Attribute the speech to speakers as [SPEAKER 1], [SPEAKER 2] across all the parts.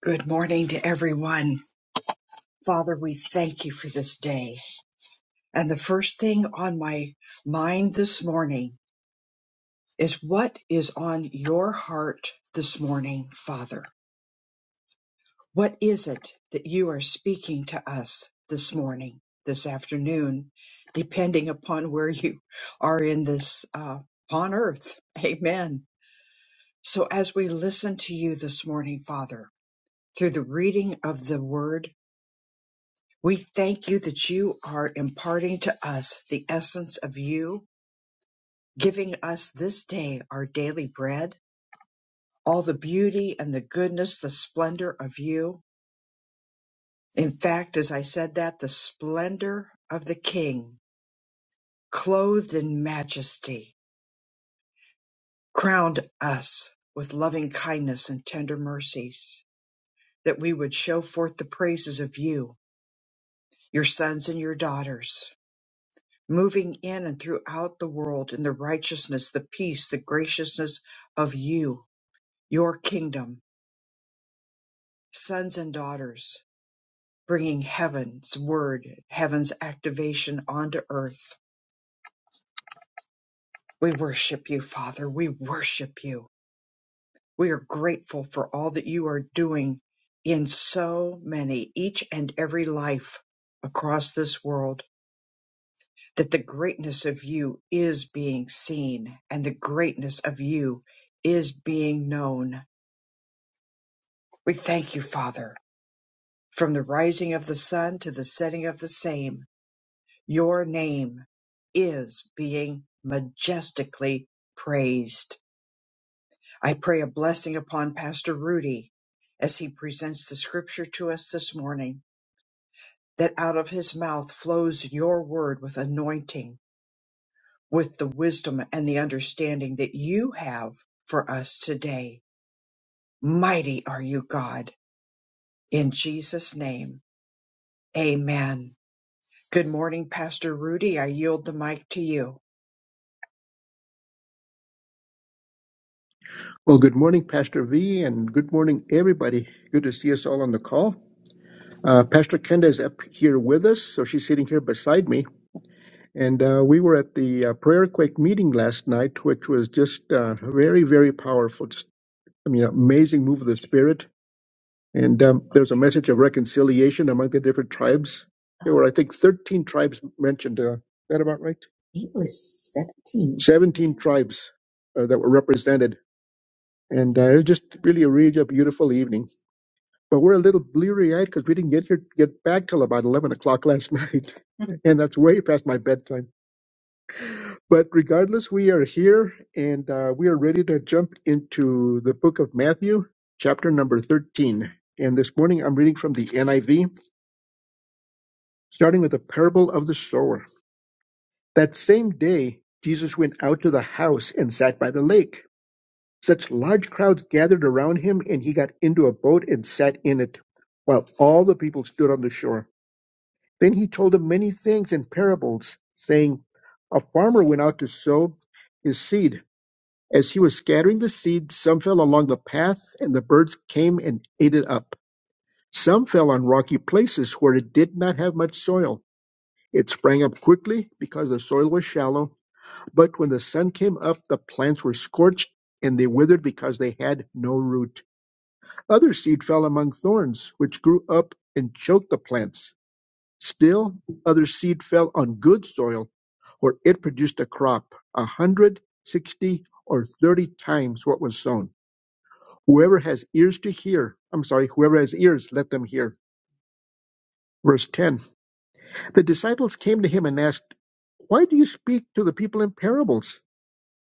[SPEAKER 1] Good morning to everyone. Father, we thank you for this day. And the first thing on my mind this morning is what is on your heart this morning, Father? What is it that you are speaking to us this morning, this afternoon, depending upon where you are in this, uh, upon earth? Amen. So as we listen to you this morning, Father, through the reading of the word, We thank you that you are imparting to us the essence of you, giving us this day our daily bread, all the beauty and the goodness, the splendor of you. In fact, as I said that, the splendor of the King, clothed in majesty, crowned us with loving kindness and tender mercies, that we would show forth the praises of you, your sons and your daughters moving in and throughout the world in the righteousness, the peace, the graciousness of you, your kingdom, sons and daughters, bringing heaven's word, heaven's activation onto earth. We worship you, Father. We worship you. We are grateful for all that you are doing in so many, each and every life across this world. that the greatness of you is being seen and the greatness of you is being known. We thank you, Father, from the rising of the sun to the setting of the same. Your name is being majestically praised. I pray a blessing upon Pastor Rudy as he presents the scripture to us this morning, that out of his mouth flows your word with anointing with the wisdom and the understanding that you have for us today. Mighty are you, God, in Jesus' name. Amen. Good morning, Pastor Rudy. I yield the mic to you.
[SPEAKER 2] Well, good morning, Pastor V, and good morning, everybody. Good to see us all on the call. Uh, Pastor Kenda is up here with us, so she's sitting here beside me. And uh, we were at the uh, Prayer Quake meeting last night, which was just uh, very, very powerful. Just, I mean, amazing move of the Spirit. And um, there was a message of reconciliation among the different tribes. There were, I think, 13 tribes mentioned. Uh, is that about right? it was 17. 17 tribes uh, that were represented. And uh, it was just really a really beautiful evening. but we're a little bleary eyed because we didn't get here get back till about eleven o'clock last night, and that's way past my bedtime. But regardless, we are here and uh, we are ready to jump into the book of Matthew, chapter number thirteen. And this morning, I'm reading from the NIV, starting with the parable of the sower. That same day, Jesus went out to the house and sat by the lake. Such large crowds gathered around him, and he got into a boat and sat in it, while all the people stood on the shore. Then he told them many things in parables, saying, A farmer went out to sow his seed. As he was scattering the seed, some fell along the path, and the birds came and ate it up. Some fell on rocky places where it did not have much soil. It sprang up quickly because the soil was shallow, but when the sun came up, the plants were scorched and they withered because they had no root. Other seed fell among thorns, which grew up and choked the plants. Still, other seed fell on good soil, where it produced a crop a hundred, sixty, or thirty times what was sown. Whoever has ears to hear, I'm sorry, whoever has ears, let them hear. Verse 10 The disciples came to him and asked, Why do you speak to the people in parables?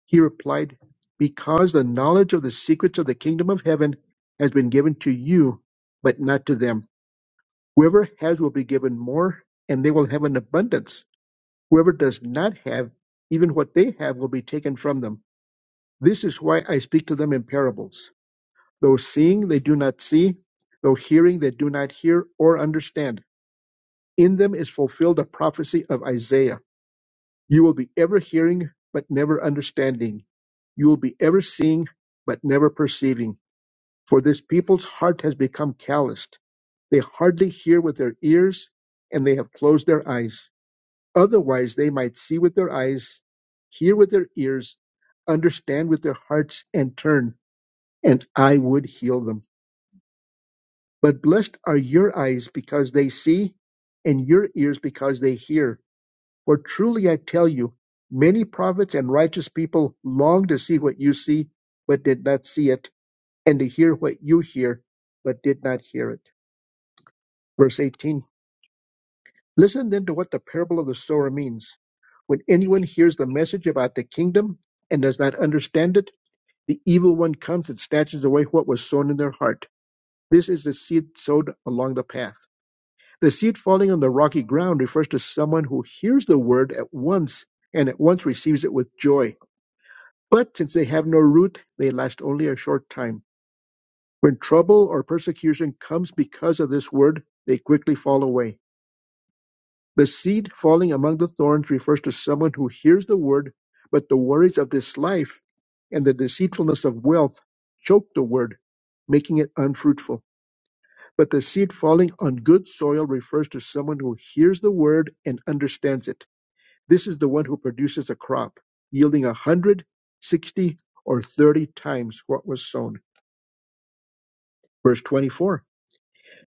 [SPEAKER 2] He replied, Because the knowledge of the secrets of the kingdom of heaven has been given to you, but not to them. Whoever has will be given more, and they will have an abundance Whoever does not have, even what they have will be taken from them. This is why I speak to them in parables. Though seeing, they do not see. Though hearing, they do not hear or understand. In them is fulfilled the prophecy of Isaiah. You will be ever hearing, but never understanding. You will be ever seeing, but never perceiving. For this people's heart has become calloused. They hardly hear with their ears, and they have closed their eyes. Otherwise, they might see with their eyes, hear with their ears, understand with their hearts, and turn, and I would heal them. But blessed are your eyes because they see, and your ears because they hear. For truly I tell you, many prophets and righteous people longed to see what you see, but did not see it, and to hear what you hear, but did not hear it. Verse 18. Listen then to what the parable of the sower means. When anyone hears the message about the kingdom and does not understand it, the evil one comes and snatches away what was sown in their heart. This is the seed sowed along the path. The seed falling on the rocky ground refers to someone who hears the word at once and at once receives it with joy. But since they have no root, they last only a short time. When trouble or persecution comes because of this word, they quickly fall away. The seed falling among the thorns refers to someone who hears the word, but the worries of this life and the deceitfulness of wealth choke the word, making it unfruitful. But the seed falling on good soil refers to someone who hears the word and understands it. This is the one who produces a crop, yielding a hundred, sixty, or thirty times what was sown. Verse 24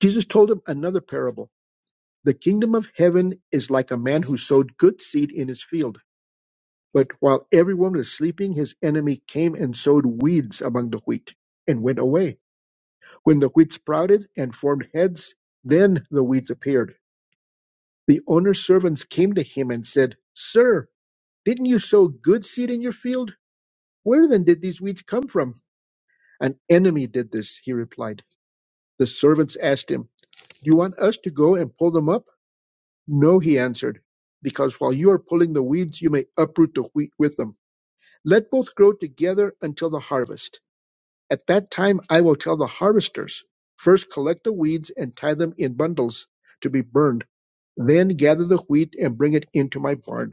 [SPEAKER 2] Jesus told him another parable. The kingdom of heaven is like a man who sowed good seed in his field. But while everyone was sleeping, his enemy came and sowed weeds among the wheat and went away. When the wheat sprouted and formed heads, then the weeds appeared. The owner's servants came to him and said, Sir, didn't you sow good seed in your field? Where then did these weeds come from? An enemy did this, he replied. The servants asked him, Do you want us to go and pull them up? No, he answered, because while you are pulling the weeds, you may uproot the wheat with them. Let both grow together until the harvest. At that time I will tell the harvesters, First collect the weeds and tie them in bundles to be burned, then gather the wheat and bring it into my barn.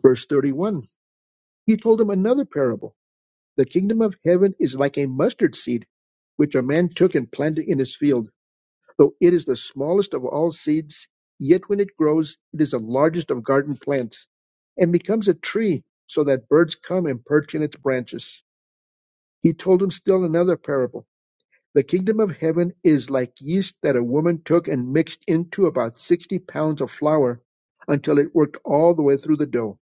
[SPEAKER 2] Verse 31. He told him another parable. The kingdom of heaven is like a mustard seed, which a man took and planted in his field. Though it is the smallest of all seeds, yet when it grows, it is the largest of garden plants and becomes a tree, so that birds come and perch in its branches. He told him still another parable. The kingdom of heaven is like yeast that a woman took and mixed into about 60 pounds of flour until it worked all the way through the dough.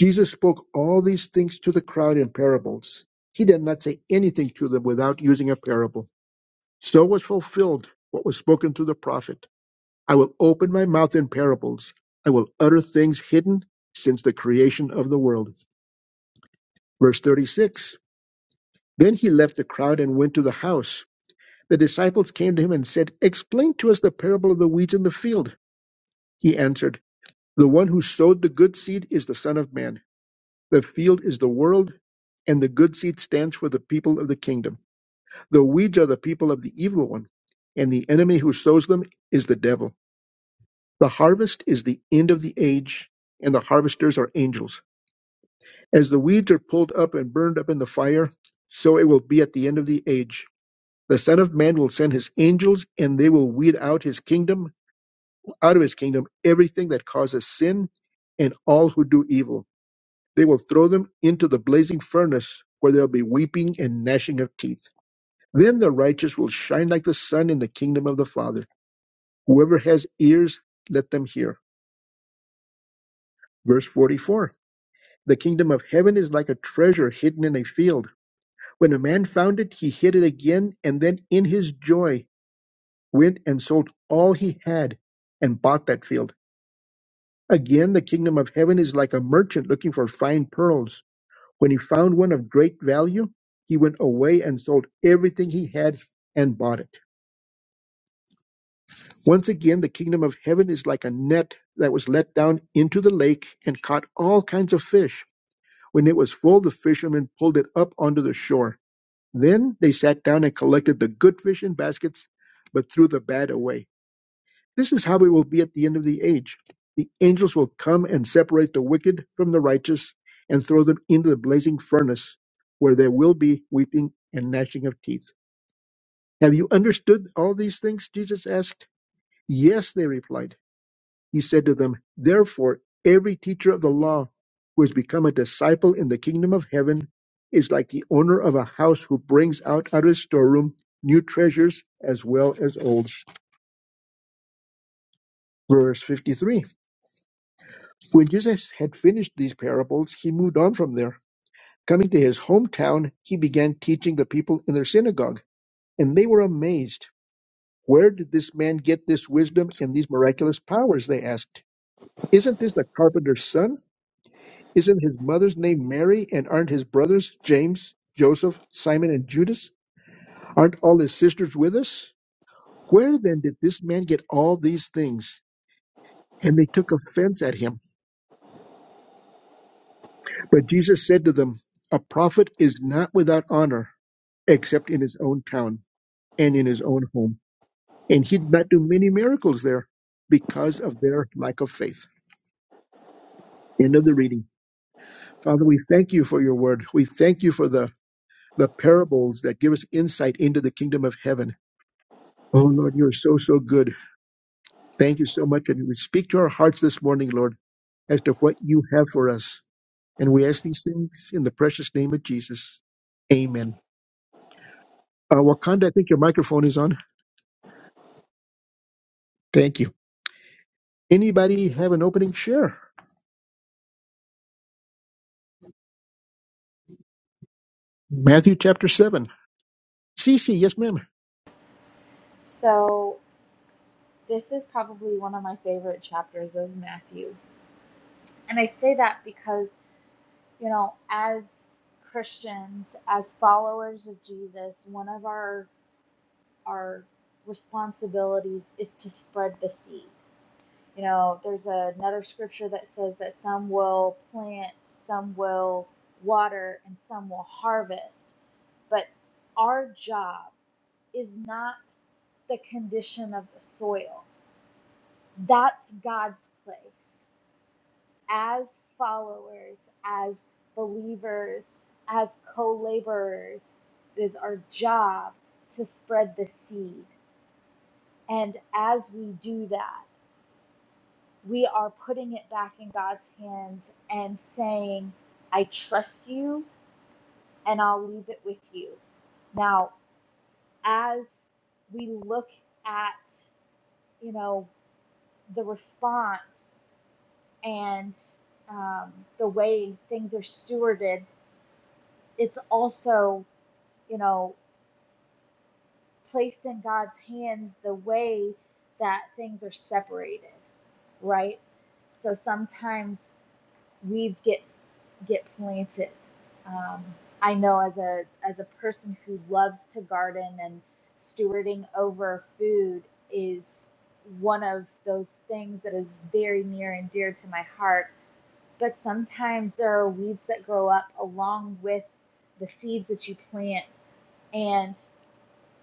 [SPEAKER 2] Jesus spoke all these things to the crowd in parables. He did not say anything to them without using a parable. So was fulfilled what was spoken through the prophet. I will open my mouth in parables. I will utter things hidden since the creation of the world. Verse 36. Then he left the crowd and went to the house. The disciples came to him and said, Explain to us the parable of the weeds in the field. He answered, The one who sowed the good seed is the Son of Man. The field is the world, and the good seed stands for the people of the kingdom. The weeds are the people of the evil one, and the enemy who sows them is the devil. The harvest is the end of the age, and the harvesters are angels. As the weeds are pulled up and burned up in the fire, so it will be at the end of the age. The Son of Man will send his angels, and they will weed out his kingdom out of his kingdom everything that causes sin and all who do evil. They will throw them into the blazing furnace where there will be weeping and gnashing of teeth. Then the righteous will shine like the sun in the kingdom of the Father. Whoever has ears, let them hear. Verse 44 The kingdom of heaven is like a treasure hidden in a field. When a man found it, he hid it again, and then in his joy went and sold all he had and bought that field. Again, the kingdom of heaven is like a merchant looking for fine pearls. When he found one of great value, he went away and sold everything he had and bought it. Once again, the kingdom of heaven is like a net that was let down into the lake and caught all kinds of fish. When it was full, the fishermen pulled it up onto the shore. Then they sat down and collected the good fish in baskets, but threw the bad away. This is how it will be at the end of the age. The angels will come and separate the wicked from the righteous and throw them into the blazing furnace, where there will be weeping and gnashing of teeth. Have you understood all these things? Jesus asked. Yes, they replied. He said to them, Therefore, every teacher of the law who has become a disciple in the kingdom of heaven is like the owner of a house who brings out out of his storeroom new treasures as well as old. Verse 53. When Jesus had finished these parables, he moved on from there. Coming to his hometown, he began teaching the people in their synagogue, and they were amazed. Where did this man get this wisdom and these miraculous powers? They asked. Isn't this the carpenter's son? Isn't his mother's name Mary? And aren't his brothers James, Joseph, Simon, and Judas? Aren't all his sisters with us? Where then did this man get all these things? And they took offense at him. But Jesus said to them, A prophet is not without honor except in his own town and in his own home. And he did not do many miracles there because of their lack of faith. End of the reading. Father, we thank you for your word. We thank you for the, the parables that give us insight into the kingdom of heaven. Oh, Lord, you are so, so good. Thank you so much. And we speak to our hearts this morning, Lord, as to what you have for us. And we ask these things in the precious name of Jesus. Amen. Uh, Wakanda, I think your microphone is on. Thank you. Anybody have an opening share? Matthew chapter 7. Cece, yes, ma'am.
[SPEAKER 3] So, this is probably one of my favorite chapters of Matthew. And I say that because, you know, as Christians, as followers of Jesus, one of our our responsibilities is to spread the seed. You know, there's another scripture that says that some will plant, some will water, and some will harvest. But our job is not the condition of the soil. that's God's place as followers, as believers, as co laborers. It is our job to spread the seed. And as we do that, we are putting it back in God's hands and saying, I trust you and I'll leave it with you. Now, as we look at, you know, the response and um, the way things are stewarded. It's also, you know, placed in God's hands the way that things are separated, right? So sometimes weeds get get planted. Um, I know as a as a person who loves to garden and stewarding over food is one of those things that is very near and dear to my heart but sometimes there are weeds that grow up along with the seeds that you plant and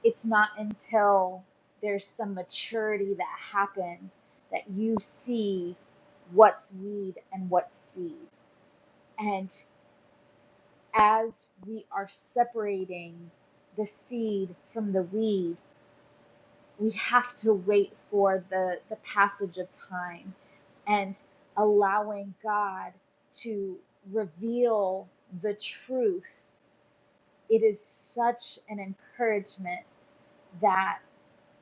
[SPEAKER 3] it's not until there's some maturity that happens that you see what's weed and what's seed and as we are separating the seed from the weed we have to wait for the, the passage of time and allowing God to reveal the truth. It is such an encouragement that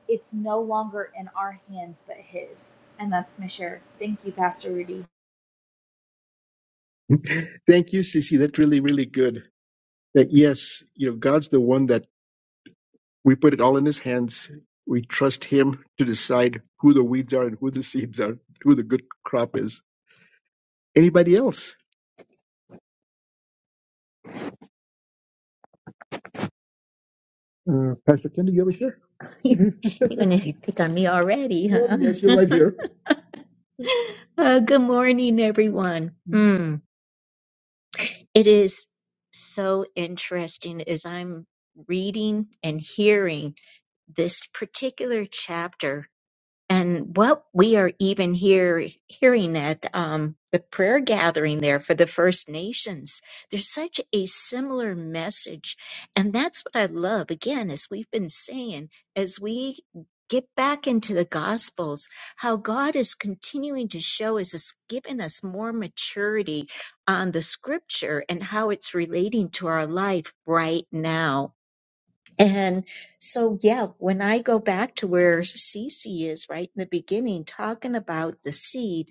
[SPEAKER 3] it's no longer in our hands but His. And that's my share. Thank you, Pastor Rudy.
[SPEAKER 2] Thank you, Cece. That's really, really good. That, yes, you know, God's the one that we put it all in his hands. We trust him to decide who the weeds are and who the seeds are, who the good crop is. Anybody else? Uh, Pastor Kenda, you ever here? You're gonna pick on me already, Well, huh? Well, yes, you're right here. Uh, good morning, everyone. Mm, it is so interesting as I'm reading and hearing. this particular chapter and what we are even here hearing at um, the prayer gathering there for the First Nations. There's such a similar message, and that's what I love. Again, as we've been saying, as we get back into the Gospels, how God is continuing to show us, is giving us more maturity on the Scripture and how it's relating to our life right now and so, yeah, when I go back to where Cece is right in the beginning, talking about the seed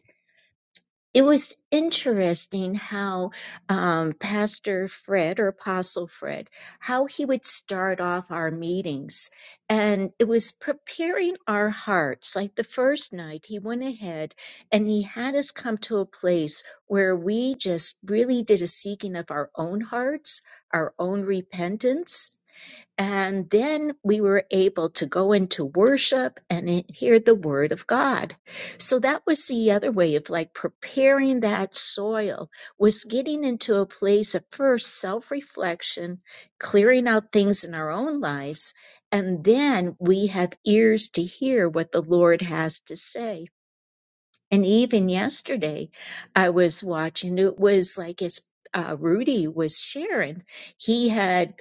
[SPEAKER 2] it was interesting how um, Pastor Fred or Apostle Fred, how he would start off our meetings. And it was preparing our hearts. Like the first night, he went ahead and he had us come to a place where we just really did a seeking of our own hearts, our own repentance. And then we were able to go into worship and hear the word of God. So that was the other way of like preparing that soil was getting into a place of first self reflection, clearing out things in our own lives, and then we have ears to hear what the Lord has to say. And even yesterday, I was watching, it was like as uh, Rudy was sharing, he had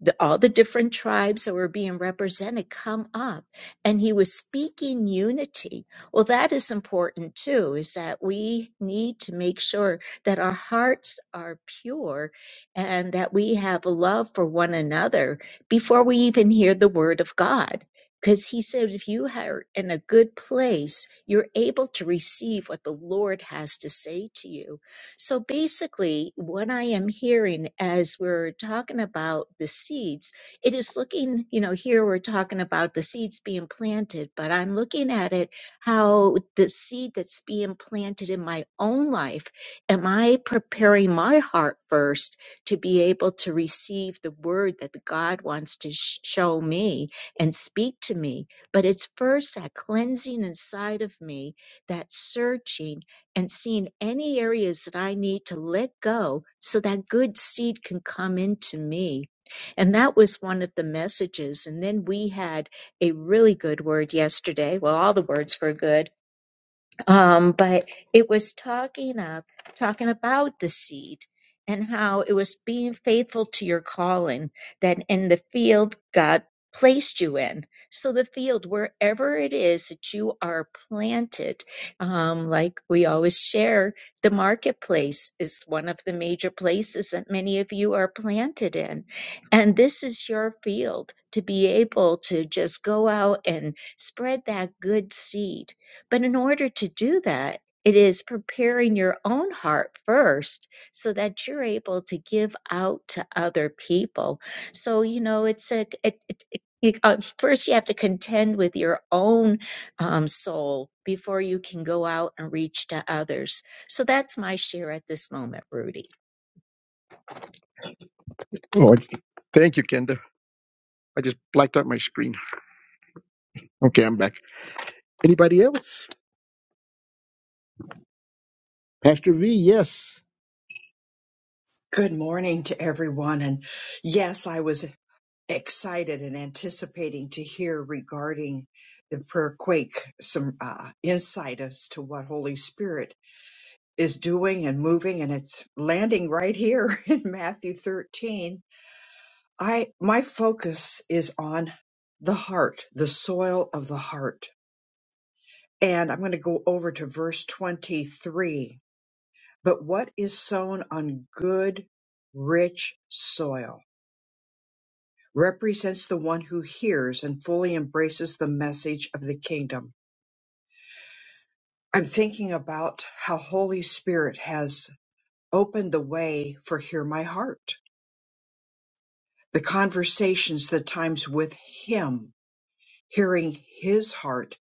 [SPEAKER 2] the, all the different tribes that were being represented come up and he was speaking unity. Well, that is important too, is that we need to make sure that our hearts are pure and that we have a love for one another before we even hear the word of God because he said, if you are in a good place, you're able to receive what the Lord has to say to you. So basically, what I am hearing as we're talking about the seeds, it is looking, you know, here we're talking about the seeds being planted, but I'm looking at it how the seed that's being planted in my own life, am I preparing my heart first to be able to receive the word that God wants to sh- show me? and speak to me. But it's first that cleansing inside of me, that searching and seeing any areas that I need to let go so that good seed can come into me. And that was one of the messages. And then we had a really good word yesterday. Well, all the words were good um, but it was talking up, talking about the seed and how it was being faithful to your calling that in the field God placed you in. So the field, wherever it is that you are planted, um, like we always share, the marketplace is one of the major places that many of you are planted in. And this is your field to be able to just go out and spread that good seed but in order to do that, it is preparing your own heart first so that you're able to give out to other people. So, you know, it's a, it, it, it, you, uh, first you have to contend with your own um, soul before you can go out and reach to others. So that's my share at this moment, Rudy. Oh, thank you, Kenda. I just blacked out my screen. Okay, I'm back. Anybody else? Pastor V, yes.
[SPEAKER 1] Good morning to everyone. And yes, I was excited and anticipating to hear regarding the prayer quake some uh, insight as to what Holy Spirit is doing and moving. And it's landing right here in Matthew 13 I my focus is on the heart, the soil of the heart. And I'm going to go over to verse 23. But what is sown on good, rich soil represents the one who hears and fully embraces the message of the kingdom. I'm thinking about how Holy Spirit has opened the way for Hear My Heart, the conversations, the times with Him hearing his heart.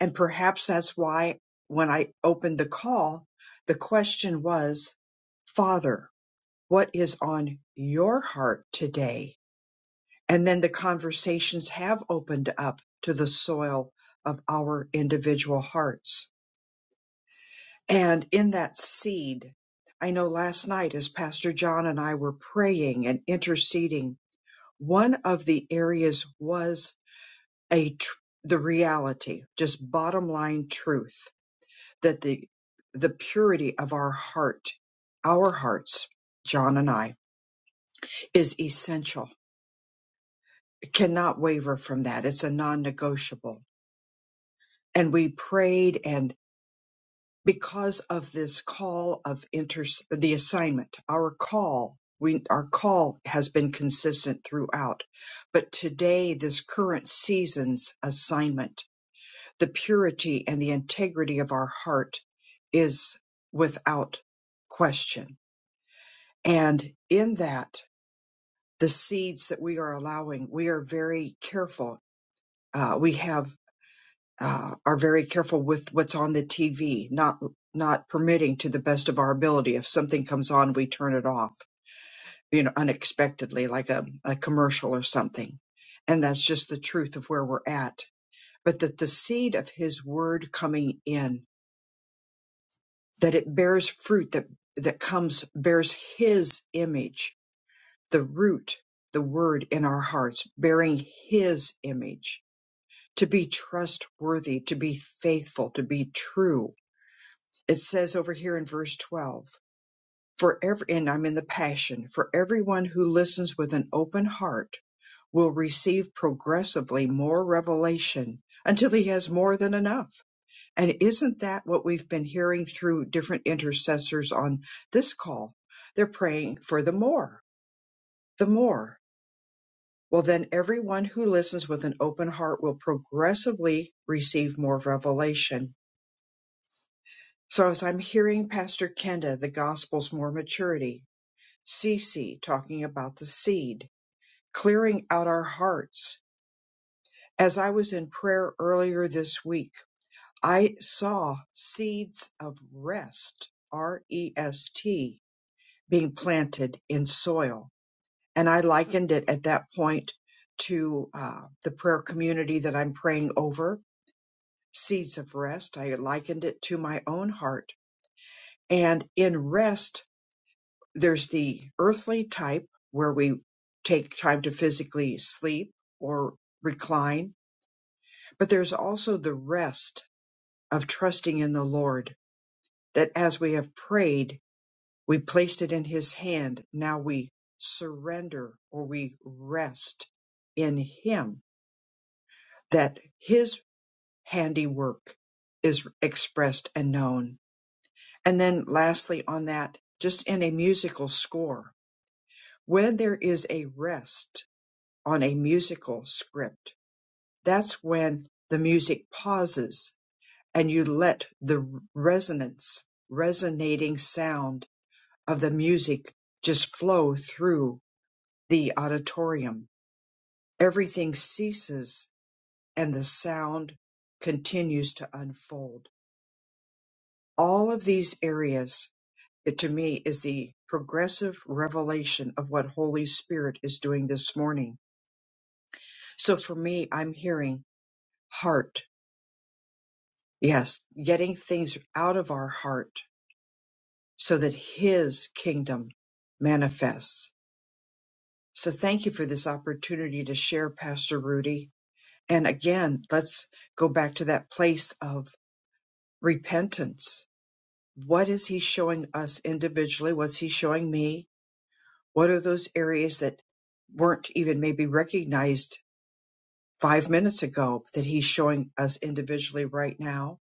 [SPEAKER 1] And perhaps that's why when I opened the call, the question was, Father, what is on your heart today? And then the conversations have opened up to the soil of our individual hearts. And in that seed, I know last night as Pastor John and I were praying and interceding, one of the areas was a tr- the reality, just bottom line truth that the the purity of our heart, our hearts, John and I, is essential. It cannot waver from that. It's a non-negotiable. And we prayed and because of this call of inter the assignment, our call, we our call has been consistent throughout. But today this current season's assignment the purity and the integrity of our heart is without question. And in that, the seeds that we are allowing, we are very careful. Uh, we have uh, are very careful with what's on the TV, not not permitting to the best of our ability. If something comes on, we turn it off, you know, unexpectedly, like a, a commercial or something. And that's just the truth of where we're at. But that the seed of His Word coming in that it bears fruit that that comes bears his image the root the word in our hearts bearing his image to be trustworthy to be faithful to be true it says over here in verse 12 for every and I'm in the passion for everyone who listens with an open heart will receive progressively more revelation until he has more than enough and isn't that what we've been hearing through different intercessors on this call? They're praying for the more, the more. Well, then everyone who listens with an open heart will progressively receive more revelation. So as I'm hearing Pastor Kenda, the gospel's more maturity, Cece talking about the seed, clearing out our hearts. As I was in prayer earlier this week, I saw seeds of rest, R-E-S-T, being planted in soil. And I likened it at that point to uh, the prayer community that I'm praying over, seeds of rest. I likened it to my own heart. And in rest, there's the earthly type where we take time to physically sleep or recline, but there's also the rest of trusting in the Lord that as we have prayed We placed it in his hand. Now we surrender or we rest in him that his handiwork is expressed and known. And then lastly on that, just in a musical score, when there is a rest on a musical script, that's when the music pauses and you let the resonance, resonating sound of the music just flow through the auditorium. Everything ceases and the sound continues to unfold. All of these areas, it to me is the progressive revelation of what Holy Spirit is doing this morning. So for me, I'm hearing heart. Yes, getting things out of our heart so that His kingdom manifests. So thank you for this opportunity to share, Pastor Rudy. And again, let's go back to that place of repentance. What is he showing us individually? What's he showing me? What are those areas that weren't even maybe recognized five minutes ago that he's showing us individually right now?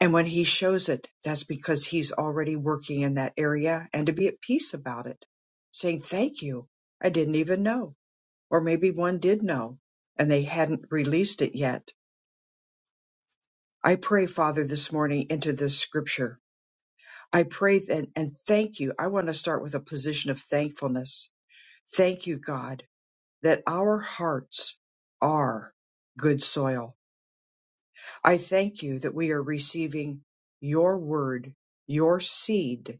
[SPEAKER 1] And when he shows it, that's because he's already working in that area and to be at peace about it, saying, Thank you. I didn't even know. Or maybe one did know and they hadn't released it yet. I pray, Father, this morning into this scripture I pray and, and thank you. I want to start with a position of thankfulness. Thank you, God, that our hearts are good soil. I thank you that we are receiving your word, your seed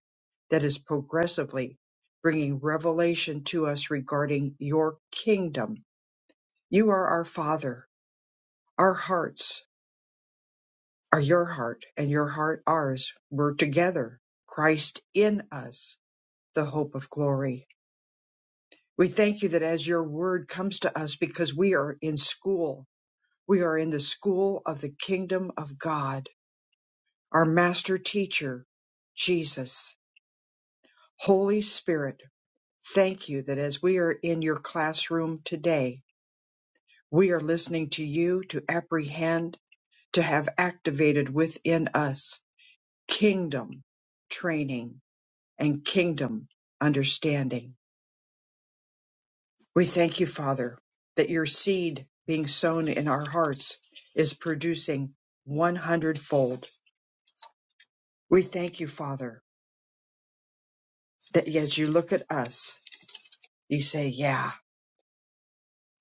[SPEAKER 1] that is progressively bringing revelation to us regarding your kingdom. You are our Father. Our hearts are your heart, and your heart ours. We're together. Christ in us, the hope of glory. We thank you that as your word comes to us, because we are in school, we are in the school of the kingdom of God, our master teacher, Jesus. Holy Spirit, thank you that as we are in your classroom today, we are listening to you to apprehend, to have activated within us kingdom training and kingdom understanding. We thank you, Father, that your seed being sown in our hearts is producing one hundredfold. We thank you, Father, that as you look at us, you say, Yeah,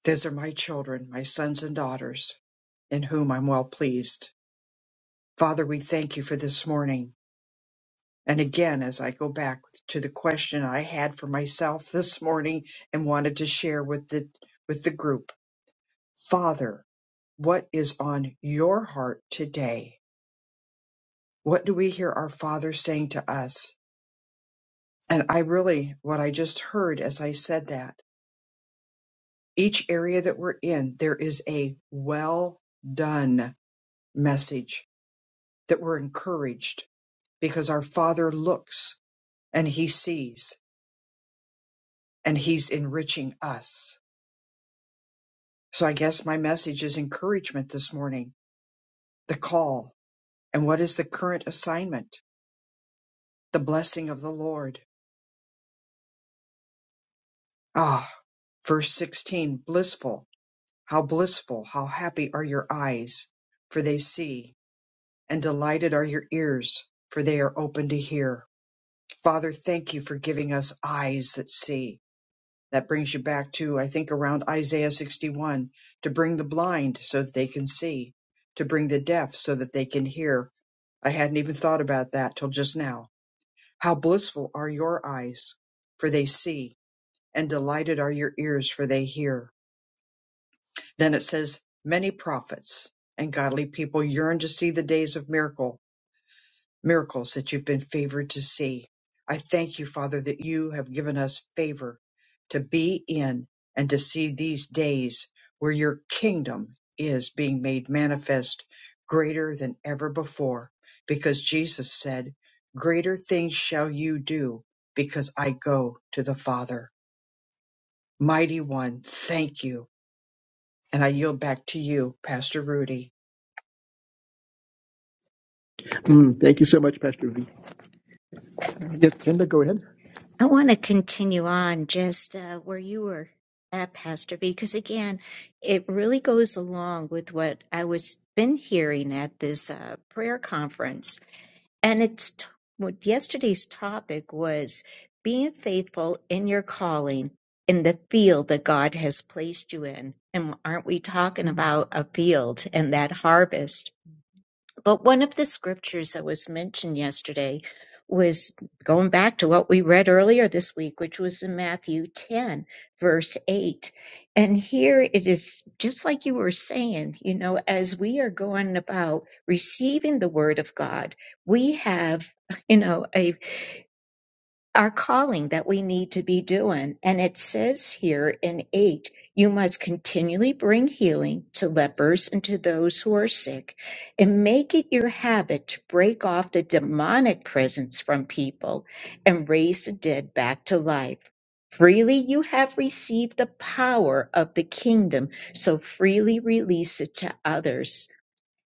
[SPEAKER 1] those are my children, my sons and daughters, in whom I'm well pleased. Father, we thank you for this morning. And again, as I go back to the question I had for myself this morning and wanted to share with the with the group, Father, what is on your heart today? What do we hear our Father saying to us? And I really, what I just heard as I said that, each area that we're in, there is a well done message that we're encouraged because our Father looks and He sees and He's enriching us. So I guess my message is encouragement this morning, the call. And what is the current assignment? The blessing of the Lord. Ah, verse 16, blissful. How blissful, how happy are your eyes, for they see, and delighted are your ears, for they are open to hear. Father, thank you for giving us eyes that see. That brings you back to, I think, around Isaiah 61 to bring the blind so that they can see, to bring the deaf so that they can hear. I hadn't even thought about that till just now. How blissful are your eyes, for they see, and delighted are your ears, for they hear. Then it says, many prophets and godly people yearn to see the days of miracle, miracles that you've been favored to see. I thank you, Father, that you have given us favor to be in and to see these days where your kingdom is being made manifest greater than ever before. Because Jesus said, greater things shall you do because I go to the Father. Mighty one, thank you. And I yield back to you, Pastor Rudy.
[SPEAKER 2] Mm, thank you so much, Pastor V. Yes, Kenda, go ahead. I want to continue on just uh, where you were at, Pastor, B, because again, it really goes along with what I was been hearing at this uh, prayer conference, and it's t- what yesterday's topic was being faithful in your calling in the field that God has placed you in. And aren't we talking about a field and that harvest? But one of the scriptures that was mentioned yesterday was going back to what we read earlier this week, which was in Matthew 10, verse 8. And here it is just like you were saying, you know, as we are going about receiving the word of God, we have, you know, a our calling that we need to be doing. And it says here in 8, you must continually bring healing to lepers and to those who are sick, and make it your habit to break off the demonic presence from people and raise the dead back to life. Freely you have received the power of the kingdom, so freely release it to others.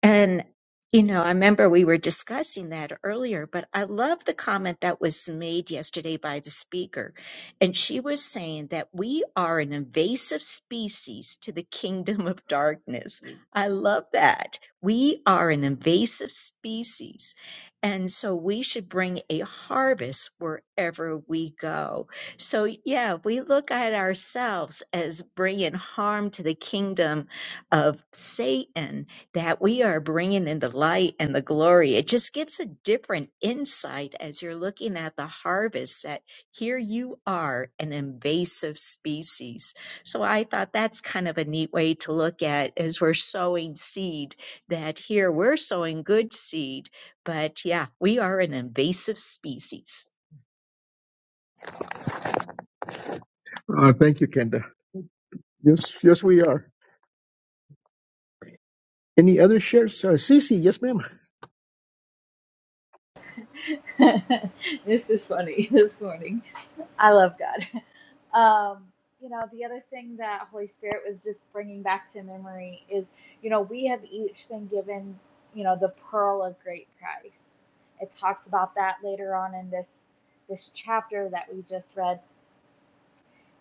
[SPEAKER 2] And, you know, I remember we were discussing that earlier, but I love the comment that was made yesterday by the speaker. And she was saying that we are an invasive species to the kingdom of darkness. I love that. We are an invasive species. And so we should bring a harvest wherever we go. So, yeah, we look at ourselves as bringing harm to the kingdom of Satan that we are bringing in the light and the glory. It just gives a different insight as you're looking at the harvest that here you are an invasive species. So I thought that's kind of a neat way to look at as we're sowing seed that here we're sowing good seed, but yeah, we are an invasive species. Uh, thank you, Kenda. Yes, yes, we are. Any other shares? Uh, Cece, yes, ma'am.
[SPEAKER 3] this is funny this morning. I love God. Um, you know, the other thing that Holy Spirit was just bringing back to memory is, you know, we have each been given, you know, the pearl of great price. It talks about that later on in this this chapter that we just read.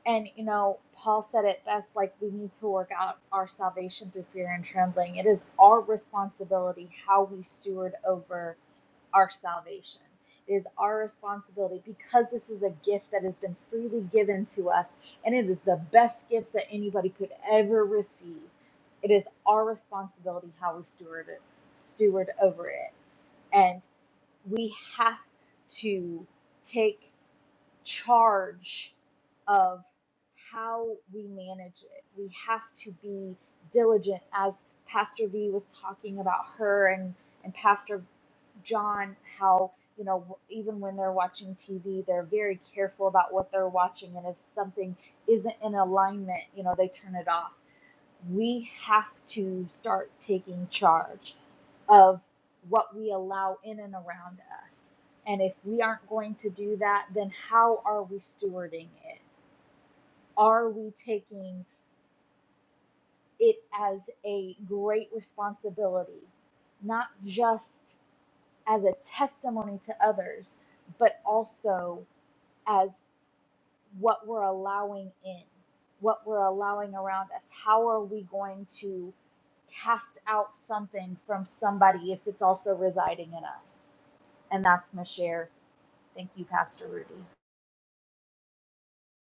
[SPEAKER 3] And you know, Paul said it best like we need to work out our salvation through fear and trembling. It is our responsibility how we steward over our salvation. It is our responsibility because this is a gift that has been freely given to us, and it is the best gift that anybody could ever receive. It is our responsibility how we steward it, steward over it, and we have to take charge of how we manage it. We have to be diligent, as Pastor V was talking about her and and Pastor John how you know even when they're watching TV, they're very careful about what they're watching, and if something isn't in alignment, you know they turn it off. We have to start taking charge of what we allow in and around us. And if we aren't going to do that, then how are we stewarding it? Are we taking it as a great responsibility, not just as a testimony to others, but also as what we're allowing in, what we're allowing around us. How are we going to cast out something from somebody if it's also residing in us? And that's my share. Thank you, Pastor Rudy.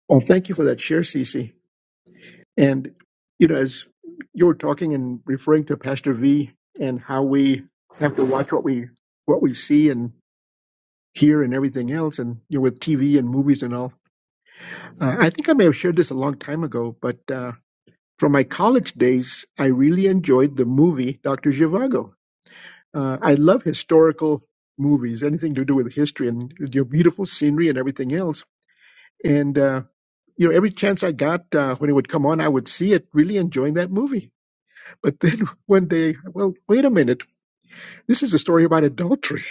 [SPEAKER 2] Oh, thank you for that share, Cece. And, you know, as you were talking and referring to Pastor V and how we have to watch what we what we see and hear and everything else, and you know, with TV and movies and all. Uh, I think I may have shared this a long time ago, but uh, from my college days, I really enjoyed the movie Doctor Zhivago. Uh, I love historical movies, anything to do with history and your beautiful scenery and everything else. And uh, you know, every chance I got uh, when it would come on, I would see it, really enjoying that movie But then one day, well, wait a minute. This is a story about adultery.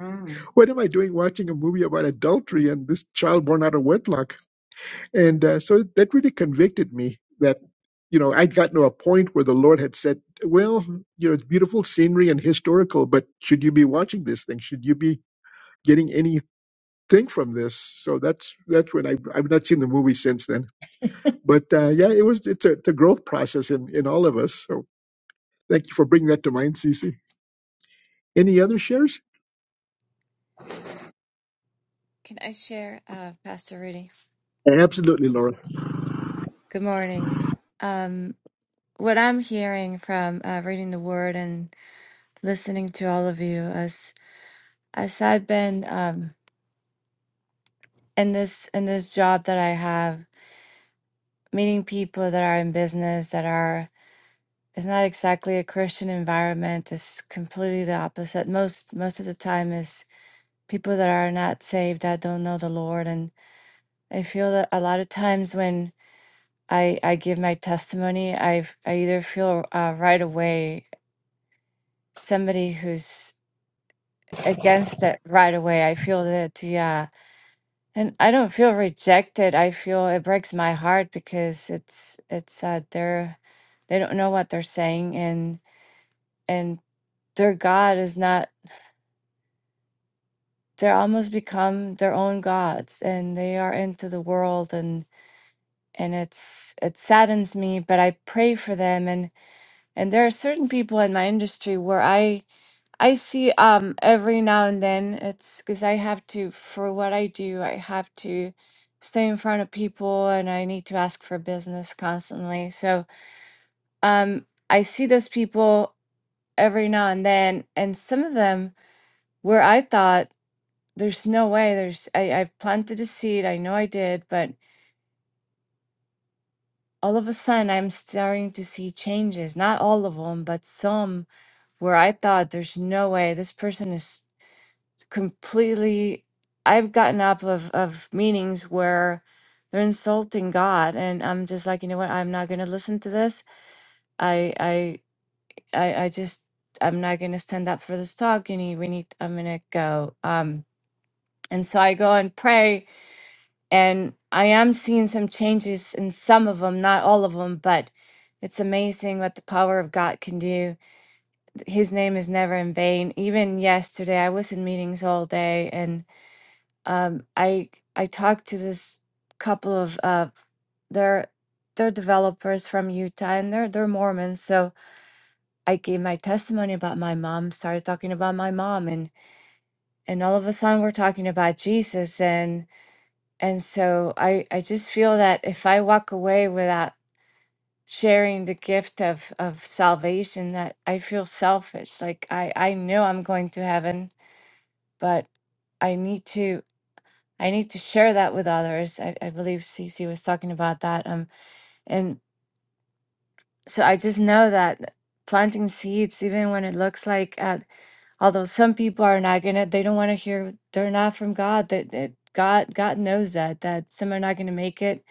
[SPEAKER 2] Mm. What am I doing watching a movie about adultery and this child born out of wedlock? And uh, so that really convicted me that, you know, I'd gotten to a point where the Lord had said, well, you know, it's beautiful scenery and historical, but should you be watching this thing? Should you be getting anything from this? So that's that's when I, I've not seen the movie since then. But uh, yeah, it was it's a, it's a growth process in, in all of us. So thank you for bringing that to mind, Cece. Any other shares?
[SPEAKER 4] Can I share, uh, Pastor Rudy?
[SPEAKER 2] Absolutely, Laura.
[SPEAKER 4] Good morning. Um, what I'm hearing from uh, reading the Word and listening to all of you, as as I've been um, in this in this job that I have, meeting people that are in business that are it's not exactly a Christian environment. It's completely the opposite. Most most of the time is people that are not saved that don't know the Lord, and I feel that a lot of times when I I give my testimony, I I either feel uh, right away somebody who's against it right away. I feel that yeah, and I don't feel rejected. I feel it breaks my heart because it's it's uh, they're they don't know what they're saying and and their God is not. They're almost become their own gods and they are into the world and and it's it saddens me. But I pray for them and and there are certain people in my industry where I I see um every now and then it's because I have to for what I do, I have to stay in front of people and I need to ask for business constantly. So um I see those people every now and then and some of them where I thought there's no way there's I, I've planted a seed, I know I did, but all of a sudden I'm starting to see changes. Not all of them, but some where I thought there's no way this person is completely I've gotten up of of meetings where they're insulting God and I'm just like, you know what, I'm not gonna listen to this. I I I, I just I'm not gonna stand up for this talk. You need we need I'm gonna go. Um and so I go and pray and I am seeing some changes in some of them, not all of them, but it's amazing what the power of God can do. His name is never in vain. Even yesterday, I was in meetings all day, um, I I talked to this couple of uh, they're they're developers from Utah and they're they're Mormons. So I gave my testimony about my mom, started talking about my mom, and and all of a sudden we're talking about Jesus, and and so I I just feel that if I walk away without sharing the gift of of salvation that I feel selfish like I I know I'm going to heaven but I need to. I need to share that with others. I, I believe Cece was talking about that. Um, and so I just know that planting seeds, even when it looks like, uh, although some people are not gonna, they don't want to hear, they're not from God. That, that God, God knows that that some are not gonna make it,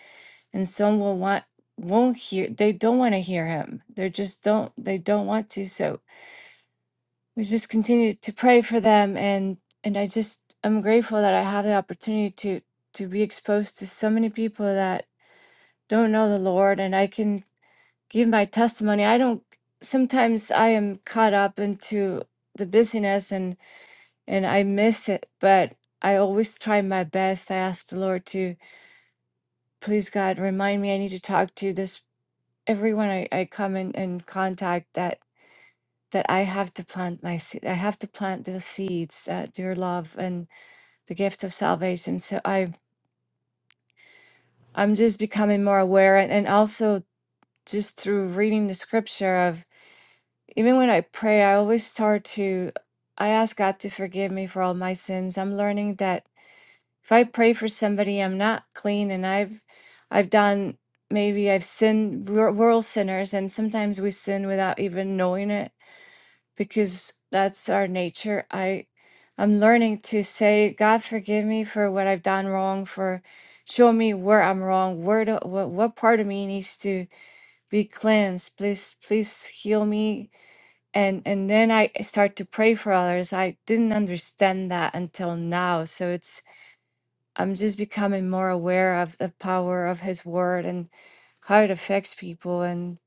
[SPEAKER 4] and some will want won't hear. They don't want to hear Him. They just don't. They don't want to. So we just continue to pray for them, and and I just I'm grateful that I have the opportunity to to be exposed to so many people that. don't know the Lord and I can give my testimony. I don't sometimes I am caught up into the busyness and and I miss it, but I always try my best. I ask the Lord to please God remind me I need to talk to this everyone I, I come in and contact that that I have to plant my seed. I have to plant those seeds, uh, your love and the gift of salvation. So I I'm just becoming more aware and, and also just through reading the scripture of. Even when I pray, I always start to, I ask God to forgive me for all my sins. I'm learning that if I pray for somebody, I'm not clean and I've, I've done, maybe I've sinned, we're, we're all sinners and sometimes we sin without even knowing it because that's our nature. I, I'm learning to say, God, forgive me for what I've done wrong, for show me where I'm wrong, where do, what, what part of me needs to be cleansed. Please, please heal me and and then i start to pray for others i didn't understand that until now so it's i'm just becoming more aware of the power of his word and how it affects people and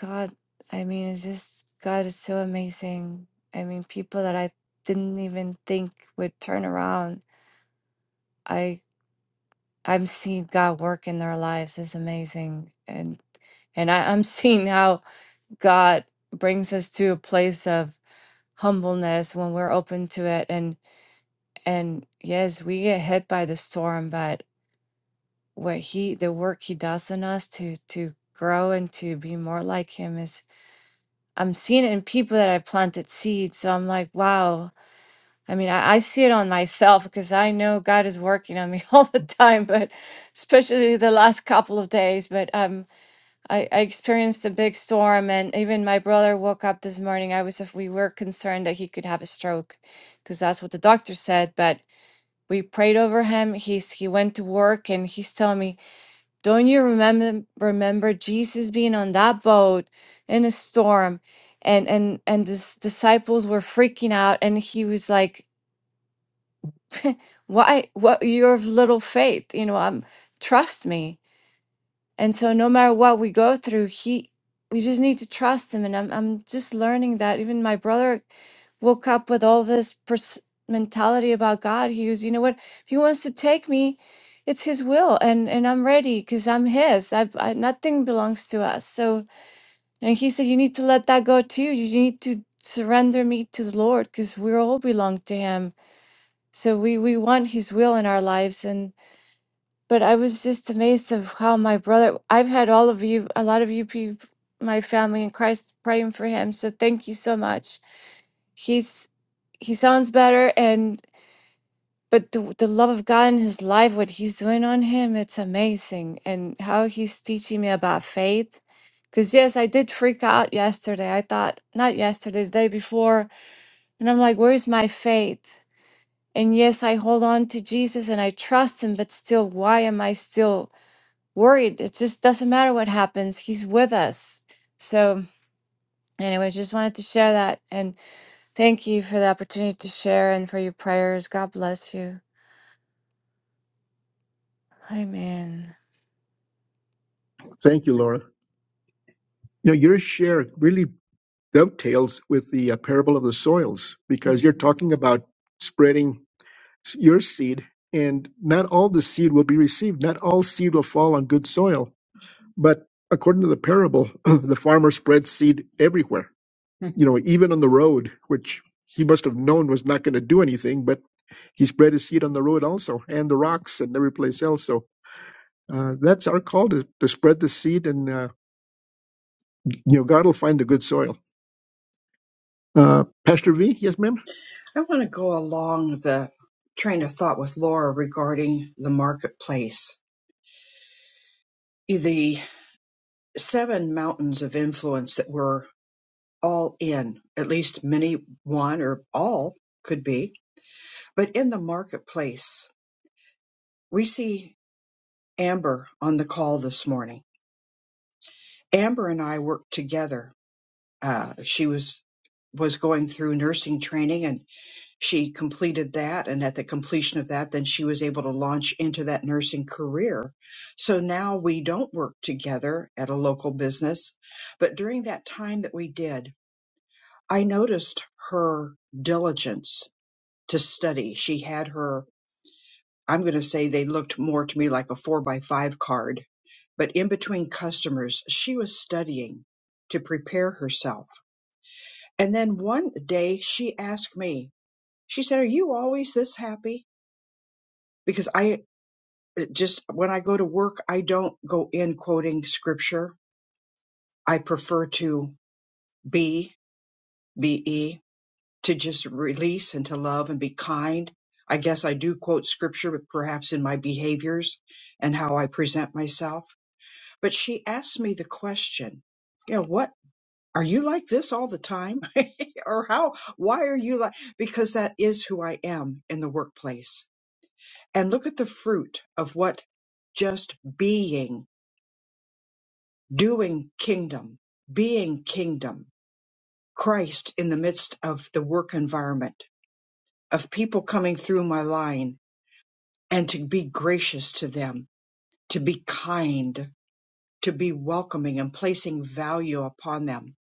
[SPEAKER 4] god i mean it's just god is so amazing i mean people that i didn't even think would turn around i i'm seeing god work in their lives It's amazing and and I, i'm seeing how god brings us to a place of humbleness when we're open to it and and yes we get hit by the storm but what he the work he does in us to to grow and to be more like him is i'm seeing it in people that i planted seeds so i'm like wow i mean i, I see it on myself because i know god is working on me all the time but especially the last couple of days but um. I, I experienced a big storm, and even my brother woke up this morning. I was, af- we were concerned that he could have a stroke, because that's what the doctor said. But we prayed over him. He's he went to work, and he's telling me, "Don't you remember remember Jesus being on that boat in a storm?" And and and his disciples were freaking out, and he was like, "Why? What? Your little faith? You know, um, trust me." And so no matter what we go through, he we just need to trust him. And I'm I'm just learning that even my brother woke up with all this pers- mentality about God. He was, you know what? If he wants to take me, it's his will, and and I'm ready because I'm his. I, I nothing belongs to us. So and he said, you need to let that go too. You need to surrender me to the Lord because we all belong to Him. So we we want His will in our lives, and but I was just amazed of how my brother. I've had all of you, a lot of you, peop- my family in Christ, praying for him. So thank you so much. He's he sounds better, and but the the love of God in his life, what he's doing on him, it's amazing, and how he's teaching me about faith. Because yes, I did freak out yesterday. I thought not yesterday, the day before, and I'm like, where's my faith? And yes, I hold on to Jesus and I trust him, but still, why am I still? worried. It just doesn't matter what happens. He's with us. So, anyways, just wanted to share that. And thank you for the opportunity to share and for your prayers. God bless you. Amen.
[SPEAKER 2] Thank you, Laura. Now, your share really dovetails with the uh, parable of the soils because you're talking about spreading s- your seed, and not all the seed will be received. Not all seed will fall on good soil. But according to the parable, the farmer spread seed everywhere, you know, even on the road, which he must have known was not going to do anything, but he spread his seed on the road also, and the rocks and every place else. So Uh, that's our call to, to spread the seed, and uh, you know God will find the good soil. Uh, Pastor V, yes, ma'am.
[SPEAKER 1] I want to go along the train of thought with Laura regarding the marketplace, the seven mountains of influence that we're all in, at least many, one or all could be, but in the marketplace, we see Amber on the call this morning. Amber and I worked together. Uh, she was was going through nursing training and. she completed that and at the completion of that then she was able to launch into that nursing career so now we don't work together at a local business but during that time that we did i noticed her diligence to study she had her i'm going to say they looked more to me like a four by five card but in between customers she was studying to prepare herself and then one day she asked me she said are you always this happy because I just when I go to work, I don't go in quoting scripture. I prefer to be, be, to just release and to love and be kind. I guess I do quote scripture, but perhaps in my behaviors and how I present myself. But she asked me the question, you know, what are you like this all the time? or how, why are you like, because that is who I am in the workplace. And look at the fruit of what just being doing kingdom, being kingdom, Christ in the midst of the work environment, of people coming through my line, and to be gracious to them, to be kind, to be welcoming and placing value upon them.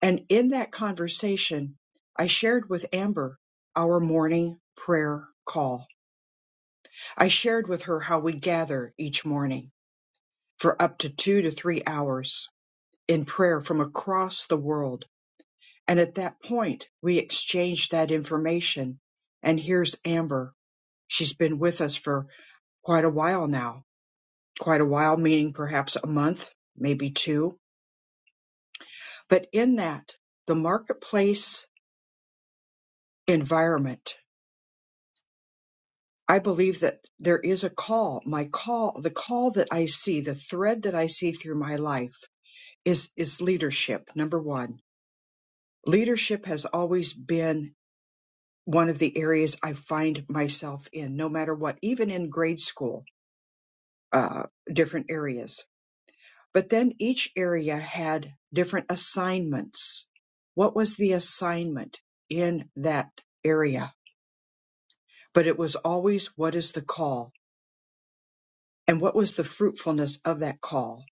[SPEAKER 1] And in that conversation, I shared with Amber our morning prayer call. I shared with her how we gather each morning for up to two to three hours in prayer from across the world And at that point, we exchanged that information. And here's Amber. She's been with us for quite a while now. Quite a while, meaning perhaps a month, maybe two. But in that, the marketplace environment, I believe that there is a call. My call, the call that I see, the thread that I see through my life is, is leadership. Number one, leadership has always been one of the areas I find myself in, no matter what, even in grade school uh, different areas. But then each area had different assignments. What was the assignment in that area? But it was always what is the call and what was the fruitfulness of that call?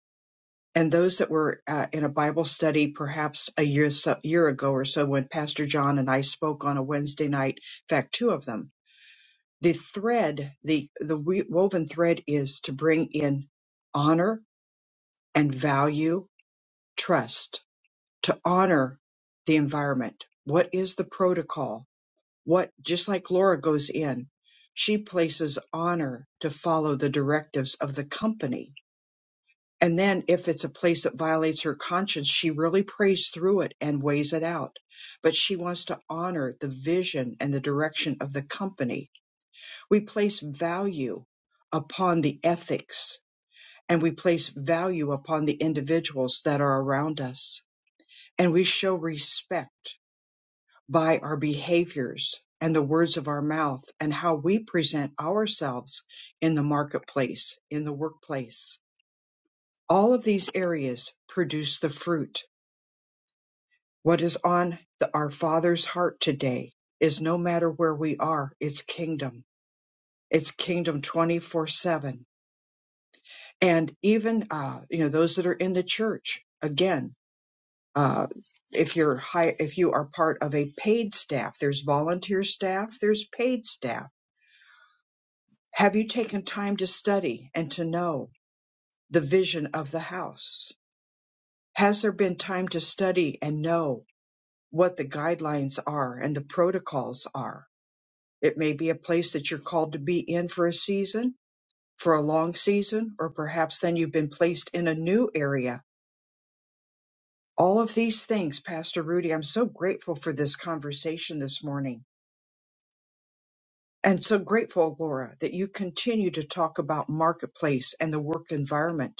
[SPEAKER 1] And those that were uh, in a Bible study perhaps a year, so, year ago or so when Pastor John and I spoke on a Wednesday night, in fact, two of them, the thread, the, the we- woven thread is to bring in honor and value, trust to honor the environment. What is the protocol? What, just like Laura goes in, she places honor to follow the directives of the company. And then if it's a place that violates her conscience, she really prays through it and weighs it out. But she wants to honor the vision and the direction of the company. We place value upon the ethics and we place value upon the individuals that are around us. And we show respect by our behaviors and the words of our mouth and how we present ourselves in the marketplace, in the workplace. All of these areas produce the fruit. What is on the, our Father's heart today is no matter where we are, it's kingdom. It's kingdom 24 7. And even, uh, you know, those that are in the church, again, uh, if you're high, if you are part of a paid staff, there's volunteer staff, there's paid staff Have you taken time to study and to know the vision of the house? Has there been time to study and know what the guidelines are and the protocols are? It may be a place that you're called to be in for a season, for a long season, or perhaps then you've been placed in a new area. All of these things, Pastor Rudy, I'm so grateful for this conversation this morning. And so grateful, Laura, that you continue to talk about marketplace and the work environment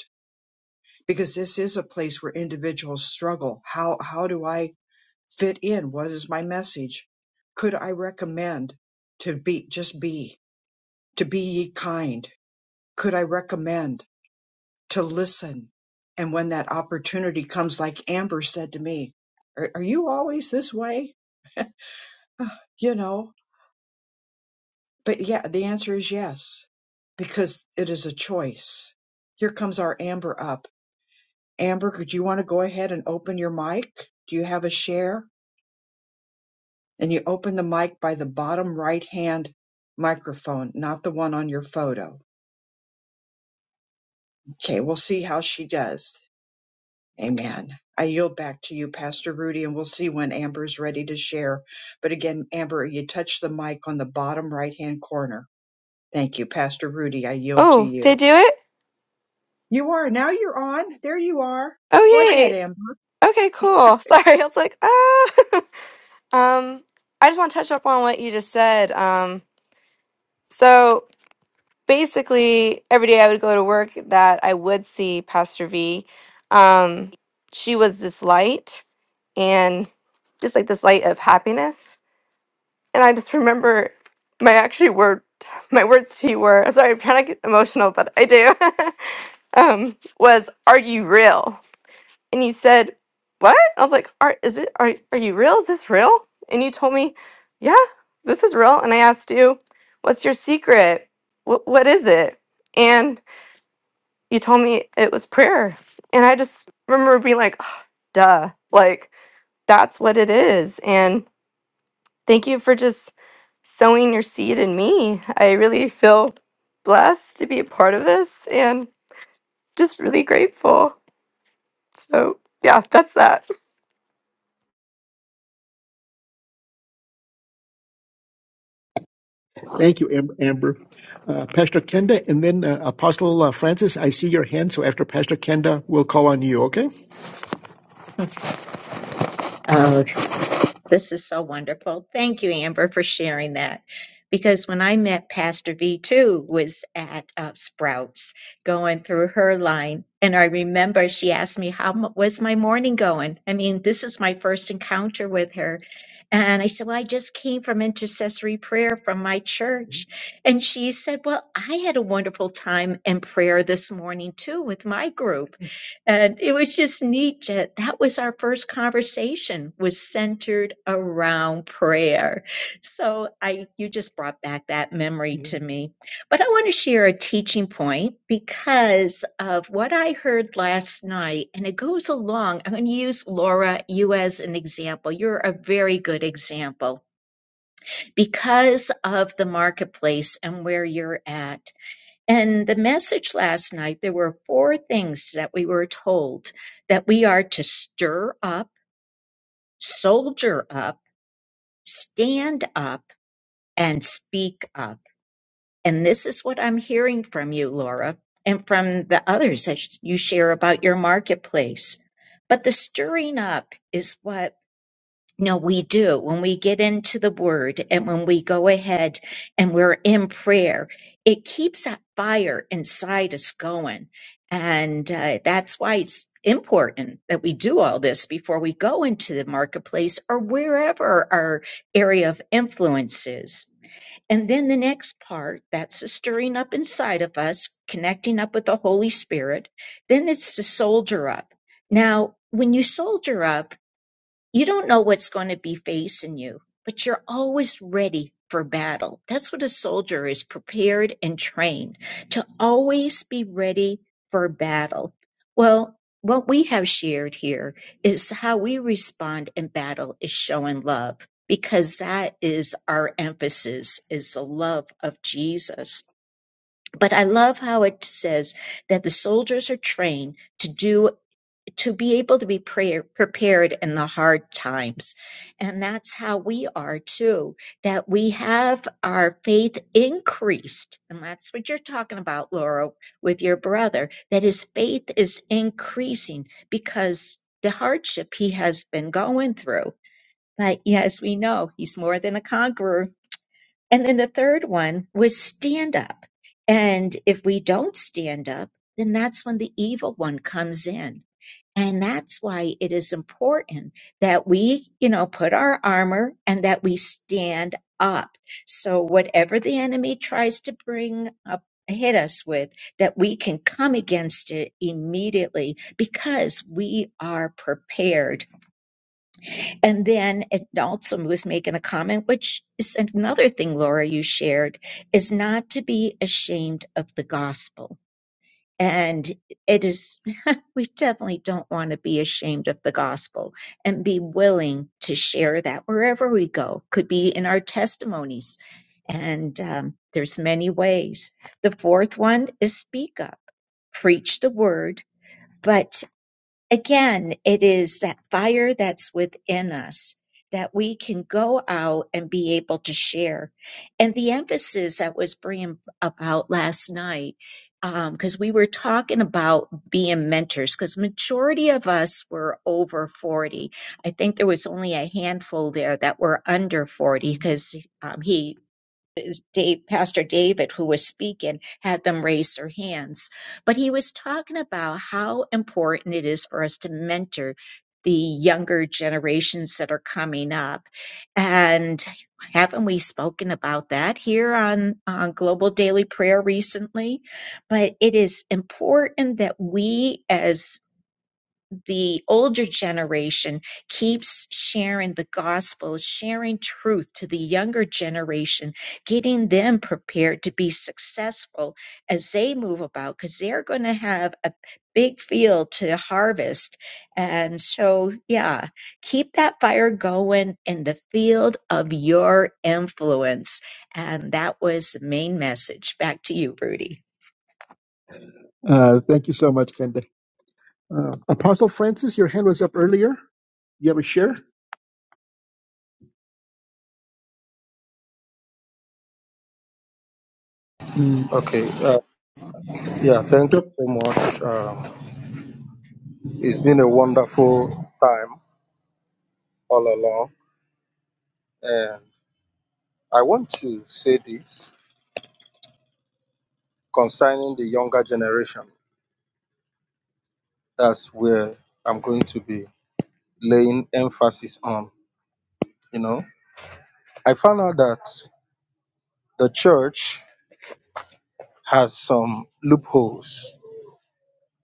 [SPEAKER 1] because this is a place where individuals struggle. How how do I fit in? What is my message? Could I recommend to be just be to be ye kind? Could I recommend to listen? And when that opportunity comes, like Amber said to me, "Are, are you always this way?" "Uh, You know, but yeah, the answer is yes, because it is a choice. Here comes our Amber up. Amber, could you want to go ahead and open your mic? Do you have a share? and you open the mic by the bottom right hand microphone, not the one on your photo. Okay, we'll see how she does. Amen. I yield back to you, Pastor Rudy, and we'll see when Amber is ready to share. But again, Amber, you touch the mic on the bottom right hand corner. Thank you, Pastor Rudy. I yield to
[SPEAKER 5] Oh, they
[SPEAKER 1] you.
[SPEAKER 5] do it?
[SPEAKER 1] You are. Now you're on. There you are. Go
[SPEAKER 5] Oh,
[SPEAKER 1] ahead,
[SPEAKER 5] yay.
[SPEAKER 1] Amber.
[SPEAKER 5] Okay, cool. Sorry, I was like, ah. um, I just want to touch up on what you just said. Um, so basically, every day I would go to work that I would see Pastor V. Um, she was this light and just like this light of happiness. And I just remember my actually word, my words to you were, I'm sorry, I'm trying to get emotional, but I do, um, was, are you real? And you said, What? I was like, Are is it are are you real? Is this real? And you told me, Yeah, this is real. And I asked you, What's your secret? What what is it? And you told me it was prayer. And I just remember being like, "Ugh, duh. Like that's what it is. And thank you for just sowing your seed in me. I really feel blessed to be a part of this and just really grateful. So yeah, that's that.
[SPEAKER 2] Thank you, Am- Amber. Uh, Pastor Kenda, and then uh, Apostle uh, Francis. I see your hand, so after Pastor Kenda, we'll call on you. Okay. This is so wonderful. Thank you, Amber, for sharing that. Because when I met Pastor V too was at uh, Sprouts going through her line, and I remember she asked me how m- was my morning going. I mean, this is my first encounter with her, and I said, "Well, I just came from intercessory prayer from my church," and she said, "Well, I had a wonderful time in prayer this morning too with my group." and it was just neat to, that was our first conversation was centered around prayer so i you just brought back that memory Mhm. to me but i want to share a teaching point because of what i heard last night and it goes along i'm going to use laura you as an example you're a very good example because of the marketplace and where you're at and the message last night, there were four things that we were told that we are to stir up, soldier up, stand up, and speak up. And this is what I'm hearing from you, Laura, and from the others that you share about your marketplace. But the stirring up is what No, we do. When we get into the word and when we go ahead and we're in prayer, it keeps that fire inside us going. And uh, that's why it's important that we do all this before we go into the marketplace or wherever our area of influence is. And then the next part, that's the stirring up inside of us, connecting up with the Holy Spirit. Then it's to soldier up. Now, when you soldier up, you don't know what's going to be facing you, but you're always ready for battle. That's what a soldier is prepared and trained to always be ready for battle. Well, what we have shared here is how we respond in battle is showing love because that is our emphasis is the love of Jesus. But I love how it says that the soldiers are trained to do to be able to be prayer, prepared in the hard times. And that's how we are too, that we have our faith increased. And that's what you're talking about, Laura, with your brother, that his faith is increasing because the hardship he has been going through. But yes, we know he's more than a conqueror. And then the third one was stand up. And if we don't stand up, then that's when the evil one comes in and that's why it is important that we, you know, put our armor and that we stand up. So whatever the enemy tries to bring up, hit us with, that we can come against it immediately because we are prepared. And then it also was making a comment, which is another thing, Laura, you shared, is not to be ashamed of the gospel and it is, we definitely don't want to be ashamed of the gospel and be willing to share that wherever we go, could be in our testimonies. And um, there's many ways. The fourth one is speak up, preach the word, but. Again, it is that fire that's within us that we can go out and be able to share. And the emphasis that was bringing about last night, because we were talking about being mentors, because majority of us were over 40. I think there was only a handful there that were under 40 because um, he is Dave, Pastor David, who was speaking, had them raise their hands. But he was talking about how important it is for us to mentor the younger generations that are coming up. And haven't we spoken about that here on, on Global Daily Prayer recently? But it is important that we as the older generation keeps sharing the gospel, sharing truth to the younger generation, getting them prepared to be successful as they move about because they're going to have a big field to harvest. And so, yeah, keep that fire going in the field of your influence. And that was the main message. Back to you, Rudy. Uh, thank you so much, Kenda. Uh, Apostle Francis, your hand was up earlier. You have a share? Mm.
[SPEAKER 6] Okay, uh, yeah, thank you
[SPEAKER 2] Yep.
[SPEAKER 6] so much. Um, it's been a wonderful time all along. And I want to say this concerning the younger generation. That's where I'm going to be laying emphasis on. You know, I found out that the church has some loopholes.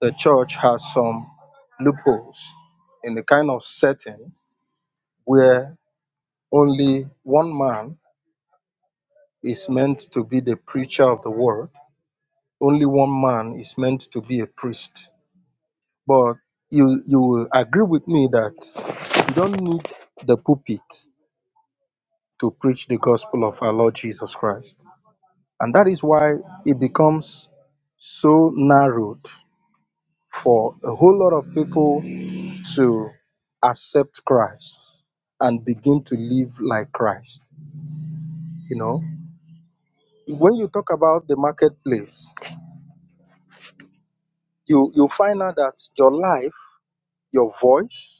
[SPEAKER 6] The church has some loopholes in the kind of setting where only one man is meant to be the preacher of the word only one man is meant to be a priest. But you you will agree with me that you don't need the pulpit to preach the gospel of our Lord Jesus Christ. And that is why it becomes so narrowed for a whole lot of people to accept Christ and begin to live like Christ. You know, when you talk about the marketplace, you you find out that your life, your voice,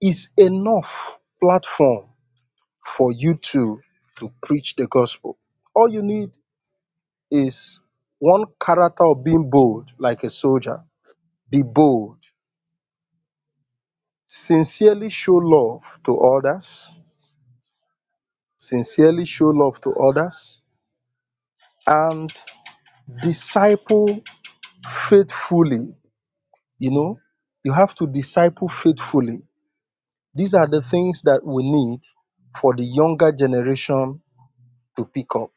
[SPEAKER 6] is enough platform for you to to preach the gospel. All you need is one character of being bold like a soldier. Be bold. Sincerely show love to others. Sincerely show love to others and disciple faithfully. You know, you have to disciple faithfully. These are the things that we need for the younger generation to pick up.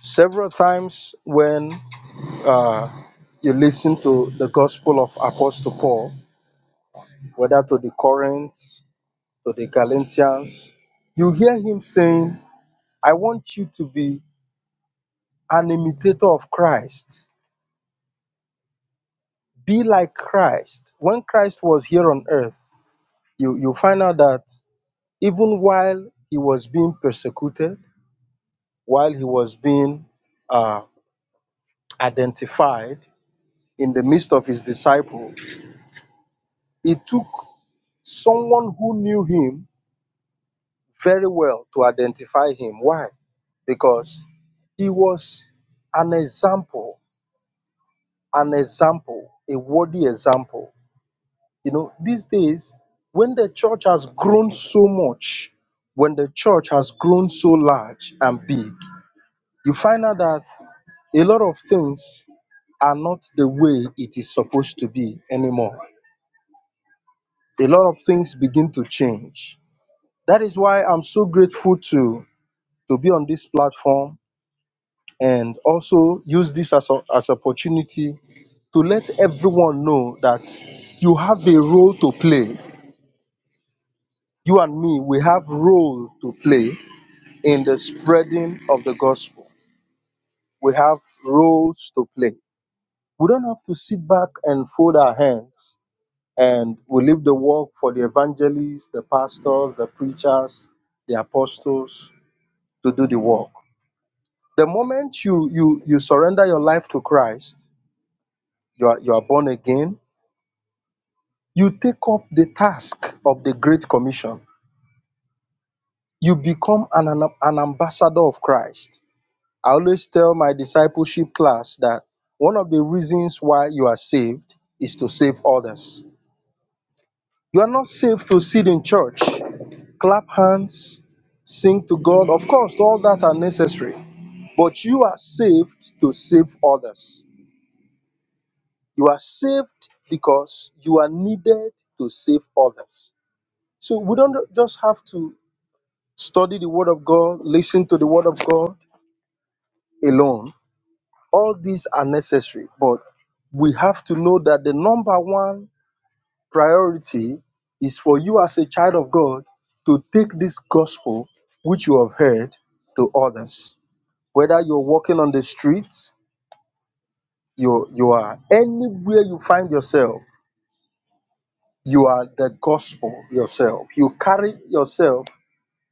[SPEAKER 6] Several times when uh, you listen to the Gospel of Apostle Paul, whether to the Corinthians, to the Galatians, you hear him saying, I want you to be an imitator of Christ. Be like Christ. When Christ was here on earth, you, you find out that even while he was being persecuted, while he was being uh, identified in the midst of his disciples, it took someone who knew him very well to identify him. Why? Because he was an example, an example, a worthy example. You know, these days, when the church has grown so much, when the church has grown so large and big, you find out that a lot of things are not the way it is supposed to be anymore. A lot of things begin to change. That is why I'm so grateful to to be on this platform and also use this as a, as opportunity to let everyone know that you have a role to play. You and me, we have role to play in the spreading of the gospel. We have roles to play. We don't have to sit back and fold our hands and we leave the work for the evangelists, the pastors, the preachers, the apostles to do the work. The moment you you you surrender your life to Christ, you are, you are born again, you take up the task of the Great Commission. You become an, an, an ambassador of Christ. I always tell my discipleship class that one of the reasons why you are saved is to save others. You are not saved to sit in church, clap hands, sing to God. Of course, all that are necessary. But you are saved to save others. You are saved because you are needed to save others. So we don't just have to Study the Word of God, listen to the Word of God alone. All these are necessary, but we have to know that the number one priority is for you as a child of God to take this gospel which you have heard to others. Whether you're walking on the streets, you you are anywhere you find yourself, you are the gospel yourself. You carry yourself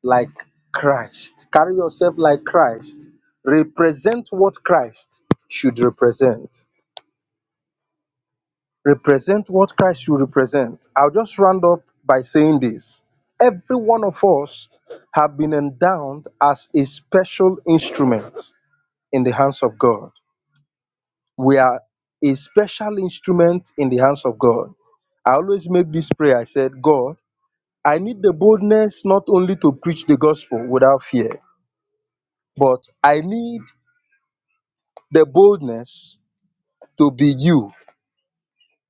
[SPEAKER 6] like Christ. Carry yourself like Christ. Represent what Christ should represent. Represent what Christ should represent. I'll just round up by saying this. Every one of us have been endowed as a special instrument in the hands of God. We are a special instrument in the hands of God. I always make this prayer. I said, God, I need the boldness not only to preach the gospel without fear, but I need the boldness to be you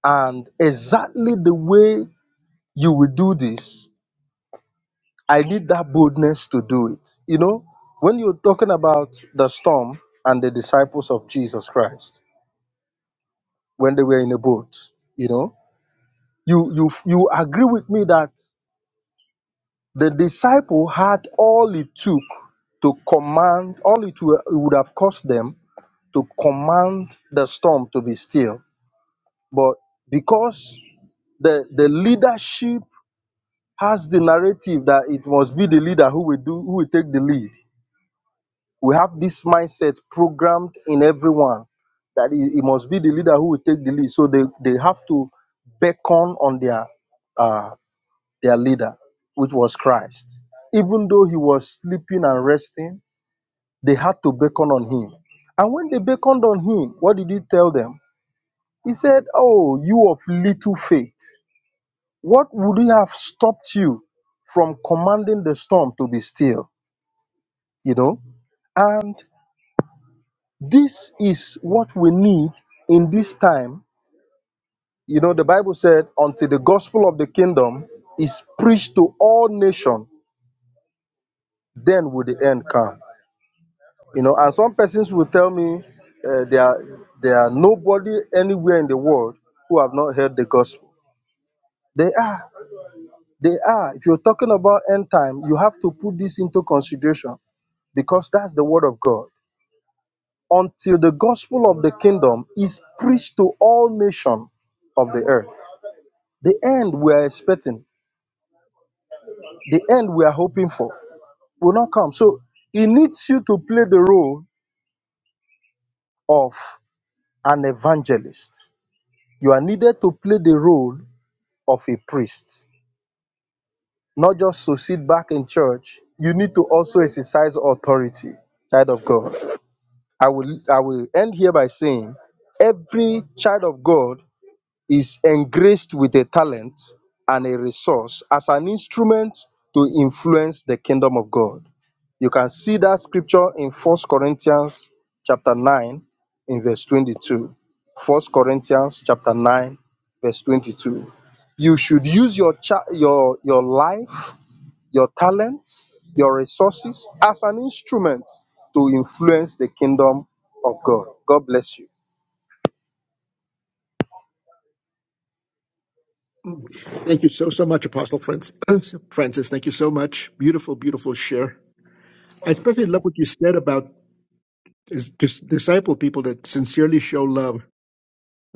[SPEAKER 6] and exactly the way you will do this i need that boldness to do it you know when you're talking about the storm and the disciples of jesus christ when they were in a boat you know you you you agree with me that the disciple had all it took to command all it wa- it would have cost them to command the storm to be still but because the the leadership Has the narrative that it must be the leader who will do who will take the lead we have this mindset programmed in everyone that it, it must be the leader who will take the lead so they they have to beckon on their uh their leader which was christ even though he was sleeping and resting they had to beckon on him and when they beckoned on him what did he tell them he said oh you of little faith what would have stopped you from commanding the storm to be still you know and this is what we need in this time you know the bible said until the gospel of the kingdom is preached to all nations then will the end come you know and some persons will tell me uh, there are there are nobody anywhere in the world who have not heard the gospel they are they are if you're talking about end time you have to put this into consideration because that's the word of god until the gospel of the kingdom is preached to all nations of the earth. The end we are expecting, the end we are hoping for will not come. So it needs you to play the role of an evangelist. You are needed to play the role of a priest, not just to sit back in church. You need to also exercise authority, child of God. I will I will end here by saying every child of God is engraced with a talent and a resource as an instrument to influence the kingdom of God. You can see that scripture in First Corinthians chapter 9 in verse 22. First Corinthians chapter 9 verse 22. You should use your cha- your your life, your talents, your resources as an instrument to influence the kingdom of God. God bless you.
[SPEAKER 2] Thank you so, so much, Apostle Francis. Francis, thank you so much. Beautiful, beautiful share. I especially love what you said about is dis- disciple people that sincerely show love.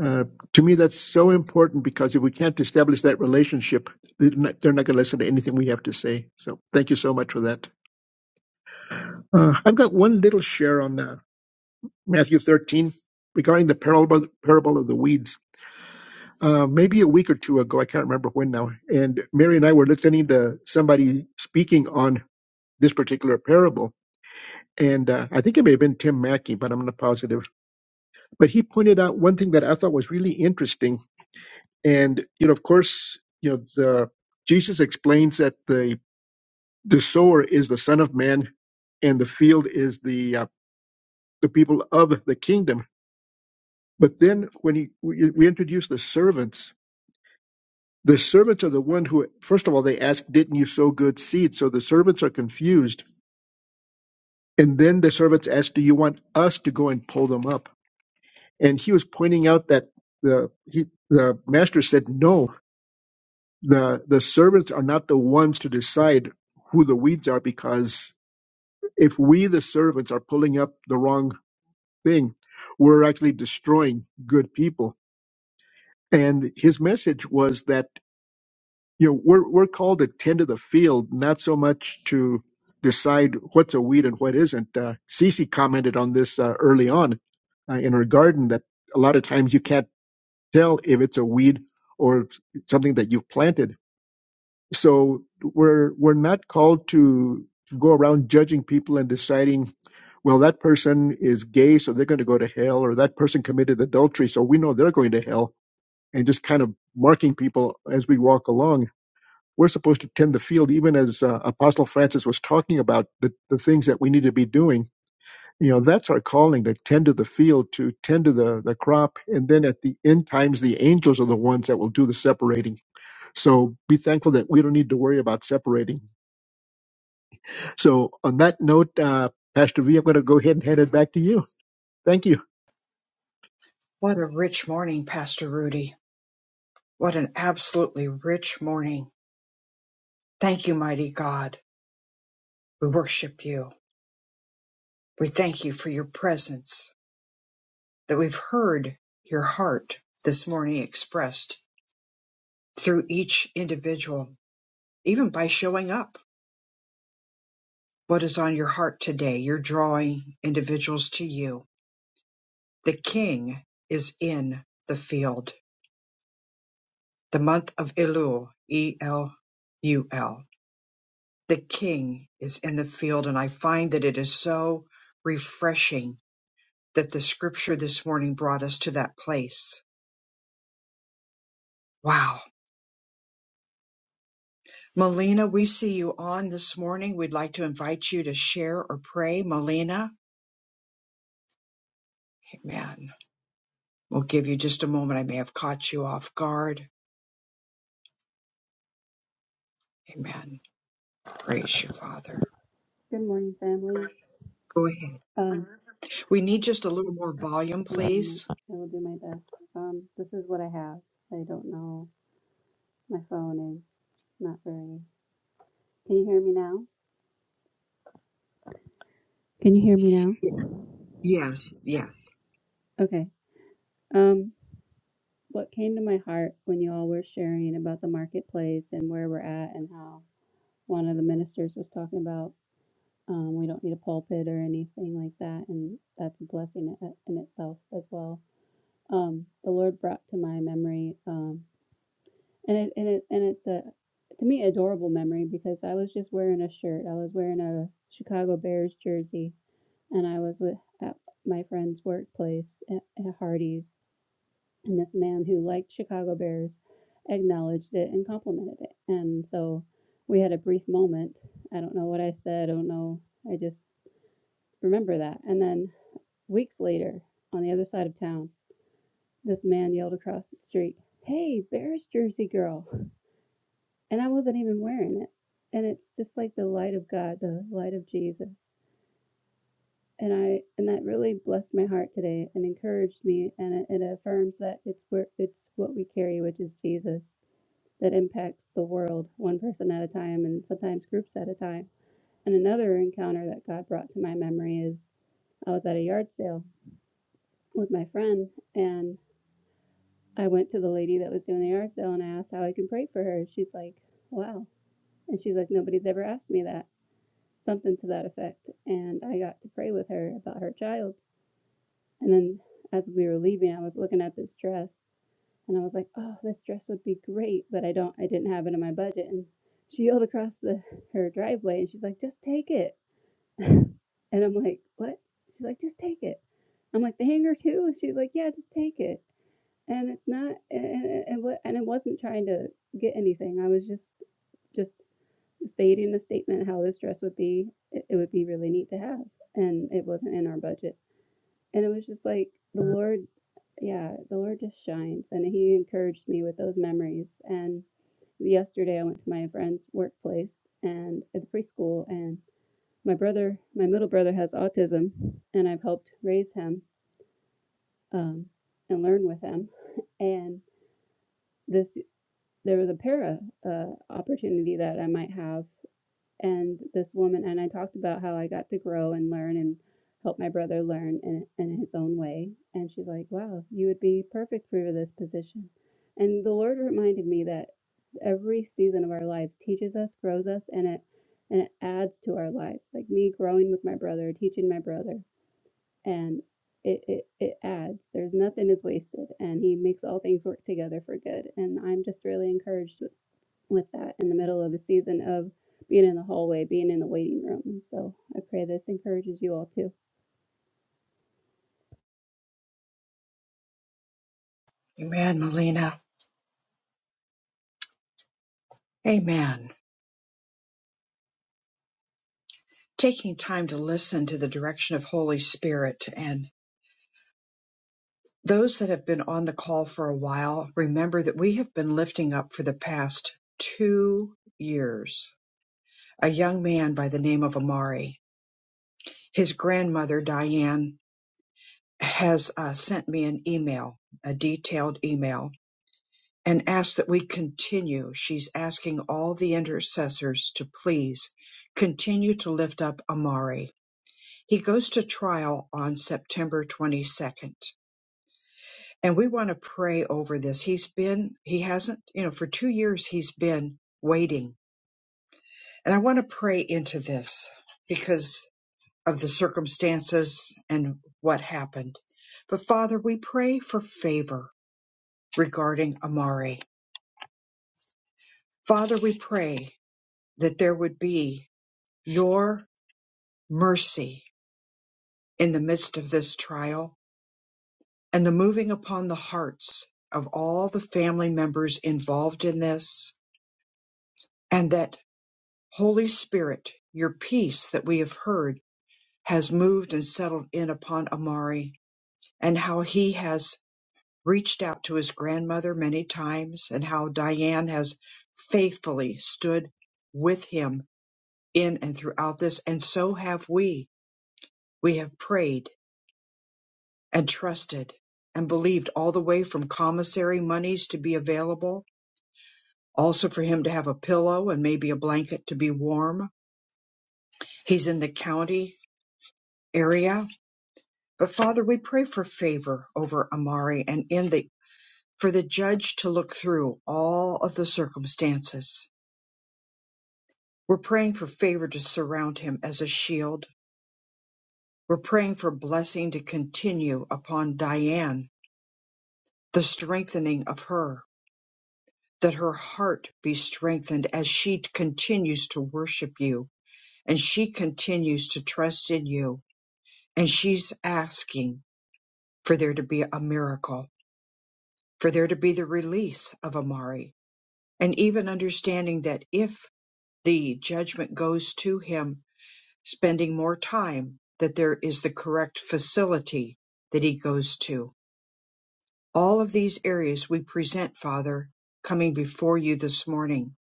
[SPEAKER 2] Uh, to me, that's so important because if we can't establish that relationship, they're not, they're not going to listen to anything we have to say. So thank you so much for that. Uh, I've got one little share on uh, Matthew 13 regarding the parable, parable of the weeds. uh, maybe a week or two ago. I can't remember when now. And Mary and I were listening to somebody speaking on this particular parable. And uh, I think it may have been Tim Mackey, but I'm not positive. But he pointed out one thing that I thought was really interesting. And, you know, of course, you know, the, Jesus explains that the, the sower is the son of man and the field is the, uh, the people of the kingdom. But then when he, we, we introduce the servants, The servants are the one who, first of all, they ask, Didn't you sow good seed? So the servants are confused. And then the servants ask, Do you want us to go and pull them up? And he was pointing out that the, he, the master said, No, the, the servants are not the ones to decide who the weeds are because if we, the servants, are pulling up the wrong thing, we're actually destroying good people. And his message was that you know, we're we're called to tend to the field, not so much to decide what's a weed and what isn't. Uh, Cece commented on this uh, early on uh, in her garden that a lot of times you can't tell if it's a weed or something that you've planted. So we're we're not called to to go around judging people and deciding, well, that person is gay, so they're going to go to hell, or that person committed adultery, so we know they're going to hell, and just kind of marking people as we walk along we're supposed to tend the field, even as uh, Apostle Francis was talking about the, the things that we need to be doing. You know, that's our calling to tend to the field, to tend to the, the crop. And then at the end times, the angels are the ones that will do the separating. So be thankful that we don't need to worry about separating. So on that note, uh, Pastor V, I'm going to go ahead and hand it back to you. Thank you.
[SPEAKER 1] What a rich morning, Pastor Rudy. What an absolutely rich morning. Thank you, mighty God. We worship you. We thank you for your presence, that we've heard your heart this morning expressed through each individual, even by showing up. what is on your heart today. You're drawing individuals to you. The king is in the field. The month of Elul, E L U L. The king is in the field. And I find that it is so refreshing that the scripture this morning brought us to that place. Wow. Melina, we see you on this morning. We'd like to invite you to share or pray. Melina, amen. We'll give you just a moment. I may have caught you off guard. Amen. Praise you, Father.
[SPEAKER 7] Good morning, family.
[SPEAKER 1] Go ahead.
[SPEAKER 7] Um,
[SPEAKER 1] We need just a little more volume,
[SPEAKER 7] one moment.
[SPEAKER 1] please.
[SPEAKER 7] I will do my best. Um, this is what I have. I don't know. My phone is not very. Can you hear me now? Can you hear me now?
[SPEAKER 1] Y- Yes, yes.
[SPEAKER 7] Okay. Um, what came to my heart when you all were sharing about the marketplace and where we're at and how one of the ministers was talking about um, we don't need a pulpit or anything like that, and that's a blessing i- in itself as well. Um, the Lord brought to my memory. Um, And it and it and it's a to me, adorable memory because I was just wearing a shirt. I was wearing a Chicago Bears jersey, and I was with at my friend's workplace at, at Hardee's, and this man who liked Chicago Bears acknowledged it and complimented it. And so we had a brief moment. I don't know what I said. I don't know. I just remember that. And then weeks later, on the other side of town, this man yelled across the street, "Hey, Bears jersey girl!" And I wasn't even wearing it. And it's just like the light of God, the light of Jesus. And I and that really blessed my heart today and encouraged me and it, it affirms that it's where it's what we carry, which is Jesus, that impacts the world one person at a time and sometimes groups at a time. And another encounter that God brought to my memory is I was at a yard sale with my friend and I went to the lady that was doing the yard sale and I asked how I can pray for her. She's like, Wow. And she's like, Nobody's ever asked me that. something to that effect. And I got to pray with her about her child. And then as we were leaving, I was looking at this dress and I was like, oh, this dress would be great, but I don't, I didn't have it in my budget. And she yelled across the her driveway and she's like, just take it. And I'm like, what? She's like, just take it. I'm like, the hanger too? And she's like, yeah, just take it. And it's not, and, and, and, what- and it wasn't trying to get anything. I was just, just say it in a statement how this dress would be it, it would be really neat to have and it wasn't in our budget and it was just like the lord yeah the lord just shines and he encouraged me with those memories and yesterday i went to my friend's workplace and at the preschool and my brother my middle brother has autism and i've helped raise him um, and learn with him and this there was a para uh, opportunity that i might have and this woman and I talked about how I got to grow and learn and help my brother learn in, in his own way. And she's like, "Wow, you would be perfect for this position." And the Lord reminded me that every season of our lives teaches us, grows us, and it and it adds to our lives. Like me growing with my brother, teaching my brother, and it, it, it adds. There's nothing is wasted, and He makes all things work together for good. And I'm just really encouraged with that in the middle of a season of being in the hallway, being in the waiting room. And so I pray this encourages you all too.
[SPEAKER 1] Amen, Melina. Amen. Taking time to listen to the direction of Holy Spirit and those that have been on the call for a while, remember that we have been lifting up for the past two years a young man by the name of Amari. His grandmother, Diane, has uh, sent me an email, a detailed email and ask that we continue. She's asking all the intercessors to please continue to lift up Amari. He goes to trial on September 22nd, and we want to pray over this. He's been, he hasn't, you know, for two years he's been waiting. And I want to pray into this because of the circumstances and what happened. But Father, we pray for favor regarding Amari. Father, we pray that there would be your mercy in the midst of this trial and the moving upon the hearts of all the family members involved in this. And that Holy Spirit, your peace that we have heard has moved and settled in upon Amari and how he has reached out to his grandmother many times and how Diane has faithfully stood with him in and throughout this. And so have we. We have prayed and trusted and believed all the way from commissary monies to be available, also for him to have a pillow and maybe a blanket to be warm. He's in the county area. But Father, we pray for favor over Amari and in the for the judge to look through all of the circumstances. We're praying for favor to surround him as a shield. We're praying for blessing to continue upon Diane, the strengthening of her that her heart be strengthened as she continues to worship you and she continues to trust in you. And she's asking for there to be a miracle, for there to be the release of Amari, and even understanding that if the judgment goes to him, spending more time, that there is the correct facility that he goes to. All of these areas we present, Father, coming before you this morning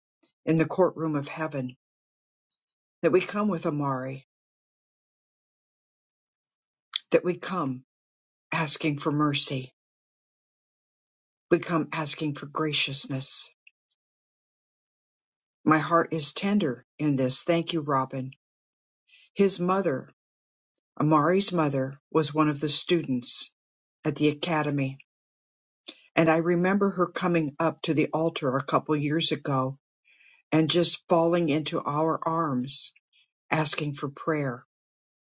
[SPEAKER 1] in the courtroom of heaven that we come with Amari, that we come asking for mercy. We come asking for graciousness. My heart is tender in this. Thank you, Robin. His mother, Amari's mother, was one of the students at the academy. And I remember her coming up to the altar a couple years ago and just falling into our arms, asking for prayer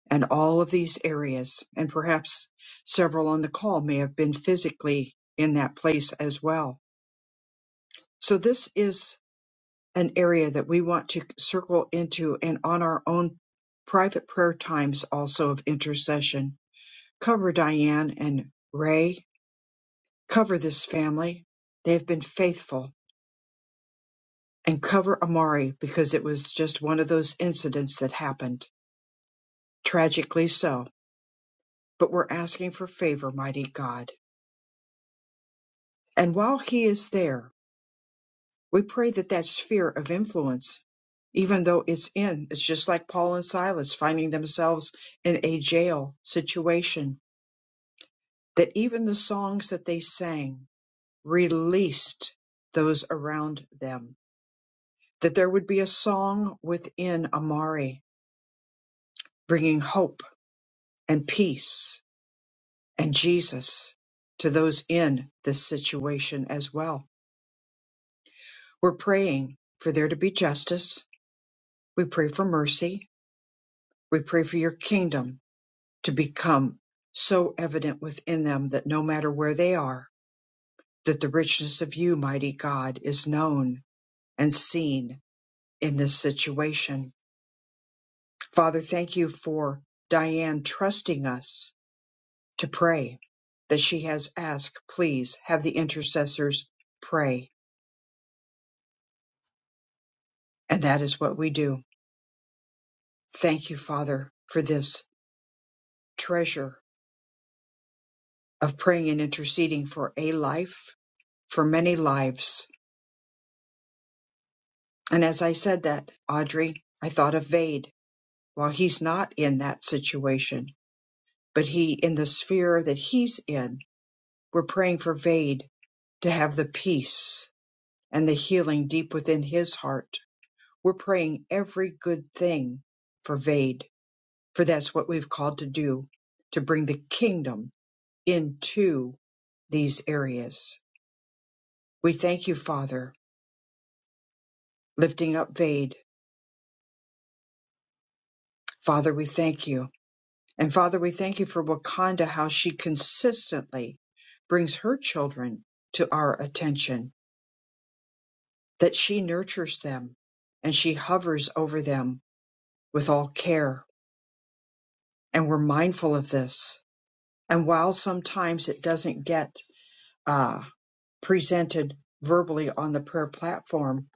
[SPEAKER 1] and all of these areas. And perhaps several on the call may have been physically in that place as well So this is an area that we want to circle into and on our own private prayer times also of intercession. Cover Diane and Ray. Cover this family. They have been faithful. And cover Amari because it was just one of those incidents that happened. Tragically so. But we're asking for favor, mighty God. And while he is there, We pray that that sphere of influence, even though it's in, it's just like Paul and Silas finding themselves in a jail situation, that even the songs that they sang released those around them, that there would be a song within Amari bringing hope and peace and Jesus to those in this situation as well. We're praying for there to be justice. We pray for mercy. We pray for your kingdom to become so evident within them that no matter where they are, that the richness of you, mighty God, is known and seen in this situation. Father, thank you for Diane trusting us to pray that she has asked, please have the intercessors pray. And that is what we do. Thank you, Father, for this treasure of praying and interceding for a life, for many lives And as I said that, Audrey, I thought of Vade. While he's not in that situation, but he in the sphere that he's in, we're praying for Vade to have the peace and the healing deep within his heart. We're praying every good thing for Vade, for that's what we've called to do, to bring the kingdom into these areas. We thank you, Father, lifting up Vade. Father, we thank you And Father, we thank you for Wakanda, how she consistently brings her children to our attention, that she nurtures them and she hovers over them with all care. And we're mindful of this. And while sometimes it doesn't get uh, presented verbally on the prayer platform,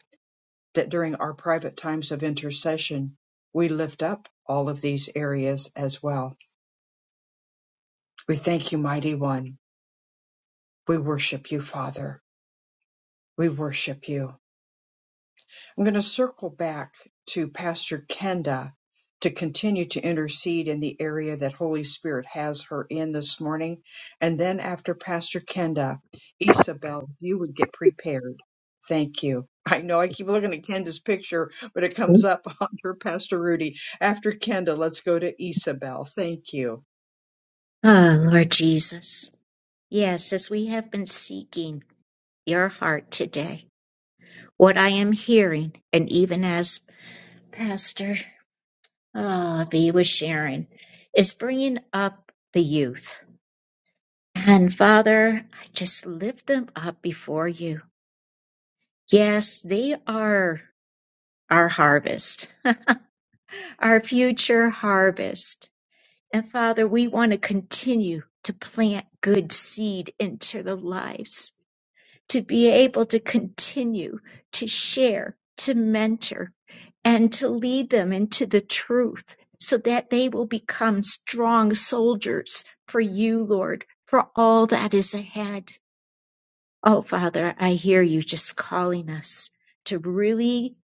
[SPEAKER 1] that during our private times of intercession, we lift up all of these areas as well. We thank you, Mighty One. We worship you, Father. We worship you. I'm going to circle back to Pastor Kenda to continue to intercede in the area that Holy Spirit has her in this morning. And then after Pastor Kenda, Isabel, if you would get prepared. Thank you. I know I keep looking at Kenda's picture, but it comes up under Pastor Rudy. After Kenda, let's go to Isabel. Thank you.
[SPEAKER 2] Ah, Lord Jesus. Yes, as we have been seeking your heart today, what I am hearing, and even as Pastor ah, V was sharing, is bringing up the youth. And Father, I just lift them up before you. Yes, they are our harvest, our future harvest. And Father, we want to continue to plant good seed into the lives, to be able to continue to share, to mentor, and to lead them into the truth so that they will become strong soldiers for you, Lord, for all that is ahead. Oh, Father, I hear you just calling us to really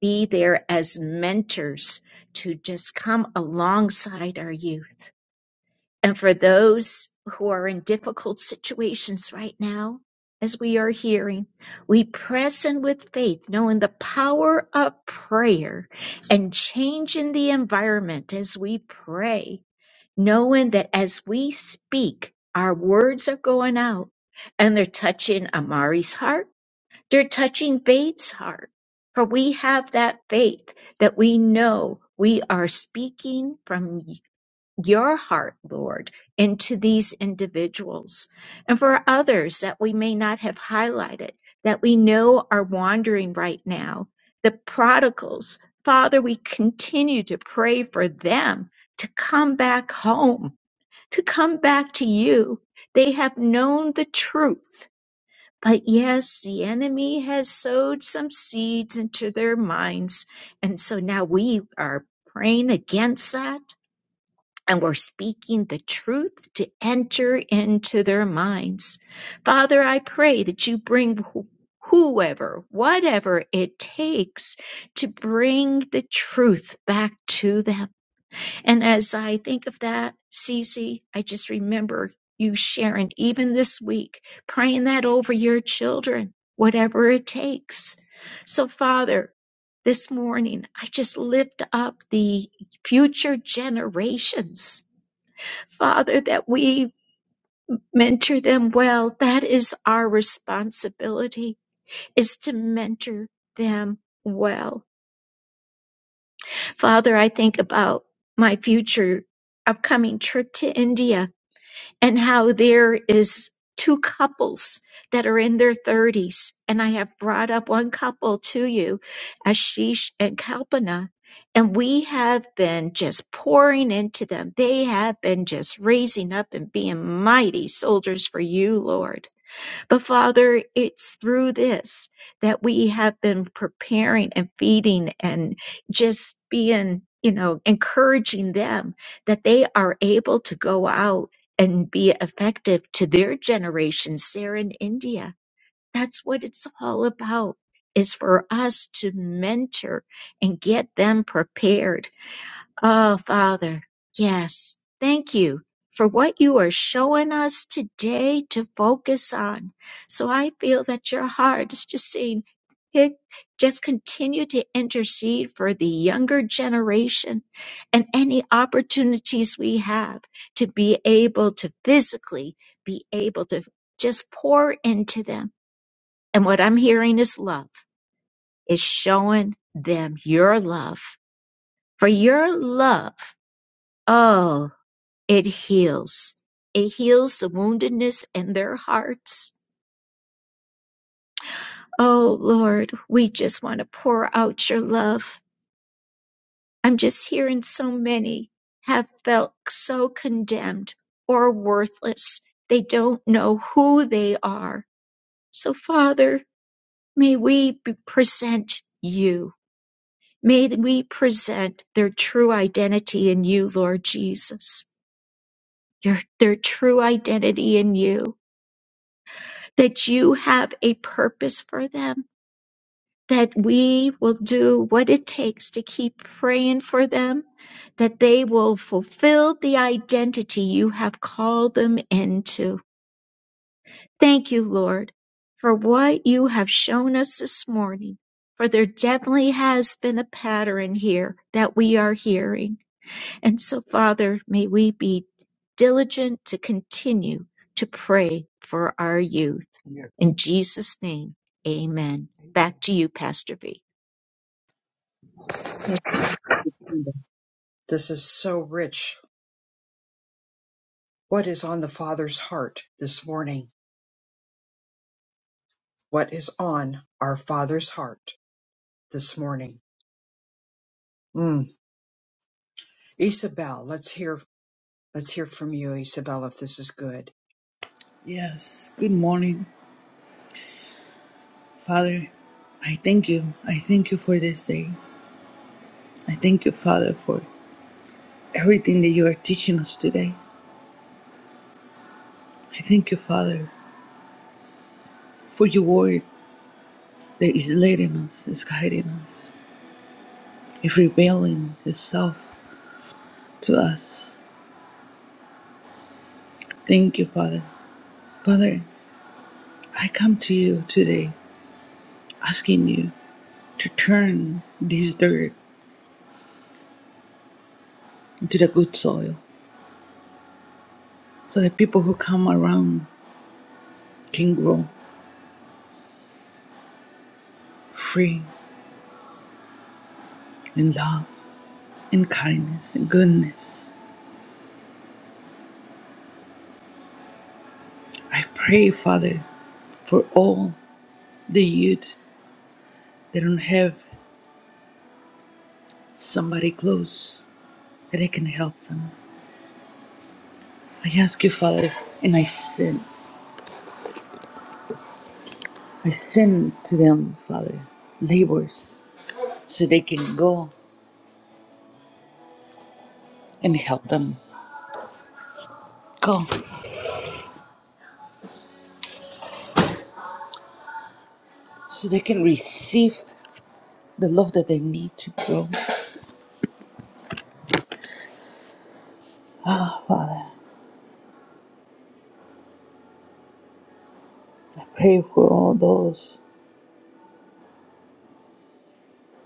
[SPEAKER 2] be there as mentors, to just come alongside our youth. And for those who are in difficult situations right now, as we are hearing, we press in with faith, knowing the power of prayer and changing the environment as we pray, knowing that as we speak, our words are going out and they're touching Amari's heart they're touching Bates' heart. For we have that faith that we know we are speaking from y- your heart, Lord, into these individuals and for others that we may not have highlighted that we know are wandering right now, the prodigals. Father, we continue to pray for them to come back home, to come back to you. They have known the truth but yes, the enemy has sowed some seeds into their minds. And so now we are praying against that and we're speaking the truth to enter into their minds. Father, I pray that you bring wh- whoever, whatever it takes to bring the truth back to them and as I think of that, Cece, I just remember you sharing, even this week, praying that over your children, whatever it takes. So, Father, this morning, I just lift up the future generations. Father, that we mentor them well. That is our responsibility, is to mentor them well. Father, I think about my future upcoming trip to India and how there is two couples that are in their 30s and i have brought up one couple to you ashish and kalpana and we have been just pouring into them they have been just raising up and being mighty soldiers for you lord but Father, it's through this that we have been preparing and feeding and just being, you know, encouraging them that they are able to go out and be effective to their generations there in India. That's what it's all about is for us to mentor and get them prepared Oh, Father, yes, thank you for what you are showing us today to focus on. So I feel that your heart is just saying, "Hey, just continue to intercede for the younger generation and any opportunities we have to be able to physically be able to just pour into them. And what I'm hearing is love, is showing them your love. For your love, oh, it heals. It heals the woundedness in their hearts. Oh Lord, we just want to pour out your love. I'm just hearing so many have felt so condemned or worthless. They don't know who they are. So Father, may we be- present you. May we present their true identity in you, Lord Jesus. Your, their true identity in you that you have a purpose for them, that we will do what it takes to keep praying for them, that they will fulfill the identity you have called them into. Thank you, Lord, for what you have shown us this morning. For there definitely has been a pattern here that we are hearing. And so, Father, may we be diligent to continue to pray for our youth. Yeah. In Jesus' name, amen. Back to you, Pastor V.
[SPEAKER 1] Thank you. This is so rich. What is on the Father's heart this morning? What is on our Father's heart this morning? Mm. Isabel, let's hear let's hear from you, Isabel, if this is good.
[SPEAKER 8] Yes, good morning, Father. I thank you. I thank you for this day. I thank you, Father, for everything that you are teaching us today. I thank you, Father, for your word that is leading us, is guiding us, is revealing itself to us. Thank you, Father. Father, I come to you today asking you to turn this dirt into the good soil so that people who come around can grow free in love and kindness and goodness. I pray, Father, for all the youth that don't have somebody close that I can help them. I ask you, Father, and I send, I send to them, Father, labors so they can go and help them. Go so they can receive the love that they need to grow. Ah, Father, I pray for all those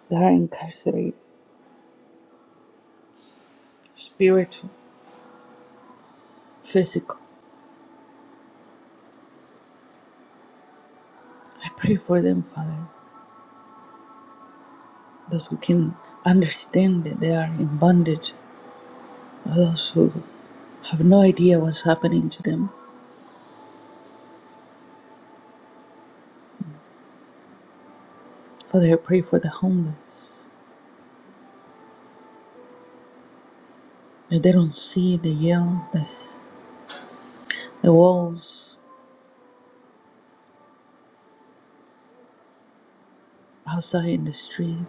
[SPEAKER 8] that are incarcerated, spiritual, physical. I pray for them, Father, those who can understand that they are in bondage, those who have no idea what's happening to them. Father, I pray for the homeless, that they don't see the yell, the, the walls outside in the street,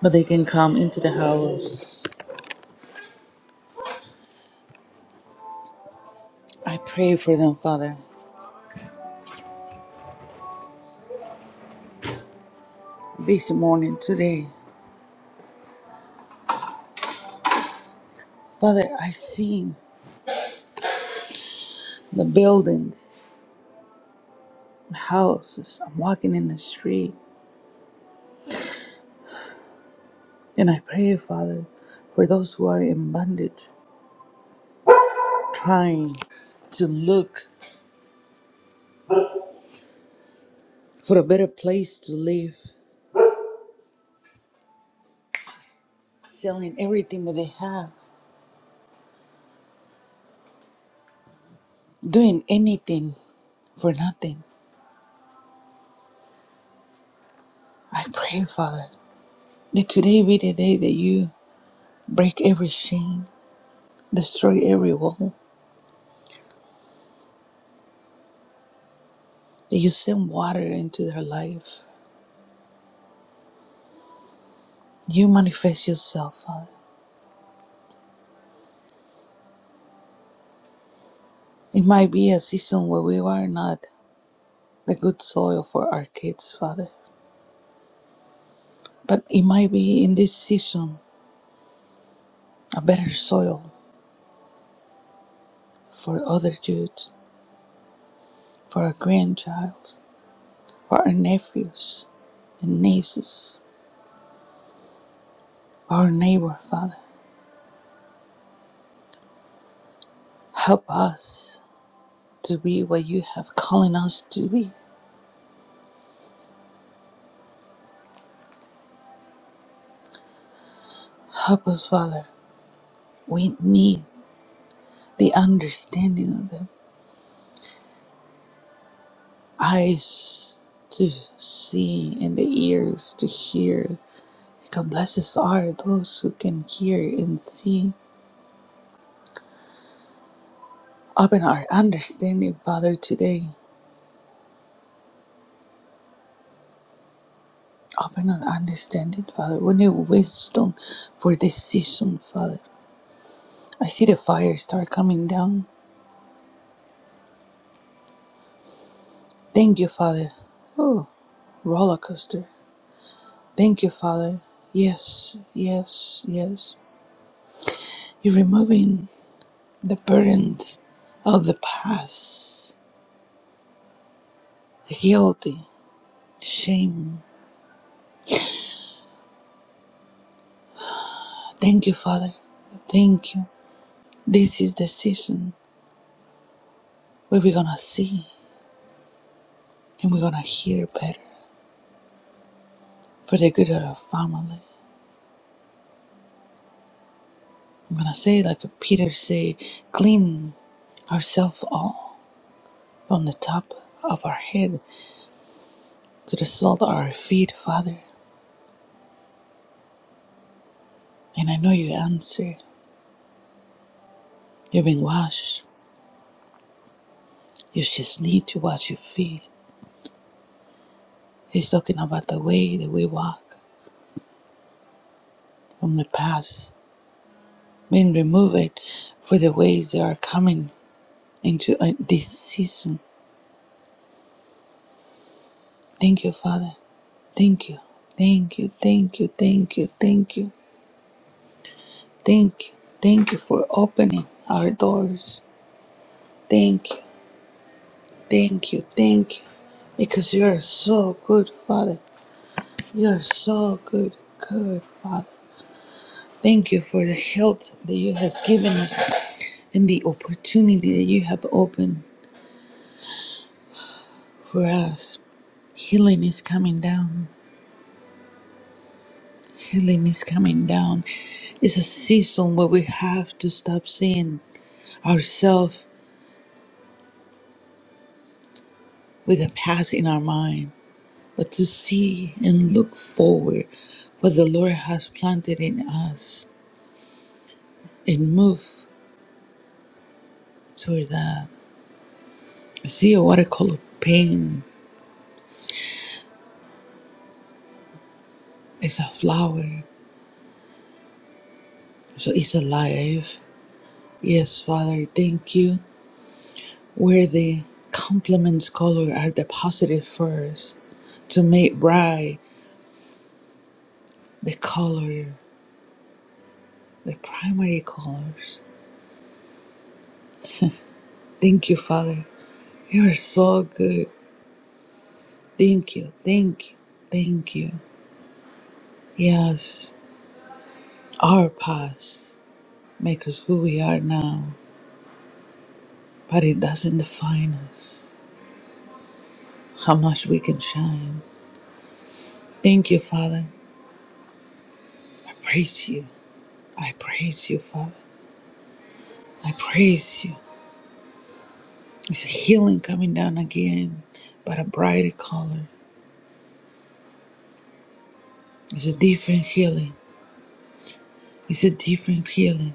[SPEAKER 8] but they can come into the house. I pray for them, Father, this morning, today. Father, I see the buildings, the houses. I'm walking in the street. And I pray, Father, for those who are in bondage, trying to look for a better place to live, selling everything that they have, doing anything for nothing. I pray, Father, that today be the day that you break every chain, destroy every wall, that you send water into their life. You manifest yourself, Father. It might be a season where we are not the good soil for our kids, Father. But it might be in this season a better soil for other youth, for our grandchild, for our nephews and nieces, for our neighbor, Father. Help us to be what you have calling us to be. Help us, Father. We need the understanding of the eyes to see and the ears to hear. Because blessed are those who can hear and see. Open our understanding, Father, today Open our understanding, Father. We need wisdom for this season, Father. I see the fire start coming down. Thank you, Father. Oh, roller coaster. Thank you, Father. Yes, yes, yes. You're removing the burdens of the past, the guilty, shame. Thank you, Father. Thank you. This is the season where we're gonna see and we're gonna hear better for the good of our family. I'm gonna say, like Peter say, clean ourselves all from the top of our head to the sole of our feet, Father. And I know you answer. You've been washed. You just need to wash your feet. He's talking about the way that we walk from the past. Mean remove it for the ways that are coming into uh, this season. Thank you, Father. Thank you. Thank you. Thank you. Thank you. Thank you. Thank you. Thank you for opening our doors Thank you, thank you, thank you. Because you're so good, Father. You're so good, good, Father. Thank you for the health that you have given us and the opportunity that you have opened for us. Healing is coming down. Healing is coming down. It's a season where we have to stop seeing ourselves with a past in our mind, but to see and look forward what the Lord has planted in us It moves toward that. I See a watercolor paint is a flower, so it's alive. Yes, Father, thank you. Where the complements color are deposited first to make bright the color, the primary colors. Thank you, Father. You are so good. Thank you, thank you, thank you. Yes, our past make us who we are now. but it doesn't define us how much we can shine. Thank you, Father. I praise you. I praise you, Father. I praise you. It's a healing coming down again, but a brighter color. It's a different healing. It's a different healing.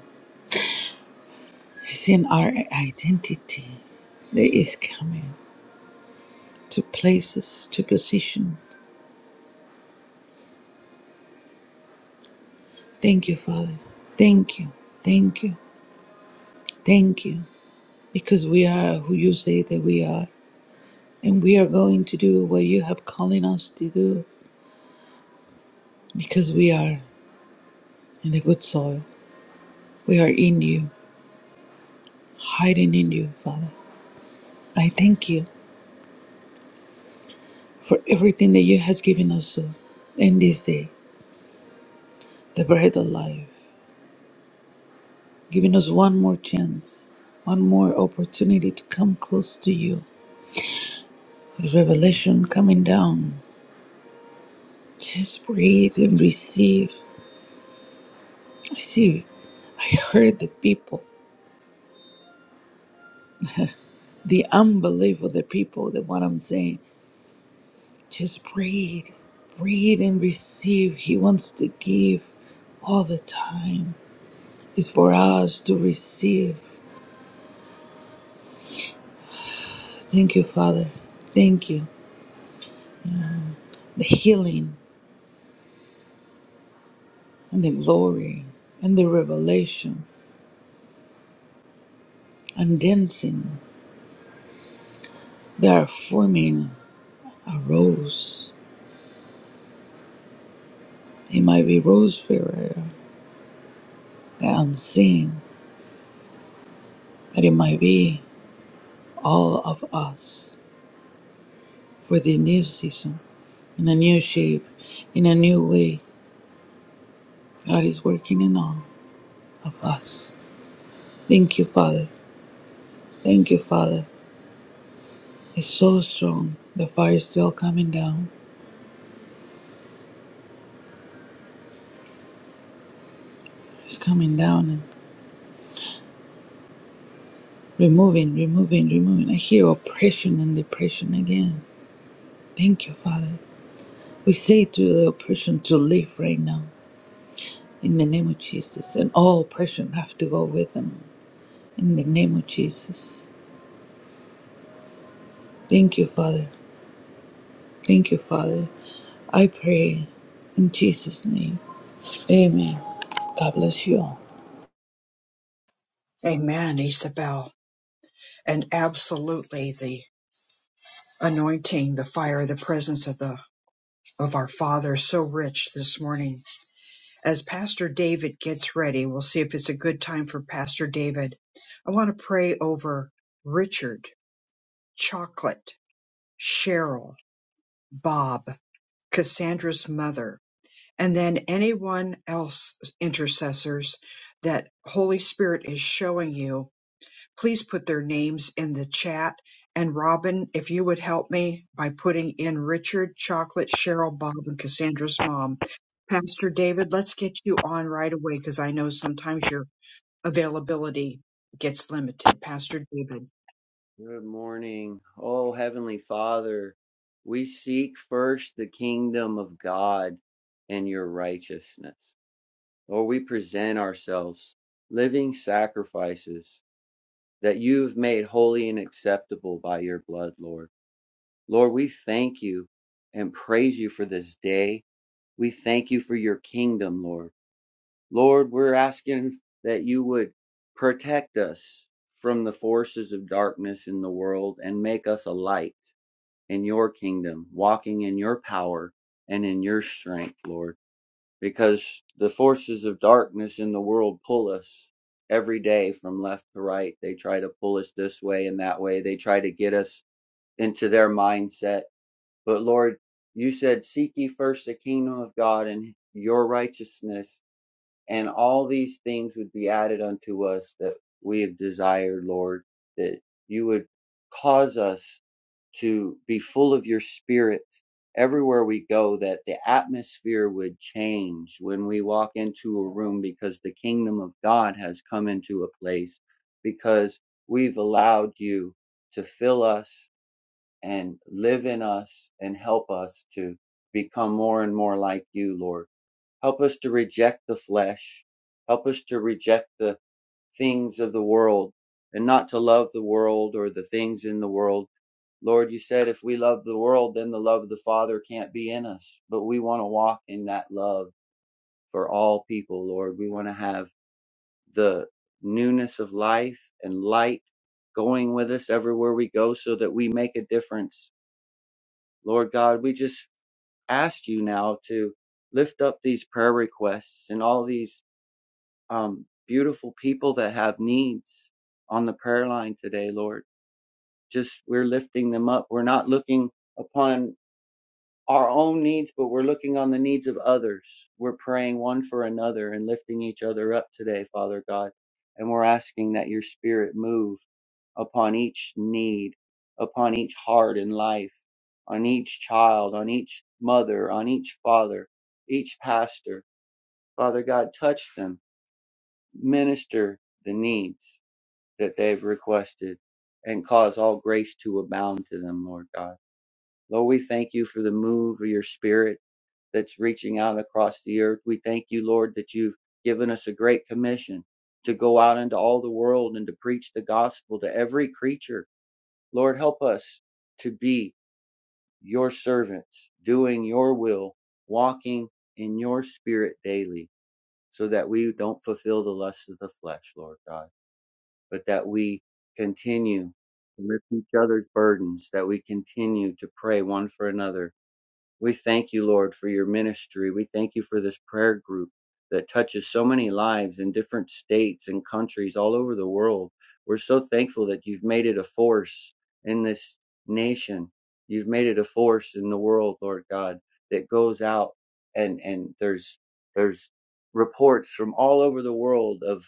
[SPEAKER 8] It's in our identity that is coming to places, to positions. Thank you, Father. Thank you. Thank you. Thank you. Because we are who you say that we are. And we are going to do what you have calling us to do because we are in the good soil. We are in you, hiding in you, Father. I thank you for everything that you has given us uh, in this day, the bread of life, giving us one more chance, one more opportunity to come close to you. There's revelation coming down. Just breathe and receive. I see I heard the people, the unbelief of the people, that what I'm saying. Just breathe, breathe and receive. He wants to give all the time. It's for us to receive. Thank you, Father. Thank you. The healing and the glory and the revelation and dancing. They are forming a rose. It might be Rose Ferreira, the unseen, but it might be all of us for the new season, in a new shape, in a new way God is working in all of us. Thank you, Father. Thank you, Father. It's so strong. The fire is still coming down. It's coming down and removing, removing, removing. I hear oppression and depression again. Thank you, Father. We say to the oppression to leave right now in the name of Jesus, and all oppression have to go with them in the name of Jesus. Thank you, Father. Thank you, Father. I pray in Jesus' name. Amen. God bless you all.
[SPEAKER 1] Amen, Isabel. And absolutely the anointing, the fire, the presence of the of our Father is so rich this morning. As Pastor David gets ready, we'll see if it's a good time for Pastor David. I want to pray over Richard, Chocolate, Cheryl, Bob, Cassandra's mother, and then anyone else intercessors that Holy Spirit is showing you, please put their names in the chat. And Robin, if you would help me by putting in Richard, Chocolate, Cheryl, Bob, and Cassandra's mom. Pastor David, let's get you on right away because I know sometimes your availability gets limited. Pastor David.
[SPEAKER 9] Good morning. Oh, Heavenly Father, we seek first the kingdom of God and your righteousness. Lord, we present ourselves living sacrifices that you've made holy and acceptable by your blood, Lord. Lord, we thank you and praise you for this day. We thank you for your kingdom, Lord. Lord, we're asking that you would protect us from the forces of darkness in the world and make us a light in your kingdom, walking in your power and in your strength, Lord, because the forces of darkness in the world pull us every day from left to right. They try to pull us this way and that way. They try to get us into their mindset. But Lord, you said, Seek ye first the kingdom of God and your righteousness and all these things would be added unto us that we have desired, Lord, that you would cause us to be full of your spirit everywhere we go, that the atmosphere would change when we walk into a room because the kingdom of God has come into a place because we've allowed you to fill us and live in us and help us to become more and more like you, Lord. Help us to reject the flesh. Help us to reject the things of the world and not to love the world or the things in the world. Lord, you said if we love the world, then the love of the Father can't be in us. But we want to walk in that love for all people, Lord. We want to have the newness of life and light going with us everywhere we go so that we make a difference. Lord God, we just ask you now to lift up these prayer requests and all these um, beautiful people that have needs on the prayer line today, Lord. Just we're lifting them up. We're not looking upon our own needs, but we're looking on the needs of others. We're praying one for another and lifting each other up today, Father God. And we're asking that your spirit move upon each need, upon each heart in life, on each child, on each mother, on each father, each pastor. Father God, touch them minister the needs that they've requested and cause all grace to abound to them, Lord God. Lord, we thank you for the move of your spirit that's reaching out across the earth. We thank you, Lord, that you've given us a great commission to go out into all the world and to preach the gospel to every creature. Lord, help us to be your servants, doing your will, walking in your spirit daily so that we don't fulfill the lusts of the flesh, Lord God. but that we continue to lift each other's burdens, that we continue to pray one for another. We thank you, Lord, for your ministry. We thank you for this prayer group that touches so many lives in different states and countries all over the world. We're so thankful that you've made it a force in this nation. You've made it a force in the world, Lord God, that goes out and, and there's, there's reports from all over the world of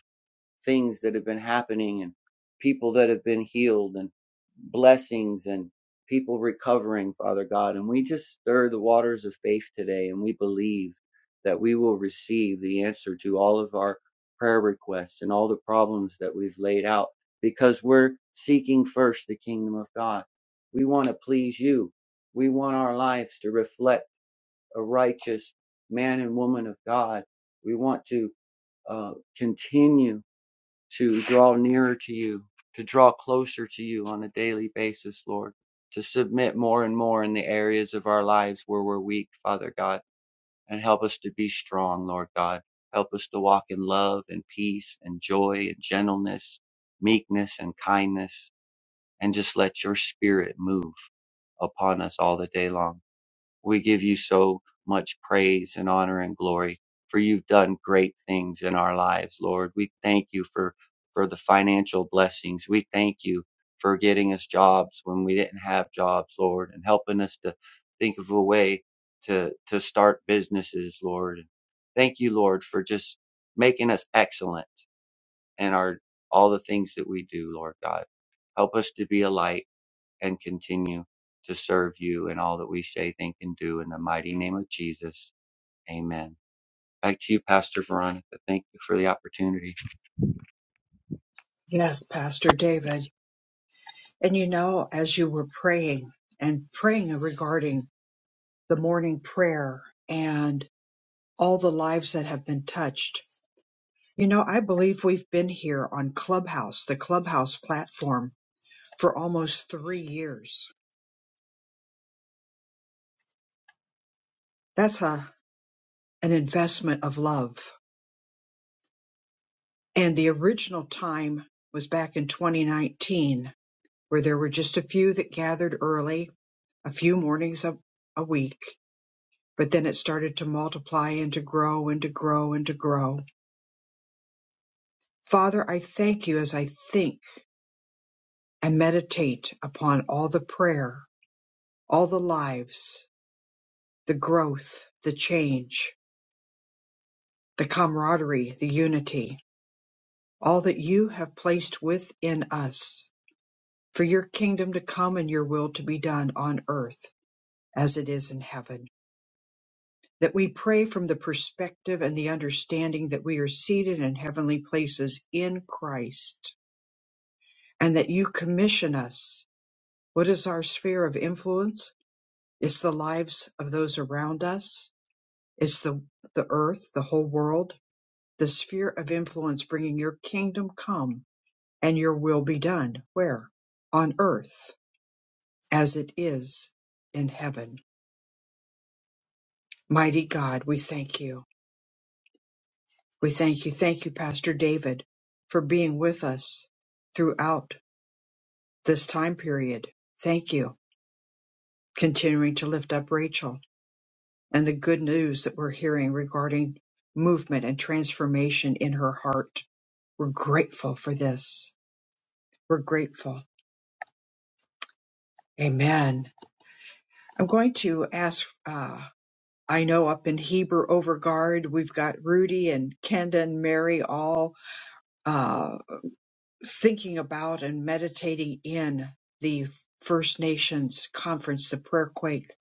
[SPEAKER 9] things that have been happening and people that have been healed and blessings and people recovering, Father God. And we just stir the waters of faith today and we believe that we will receive the answer to all of our prayer requests and all the problems that we've laid out because we're seeking first the kingdom of God. We want to please you. We want our lives to reflect a righteous man and woman of God. We want to uh, continue to draw nearer to you, to draw closer to you on a daily basis, Lord, to submit more and more in the areas of our lives where we're weak, Father God, and help us to be strong, Lord God. Help us to walk in love and peace and joy and gentleness, meekness and kindness, and just let your spirit move upon us all the day long. We give you so much praise and honor and glory for you've done great things in our lives, Lord. We thank you for, for the financial blessings. We thank you for getting us jobs when we didn't have jobs, Lord, and helping us to think of a way to, to start businesses, Lord. thank you, Lord, for just making us excellent in our, all the things that we do, Lord God. Help us to be a light and continue to serve you in all that we say, think, and do in the mighty name of Jesus. Amen. Back to you, Pastor Veronica. Thank you for the opportunity.
[SPEAKER 1] Yes, Pastor David. And you know, as you were praying and praying regarding the morning prayer, and. all the lives that have been touched. You know, I believe we've been here on Clubhouse, the Clubhouse platform, for almost three years. That's a, an investment of love. And the original time was back in 2019, where there were just a few that gathered early, a few mornings a, a week, but then it started to multiply and to grow and to grow and to grow. Father, I thank you as I think and meditate upon all the prayer all the lives, the growth, the change, the camaraderie, the unity, all that you have placed within us for your kingdom to come and your will to be done on earth as it is in heaven. That we pray from the perspective and the understanding that we are seated in heavenly places in Christ and that you commission us. What is our sphere of influence? It's the lives of those around us. It's the, the earth, the whole world the sphere of influence bringing your kingdom come and your will be done where on earth as it is in heaven mighty god we thank you we thank you thank you pastor david for being with us throughout this time period thank you continuing to lift up rachel and the good news that we're hearing regarding movement and transformation in her heart we're grateful for this we're grateful amen I'm going to ask, uh, I know up in Heber Overguard we've got Rudy and Kenda and Mary all uh, thinking about and meditating in the First Nations conference, the prayer quake.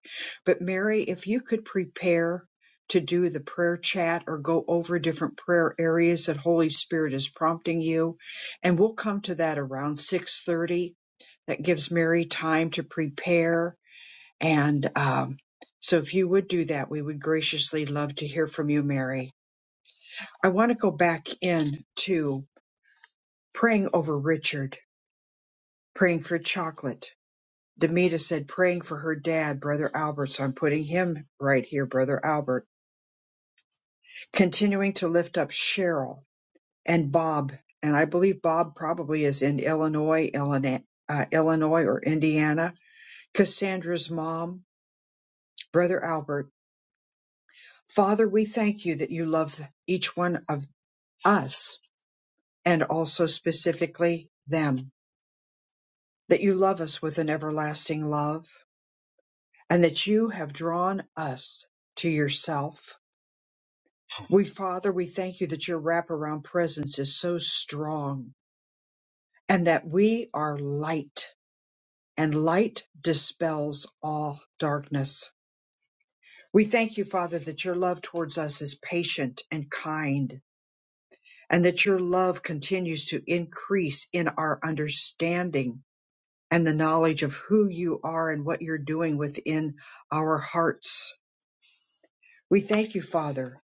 [SPEAKER 1] But Mary, if you could prepare to do the prayer chat or go over different prayer areas that Holy Spirit is prompting you, and we'll come to that around 6:30. That gives Mary time to prepare and um, so, if you would do that, we would graciously love to hear from you, Mary. I want to go back in to praying over Richard, praying for chocolate. Demita said, praying for her dad, Brother Albert. So I'm putting him right here, Brother Albert. Continuing to lift up Cheryl and Bob. And I believe Bob probably is in Illinois, Illinois, uh, Illinois or Indiana. Cassandra's mom, Brother Albert. Father, we thank you that you love each one of us and also specifically them, that you love us with an everlasting love and that you have drawn us to yourself. We, Father, we thank you that your wraparound presence is so strong and that we are light and light dispels all darkness. We thank you, Father, that your love towards us is patient and kind and that your love continues to increase in our understanding and the knowledge of who you are and what you're doing within our hearts. We thank you, Father,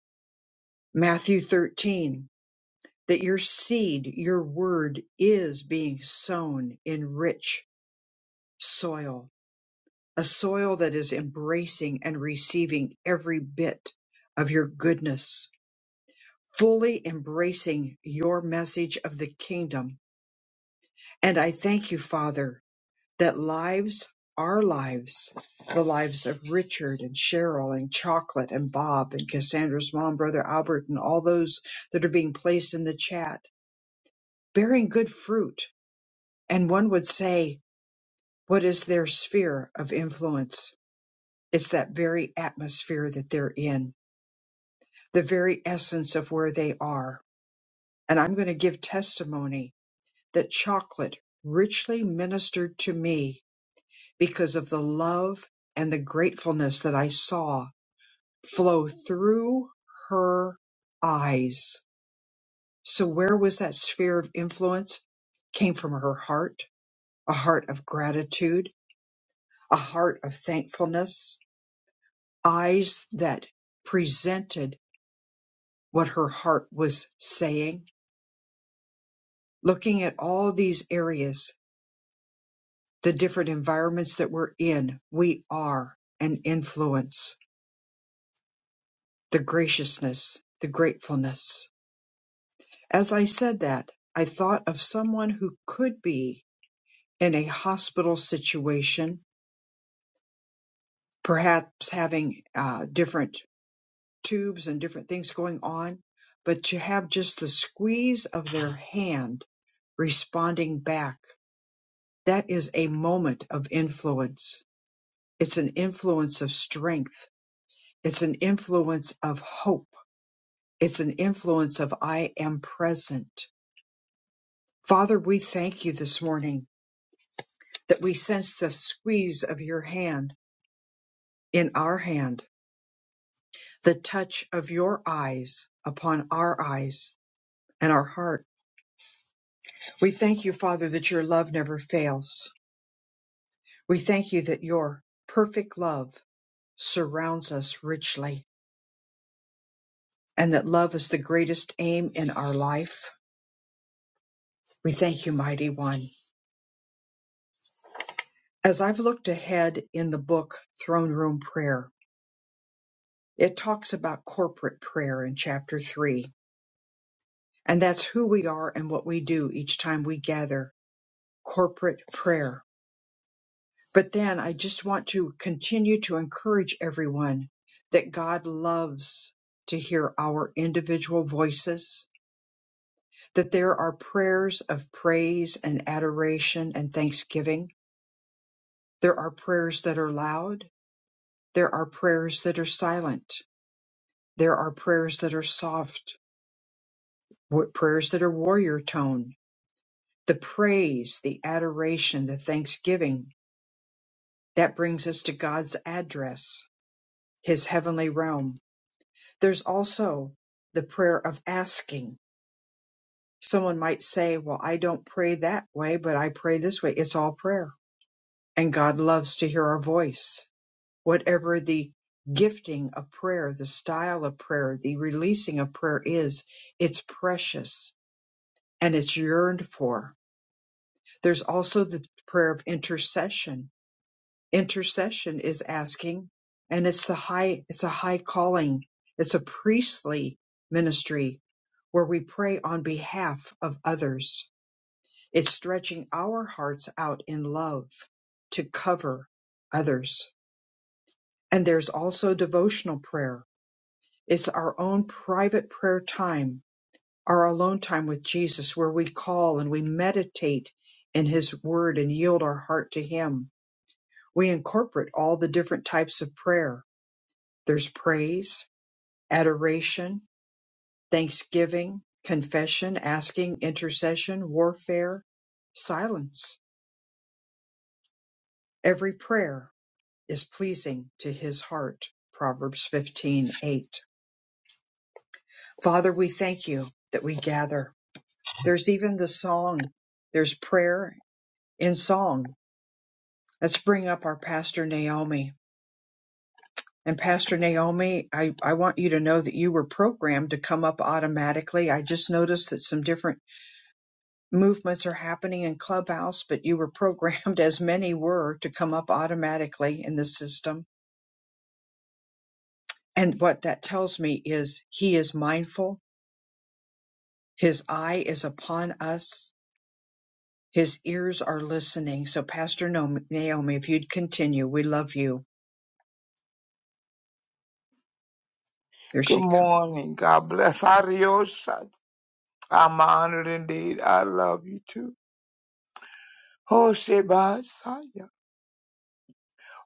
[SPEAKER 1] Matthew 13, that your seed, your word is being sown in rich soil, a soil that is embracing and receiving every bit of your goodness, fully embracing your message of the kingdom. And I thank you, Father, that lives our lives, the lives of Richard and Cheryl and Chocolate and Bob and Cassandra's mom, brother Albert, and all those that are being placed in the chat, bearing good fruit. And one would say, what is their sphere of influence? It's that very atmosphere that they're in, the very essence of where they are. And I'm going to give testimony that chocolate richly ministered to me because of the love and the gratefulness that I saw flow through her eyes. So where was that sphere of influence? Came from her heart, a heart of gratitude, a heart of thankfulness, eyes that presented what her heart was saying. Looking at all these areas, the different environments that we're in, we are an influence. The graciousness, the gratefulness. As I said that, I thought of someone who could be in a hospital situation, perhaps having uh, different tubes and different things going on, but to have just the squeeze of their hand responding back, that is a moment of influence. It's an influence of strength. It's an influence of hope. It's an influence of I am present. Father, we thank you this morning that we sense the squeeze of your hand in our hand the touch of your eyes upon our eyes and our heart. We thank you, Father, that your love never fails. We thank you that your perfect love surrounds us richly and that love is the greatest aim in our life. We thank you, mighty one. As I've looked ahead in the book Throne Room Prayer, it talks about corporate prayer in chapter three, and that's who we are and what we do each time we gather corporate prayer But then I just want to continue to encourage everyone that God loves to hear our individual voices, that there are prayers of praise and adoration and thanksgiving. There are prayers that are loud. There are prayers that are silent. There are prayers that are soft, wa- prayers that are warrior tone. The praise, the adoration, the thanksgiving, that brings us to God's address, his heavenly realm There's also the prayer of asking. Someone might say, Well, I don't pray that way, but I pray this way. It's all prayer. And God loves to hear our voice. Whatever the gifting of prayer, the style of prayer, the releasing of prayer is, it's precious and it's yearned for. There's also the prayer of intercession intercession is asking and it's the high it's a high calling it's a priestly ministry where we pray on behalf of others it's stretching our hearts out in love to cover others and there's also devotional prayer it's our own private prayer time our alone time with Jesus where we call and we meditate in his word and yield our heart to him we incorporate all the different types of prayer There's praise, adoration, thanksgiving, confession, asking, intercession, warfare, silence. Every prayer is pleasing to his heart. Proverbs 15:8. Father, we thank you that we gather. There's even the song. There's prayer in song. Let's bring up our pastor Naomi. And Pastor Naomi, I, I want you to know that you were programmed to come up automatically. I just noticed that some different movements are happening in Clubhouse, but you were programmed, as many were, to come up automatically in the system. And what that tells me is he is mindful, his eye is upon us, his ears are listening. So, Pastor No- Naomi, if you'd continue, we love you. There
[SPEAKER 10] Good
[SPEAKER 1] she comes.
[SPEAKER 10] morning. God bless. Adios. I'm honored indeed. I love you too. Hoshibasaya.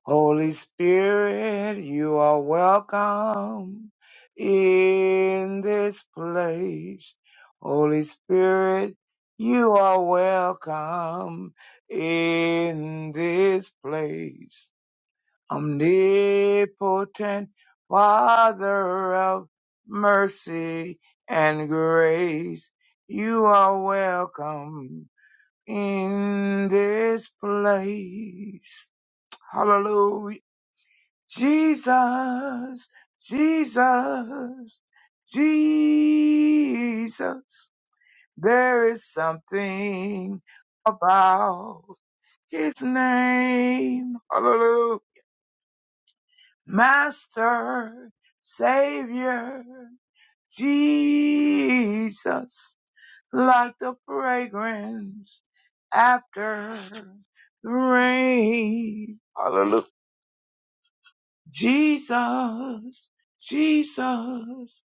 [SPEAKER 10] Holy Spirit, you are welcome in this place. Holy Spirit, you are welcome in this place. omnipotent Father of mercy and grace, you are welcome in this place. Hallelujah. Jesus, Jesus, Jesus. There is something about his name. Hallelujah. Master, Savior, Jesus, like the fragrance after the rain. Hallelujah. Jesus, Jesus,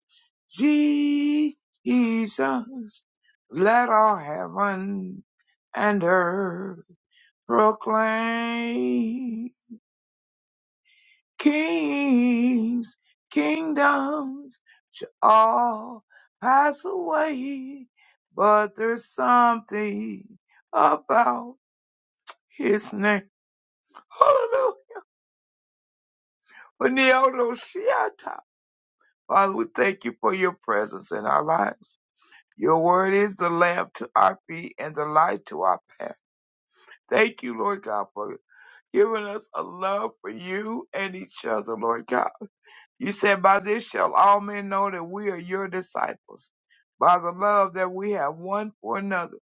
[SPEAKER 10] Jesus, let all heaven and earth proclaim. Kings, kingdoms shall all pass away, but there's something about his name. Hallelujah. Neodo Shiata. Father, we thank you for your presence in our lives. Your word is the lamp to our feet and the light to our path. Thank you, Lord God, for giving us a love for you and each other, Lord God. You said, By this shall all men know that we are your disciples, by the love that we have one for another.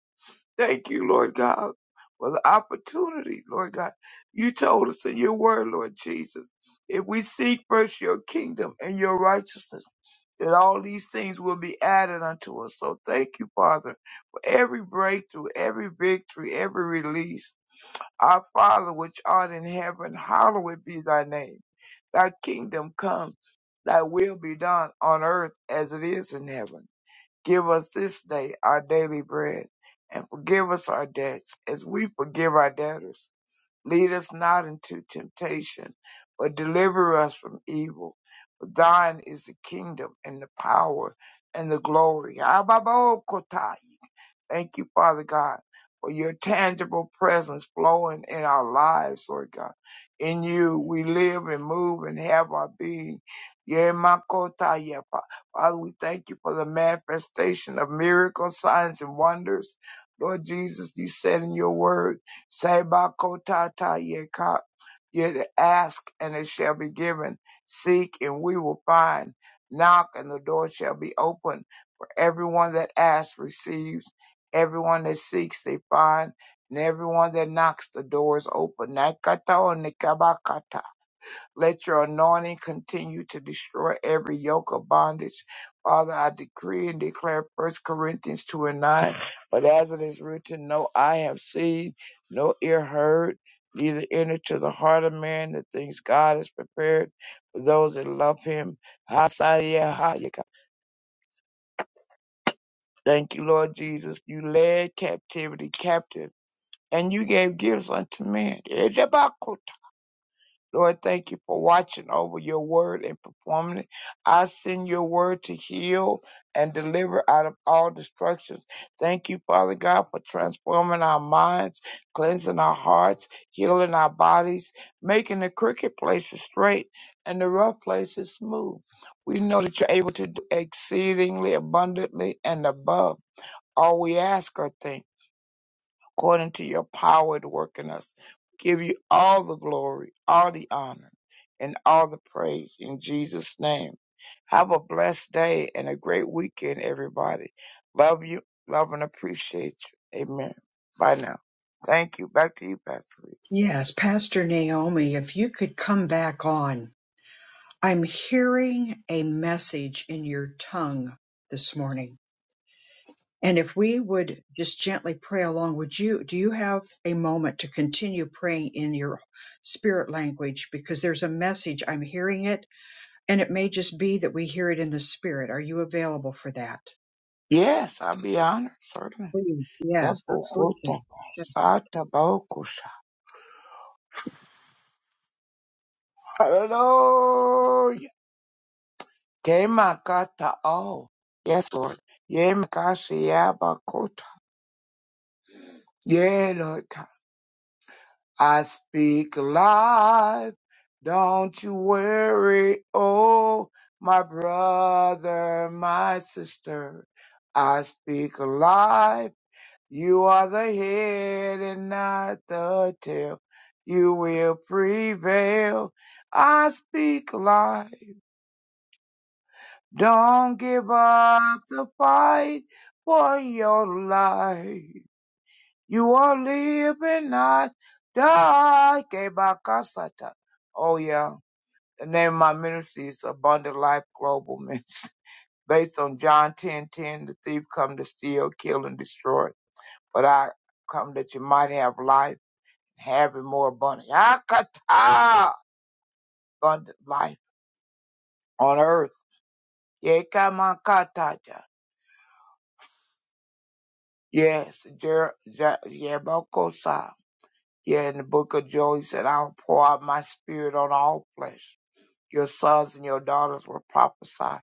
[SPEAKER 10] Thank you, Lord God, for the opportunity, Lord God. You told us in your word, Lord Jesus, if we seek first your kingdom and your righteousness, that all these things will be added unto us. So thank you, Father, for every breakthrough, every victory, every release. Our Father, which art in heaven, hallowed be thy name. Thy kingdom come, thy will be done on earth as it is in heaven. Give us this day our daily bread, and forgive us our debts as we forgive our debtors. Lead us not into temptation, but deliver us from evil. For thine is the kingdom and the power and the glory. Abba-bo-kotai. Thank you, Father God, for your tangible presence flowing in our lives, Lord God. In you we live and move and have our being. Yeah, my kota, yeah, Fa- Father, we thank you for the manifestation of miracles, signs, and wonders. Lord Jesus, you said in your word, say, my kota ta, yeah, ka- yeah, ask and it shall be given. Seek and we will find. Knock and the door shall be opened." For everyone that asks receives Everyone that seeks, they find. And everyone that knocks, the door is open. Nakata o nikabakata. Let your anointing continue to destroy every yoke of bondage. Father, I decree and declare First Corinthians 2 and 9. But as it is written, no eye have seen, no ear heard, neither enter to the heart of man the things God has prepared for those that love him. Hasayah Thank you, Lord Jesus. You led captivity captive and you gave gifts unto men. Edabakuta. Lord, thank you for watching over your word and performing it. I send your word to heal and deliver out of all destructions. Thank you, Father God, for transforming our minds, cleansing our hearts, healing our bodies, making the crooked places straight and the rough places smooth. We know that you're able to do exceedingly abundantly and above all we ask or think according to your power to work in us. Give you all the glory, all the honor, and all the praise in Jesus' name. Have a blessed day and a great weekend, everybody. Love you, love and appreciate you. Amen. Bye now. Thank you. Back to you, Pastor Reed.
[SPEAKER 1] Yes, Pastor Naomi, if you could come back on. I'm hearing a message in your tongue this morning. And if we would just gently pray along, would you, do you have a moment to continue praying in your spirit language? Because there's a message, I'm hearing it, and it may just be that we hear it in the spirit. Are you available for that?
[SPEAKER 10] Yes, I'll be honored, certainly.
[SPEAKER 1] Please, yes, let's listen.
[SPEAKER 10] Tabukuta, katabokusha. Hallelujah. Kemakata, oh. Yes, Lord. Yemakashiyabakota. Yeah, Lord God. I speak life. Don't you worry. Oh, my brother, my sister. I speak life. You are the head and not the tail. You will prevail. I speak life. Don't give up the fight for your life. You are living, not die. Kebakasata. Oh, yeah. The name of my ministry is Abundant Life Global Ministry. Based on John ten ten, the thief come to steal, kill, and destroy. But I come that you might have life, have it more abundant. Yakata! Abundant life on earth. Yekamakatata. Yes, Jer- Jer- Yebokosa. Yeah, in the book of Joel, he said, I'll pour out my spirit on all flesh. Your sons and your daughters will prophesy.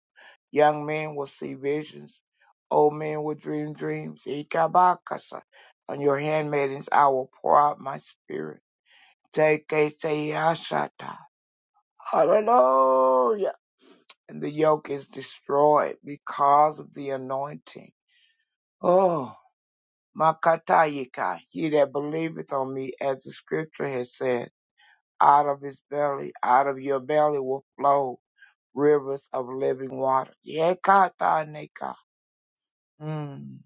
[SPEAKER 10] Young men will see visions. Old men will dream dreams. Ikabakasa. On your handmaidens, I will pour out my spirit. Teketeyashata. Hallelujah. And the yoke is destroyed because of the anointing. Oh, Makatayika. He that believeth on me, as the scripture has said. Out of his belly, out of your belly will flow rivers of living water. Yekataneka. Mm.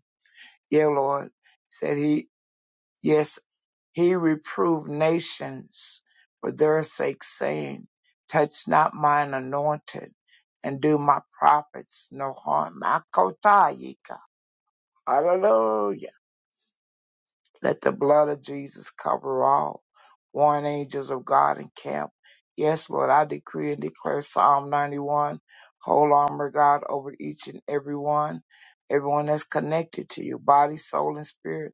[SPEAKER 10] Yeah, Lord. Said he, yes, he reproved nations for their sake, saying, touch not mine anointed and do my prophets no harm. Makotayika. Hallelujah. Let the blood of Jesus cover all. Warring angels of God and camp. Yes, Lord, I decree and declare Psalm 91, whole armor, God, over each and every one, everyone that's connected to you, body, soul, and spirit.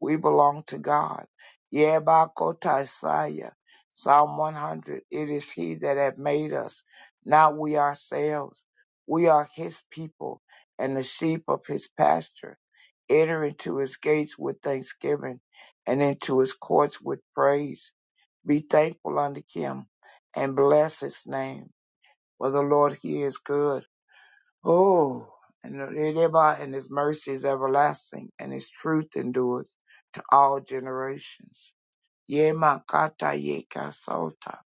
[SPEAKER 10] We belong to God. Yebakotasaya. Psalm 100. It is He that hath made us, not we ourselves. We are His people and the sheep of His pasture. Enter into His gates with thanksgiving and into His courts with praise. Be thankful unto Him and bless His name. For the Lord, He is good Oh, and thereby and his mercy is everlasting, and his truth endures to all generations. Ye makata ye kasota.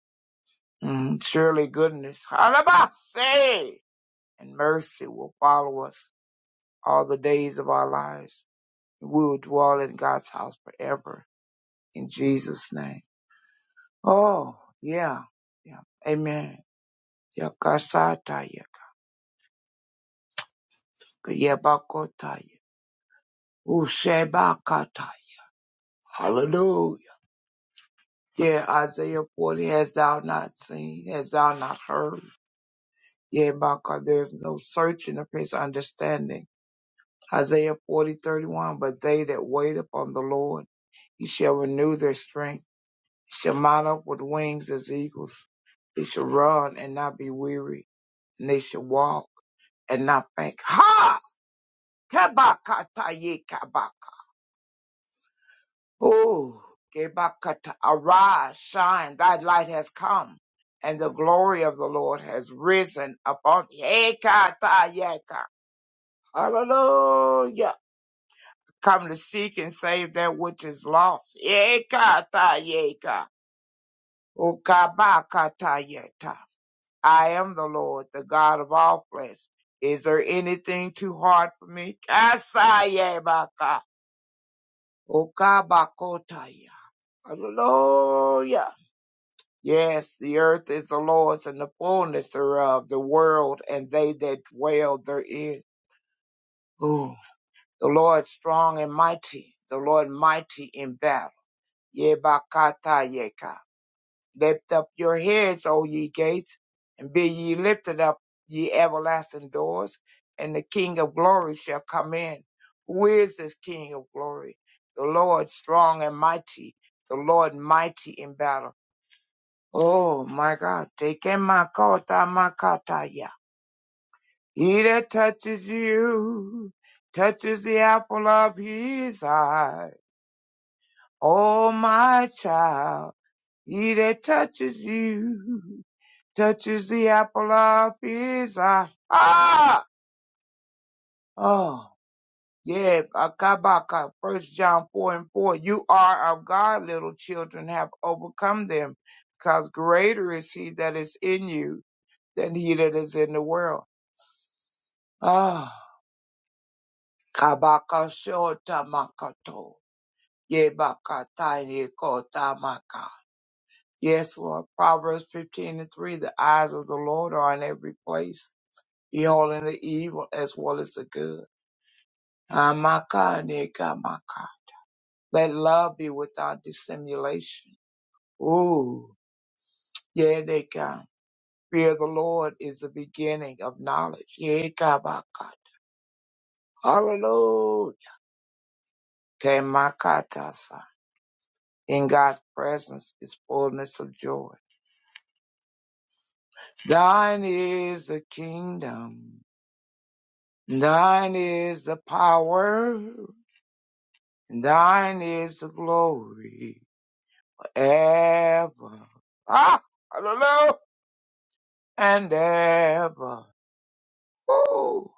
[SPEAKER 10] Mm, Surely goodness, halabase, and mercy will follow us all the days of our lives. We will dwell in God's house forever in Jesus' name. Oh, yeah, yeah, amen. Yakasata, yak- yabakota, ushebakata. Hallelujah. Yeah, Isaiah 40, hast thou not seen, hast thou not heard? Yeah, my God, there is no searching of his understanding. Isaiah 40 31. but they that wait upon the Lord, he shall renew their strength, he shall mount up with wings as eagles, they shall run and not be weary, and they shall walk and not faint. Ha! Kabakataye Oh, Gebakata, arise, shine, thy light has come, and the glory of the Lord has risen upon thee. Hekatayaka. Hallelujah. Come to seek and save that which is lost. Hekatayaka. Ukabakatayeta. I am the Lord, the God of all flesh. Is there anything too hard for me? Kasayebaka. Ukabakotaya. Hallelujah. Yes, the earth is the Lord's and the fullness thereof, the world and they that dwell therein. Ooh. The Lord strong and mighty, the Lord mighty in battle. Yebakata yeka. Lift up your heads, O ye gates, and be ye lifted up, ye everlasting doors, and the King of glory shall come in. Who is this King of glory? The Lord strong and mighty, the Lord mighty in battle. Oh my God, taking my kota makataya. He that touches you touches the apple of his eye. Oh my child, he that touches you touches the apple of his eye. Ah! Oh, yeah, Akabaka, First John 4 and 4. You are of God, little children, have overcome them, because greater is he that is in you than he that is in the world. Ah, Kabakashota Makato, Yebakataye Kota Maka. Yes, Lord. Proverbs 15 and 3. The eyes of the Lord are in every place, beholding the evil as well as the good. Amaka neka maka. Let love be without dissimulation. Ooh, yeah, they come. Fear of the Lord is the beginning of knowledge. Yekabaka. Hallelujah. Kemakata In God's presence is fullness of joy. Thine is the kingdom. Thine is the power. Thine is the glory. Ever. Ah, hallelujah. And ever. Ooh,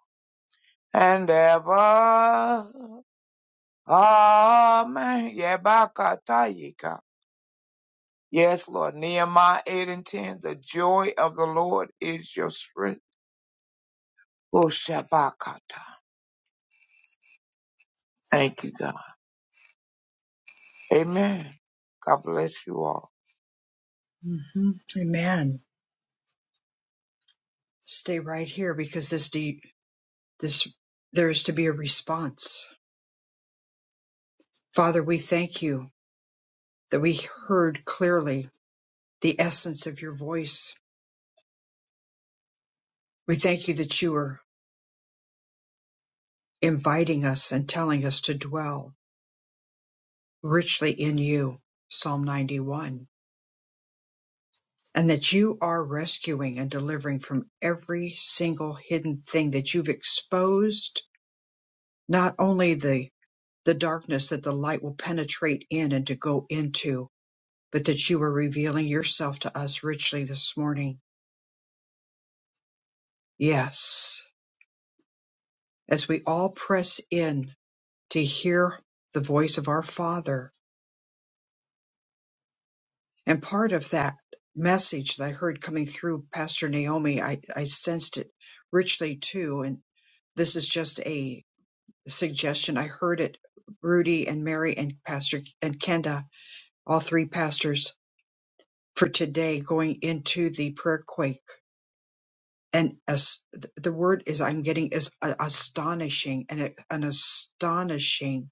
[SPEAKER 10] and ever. Amen. Yebakatayika. Yes, Lord. Nehemiah 8 and 10. The joy of the Lord is your strength. Oh, Thank you, God. Amen. God bless you all.
[SPEAKER 1] hmm Amen. Stay right here because this, de- this, there is to be a response. Father, we thank you that we heard clearly the essence of your voice. We thank you that you were inviting us and telling us to dwell richly in you, Psalm 91, and that you are rescuing and delivering from every single hidden thing that you've exposed, not only the, the darkness that the light will penetrate in and to go into, but that you are revealing yourself to us richly this morning. Yes, as we all press in to hear the voice of our Father, And part of that message that I heard coming through Pastor Naomi, I, I sensed it richly too. And this is just a suggestion. I heard it, Rudy and Mary and Pastor and Kenda, all three pastors for today going into the prayer quake. And as th- the word is I'm getting is a- astonishing and it- an astonishing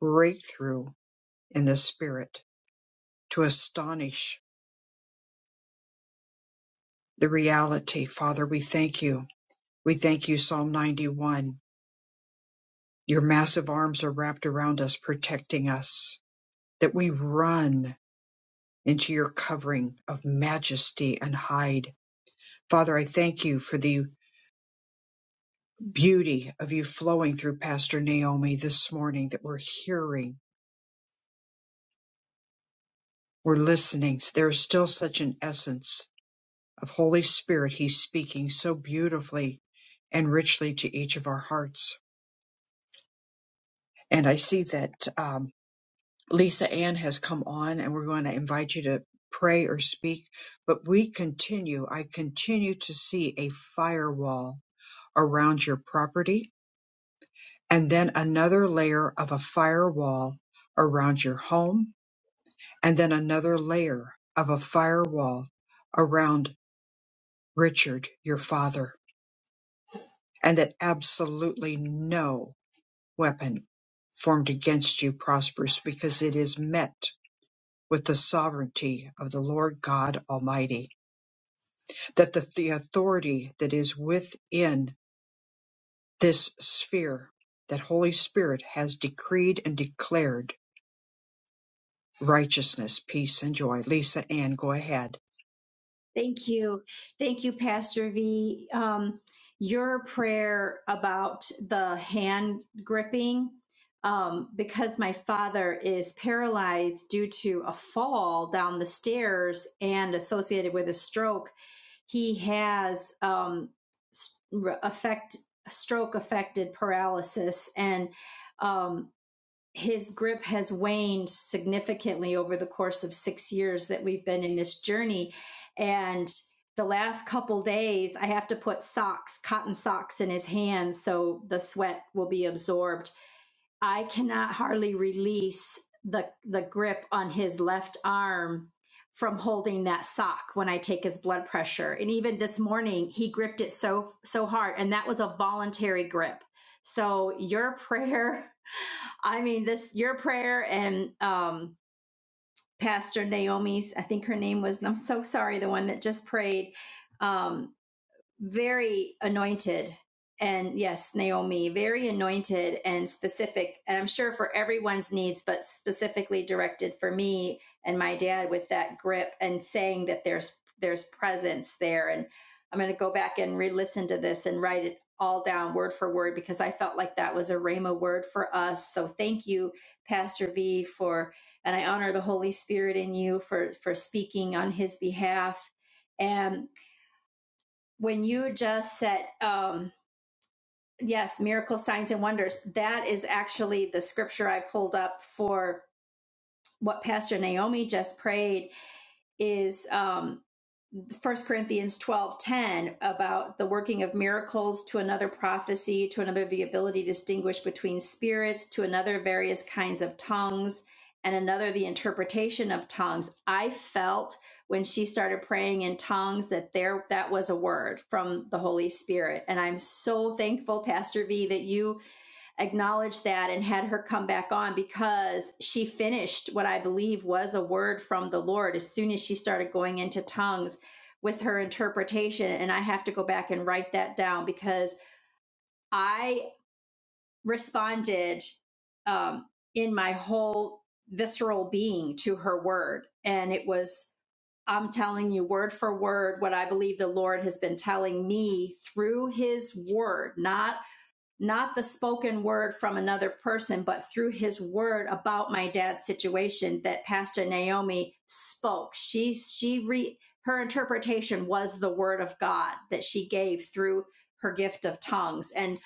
[SPEAKER 1] breakthrough in the spirit to astonish the reality. Father, we thank you We thank you, Psalm 91. Your massive arms are wrapped around us, protecting us, that we run into your covering of majesty and hide. Father, I thank you for the beauty of you flowing through Pastor Naomi this morning that we're hearing, we're listening. There is still such an essence of Holy Spirit. He's speaking so beautifully and richly to each of our hearts. And I see that um, Lisa Ann has come on and we're going to invite you to pray or speak. But we continue, I continue to see a firewall around your property and then another layer of a firewall around your home and then another layer of a firewall around Richard, your father, and that absolutely no weapon formed against you prospers because it is met with the sovereignty of the Lord God Almighty, that the, the authority that is within this sphere, that Holy Spirit has decreed and declared righteousness, peace, and joy. Lisa Ann, go ahead.
[SPEAKER 11] Thank you. Thank you, Pastor V. Um, your prayer about the hand gripping, um, because my father is paralyzed due to a fall down the stairs and associated with a stroke, he has um, s- re- affect stroke affected paralysis and. um, his grip has waned significantly over the course of six years that we've been in this journey. And the last couple days, I have to put socks, cotton socks in his hands so the sweat will be absorbed. I cannot hardly release the, the grip on his left arm from holding that sock when I take his blood pressure. And even this morning, he gripped it so, so hard, and that was a voluntary grip. So your prayer I mean, this your prayer and um, Pastor Naomi's. I think her name was. I'm so sorry. The one that just prayed. Um, very anointed and yes naomi very anointed and specific and i'm sure for everyone's needs but specifically directed for me and my dad with that grip and saying that there's there's presence there and i'm going to go back and re-listen to this and write it all down word for word because i felt like that was a rhema word for us so thank you pastor v for and i honor the holy spirit in you for for speaking on his behalf and when you just said, um, yes, miracle signs and wonders, that is actually the scripture I pulled up for what Pastor Naomi just prayed is, um, First Corinthians 12 10 about the working of miracles, to another prophecy, to another the ability to distinguish between spirits, to another various kinds of tongues, and another the interpretation of tongues. I felt when she started praying in tongues that there that was a word from the Holy Spirit. And I'm so thankful, Pastor V, that you acknowledged that and had her come back on because she finished what I believe was a word from the Lord as soon as she started going into tongues with her interpretation. And I have to go back and write that down because I responded um, in my whole visceral being to her word. And it was, I'm telling you, word for word, what I believe the Lord has been telling me through his word, not not the spoken word from another person, but through his word about my dad's situation that Pastor Naomi spoke. She she re her interpretation was the word of God that she gave through her gift of tongues. And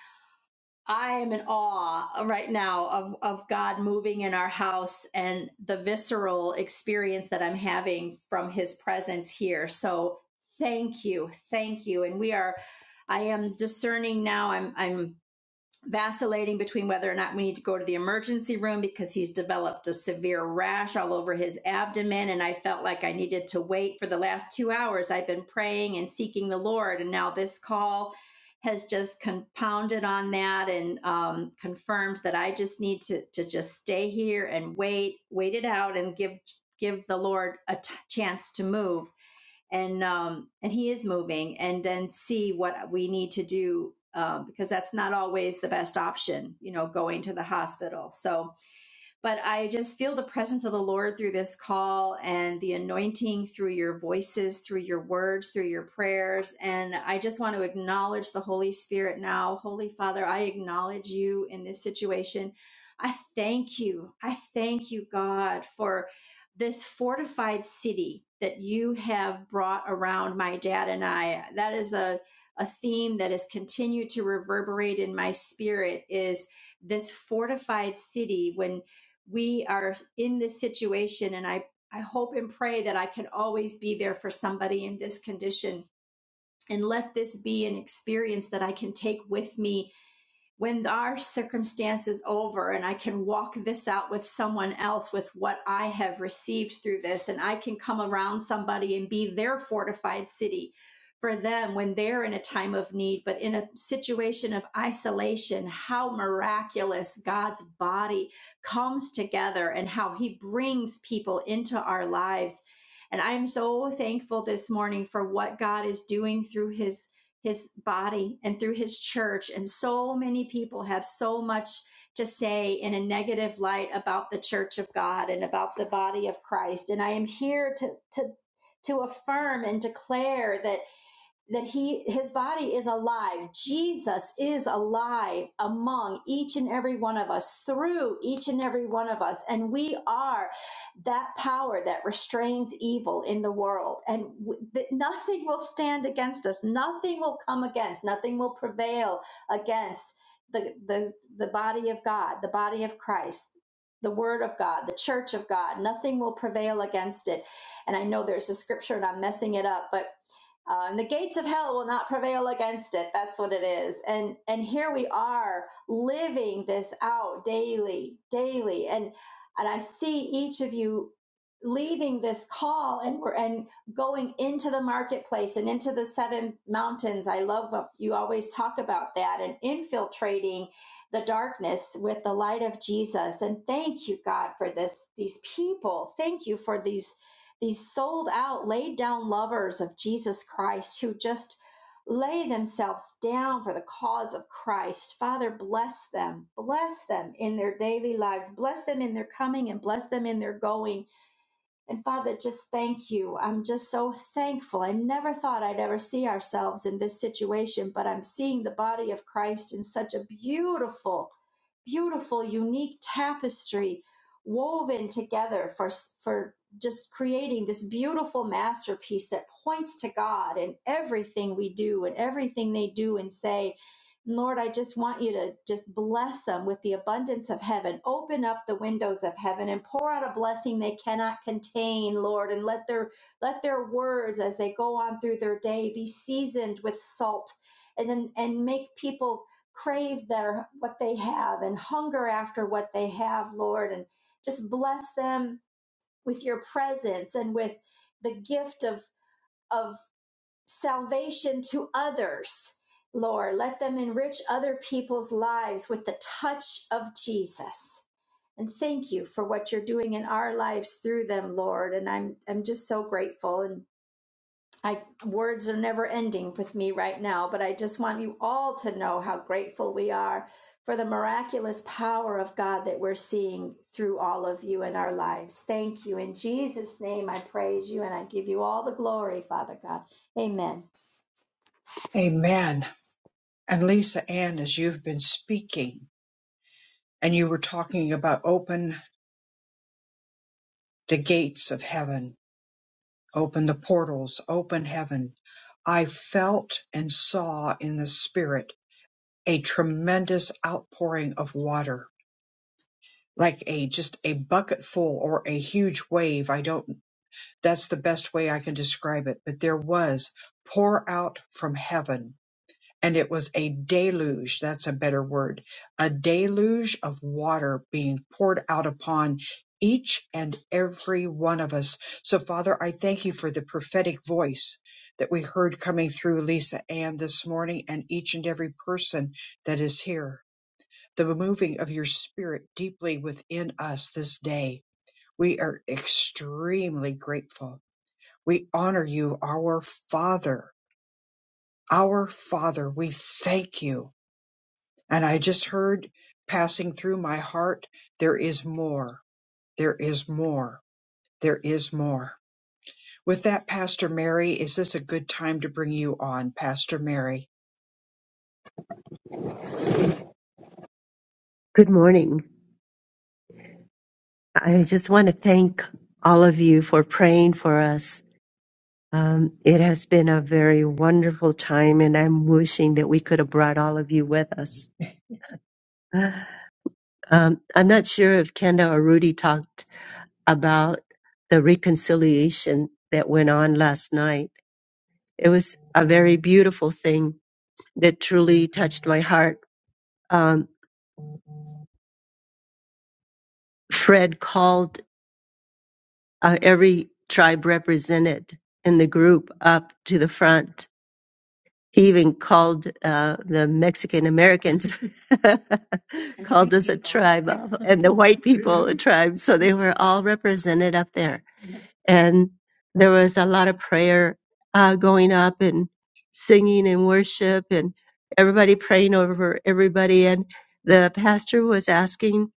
[SPEAKER 11] I am in awe right now of, of God moving in our house and the visceral experience that I'm having from his presence here. So thank you. Thank you. And we are I am discerning now. I'm I'm vacillating between whether or not we need to go to the emergency room because he's developed a severe rash all over his abdomen. And I felt like I needed to wait for the last two hours. I've been praying and seeking the Lord. And now this call has just compounded on that and um, confirmed that I just need to, to just stay here and wait, wait it out and give give the Lord a t- chance to move and um, and he is moving, and then see what we need to do uh, because that's not always the best option, you know, going to the hospital. So but I just feel the presence of the Lord through this call and the anointing through your voices, through your words, through your prayers. And I just want to acknowledge the Holy Spirit now. Holy Father, I acknowledge you in this situation. I thank you. I thank you, God, for this fortified city that you have brought around my dad and I. That is a, a theme that has continued to reverberate in my spirit is this fortified city when we are in this situation and i i hope and pray that i can always be there for somebody in this condition and let this be an experience that i can take with me when our circumstance is over and I can walk this out with someone else with what I have received through this, and I can come around somebody and be their fortified city for them when they're in a time of need, but in a situation of isolation, how miraculous God's body comes together and how he brings people into our lives. And I'm so thankful this morning for what God is doing through his his body and through his church. And so many people have so much to say in a negative light about the church of God and about the body of Christ. And I am here to, to, to affirm and declare that that he his body is alive jesus is alive among each and every one of us through each and every one of us and we are that power that restrains evil in the world and w- that nothing will stand against us nothing will come against nothing will prevail against the the, the body of god the body of christ the word of god the church of god nothing will prevail against it and i know there's a scripture and i'm messing it up but uh, and the gates of hell will not prevail against it. That's what it is. And and here we are living this out daily, daily. And and I see each of you leaving this call and we're and going into the marketplace and into the seven mountains. I love what you always talk about that and infiltrating the darkness with the light of Jesus. And thank you, God, for this these people. Thank you for these these sold out, laid down lovers of Jesus Christ who just lay themselves down for the cause of Christ. Father, bless them. Bless them in their daily lives. Bless them in their coming and bless them in their going and Father, just thank you. I'm just so thankful. I never thought I'd ever see ourselves in this situation, but I'm seeing the body of Christ in such a beautiful, beautiful, unique tapestry woven together for for just creating this beautiful masterpiece that points to God in everything we do and everything they do and say Lord, I just want you to just bless them with the abundance of heaven. Open up the windows of heaven and pour out a blessing they cannot contain, Lord, and let their let their words as they go on through their day be seasoned with salt and then and make people crave their what they have and hunger after what they have, Lord, and just bless them with your presence and with the gift of of salvation to others, Lord. Let them enrich other people's lives with the touch of Jesus. And thank you for what you're doing in our lives through them, Lord. And I'm I'm just so grateful. And I words are never ending with me right now, but I just want you all to know how grateful we are for the miraculous power of God that we're seeing through all of you in our lives. Thank you. In Jesus' name I praise you and I give you all the glory, Father God. Amen.
[SPEAKER 1] Amen. And Lisa Ann, as you've been speaking and you were talking about open the gates of heaven, open the portals, open heaven, I felt and saw in the spirit a tremendous outpouring of water like a just a bucket full or a huge wave. I don't, that's the best way I can describe it. But there was pour out from heaven, and it was a deluge. That's a better word. A deluge of water being poured out upon each and every one of us. So, Father, I thank you for the prophetic voice that we heard coming through Lisa Ann this morning and each and every person that is here the moving of your spirit deeply within us this day. We are extremely grateful. We honor you, our Father. Our Father, we thank you. And I just heard passing through my heart, there is more. There is more. There is more. With that, Pastor Mary, is this a good time to bring you on, Pastor Mary?
[SPEAKER 2] Good morning. I just want to thank all of you for praying for us. Um, it has been a very wonderful time, and I'm wishing that we could have brought all of you with us. Um, I'm not sure if Kenda or Rudy talked about the reconciliation that went on last night It was a very beautiful thing that truly touched my heart. Um, Fred called uh, every tribe represented in the group up to the front. He even called uh, the Mexican Americans, called us a tribe, of- and the white people a tribe. So they were all represented up there and there was a lot of prayer uh, going up and singing and worship and everybody praying over everybody and the pastor was asking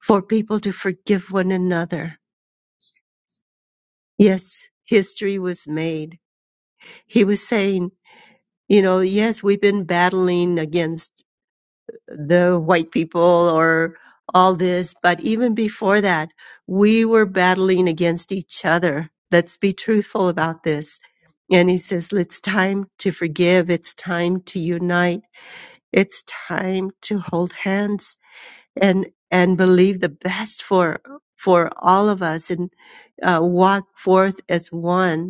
[SPEAKER 2] for people to forgive one another yes history was made he was saying you know yes we've been battling against the white people or all this. But even before that, we were battling against each other. Let's be truthful about this. And he says, it's time to forgive. It's time to unite. It's time to hold hands and, and believe the best for, for all of us and uh, walk forth as one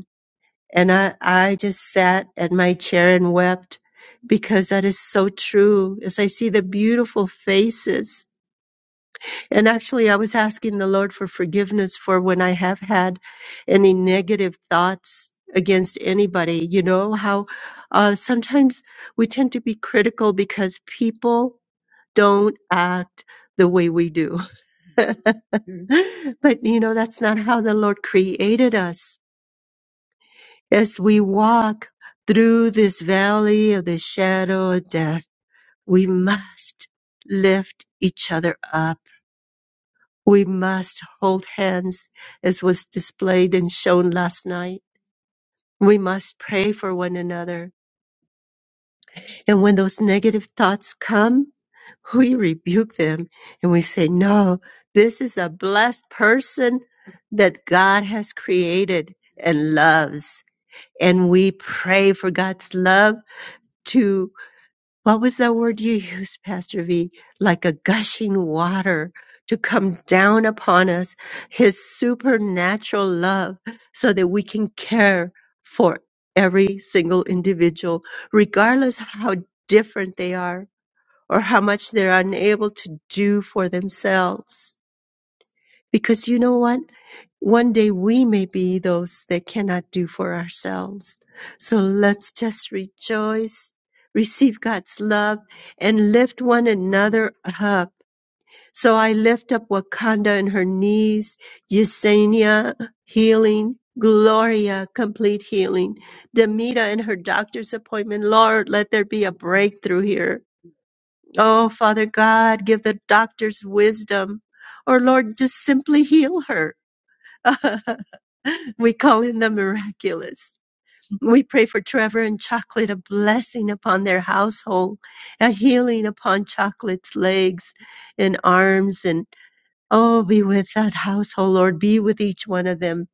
[SPEAKER 2] and I, I just sat at my chair and wept because that is so true as I see the beautiful faces. And actually, I was asking the Lord for forgiveness for when I have had any negative thoughts against anybody. You know how uh, sometimes we tend to be critical because people don't act the way we do. but you know, that's not how the Lord created us as we walk through this valley of the shadow of death, we must lift each other up. We must hold hands as was displayed and shown last night. We must pray for one another. And when those negative thoughts come, we rebuke them and we say, No, this is a blessed person that God has created and loves. And we pray for God's love to. what was that word you used, Pastor V? Like a gushing water to come down upon us, his supernatural love, so that we can care for every single individual, regardless of how different they are or how much they're unable to do for themselves. Because you know what? One day we may be those that cannot do for ourselves. So let's just rejoice, receive God's love, and lift one another up. So I lift up Wakanda and her knees, Yesenia, healing, Gloria, complete healing, Demita and her doctor's appointment. Lord, let there be a breakthrough here. Oh, Father God, give the doctors wisdom. Or Lord, just simply heal her we call in the miraculous. We pray for Trevor and Chocolate, a blessing upon their household, a healing upon Chocolate's legs and arms. And oh, be with that household, Lord. Be with each one of them.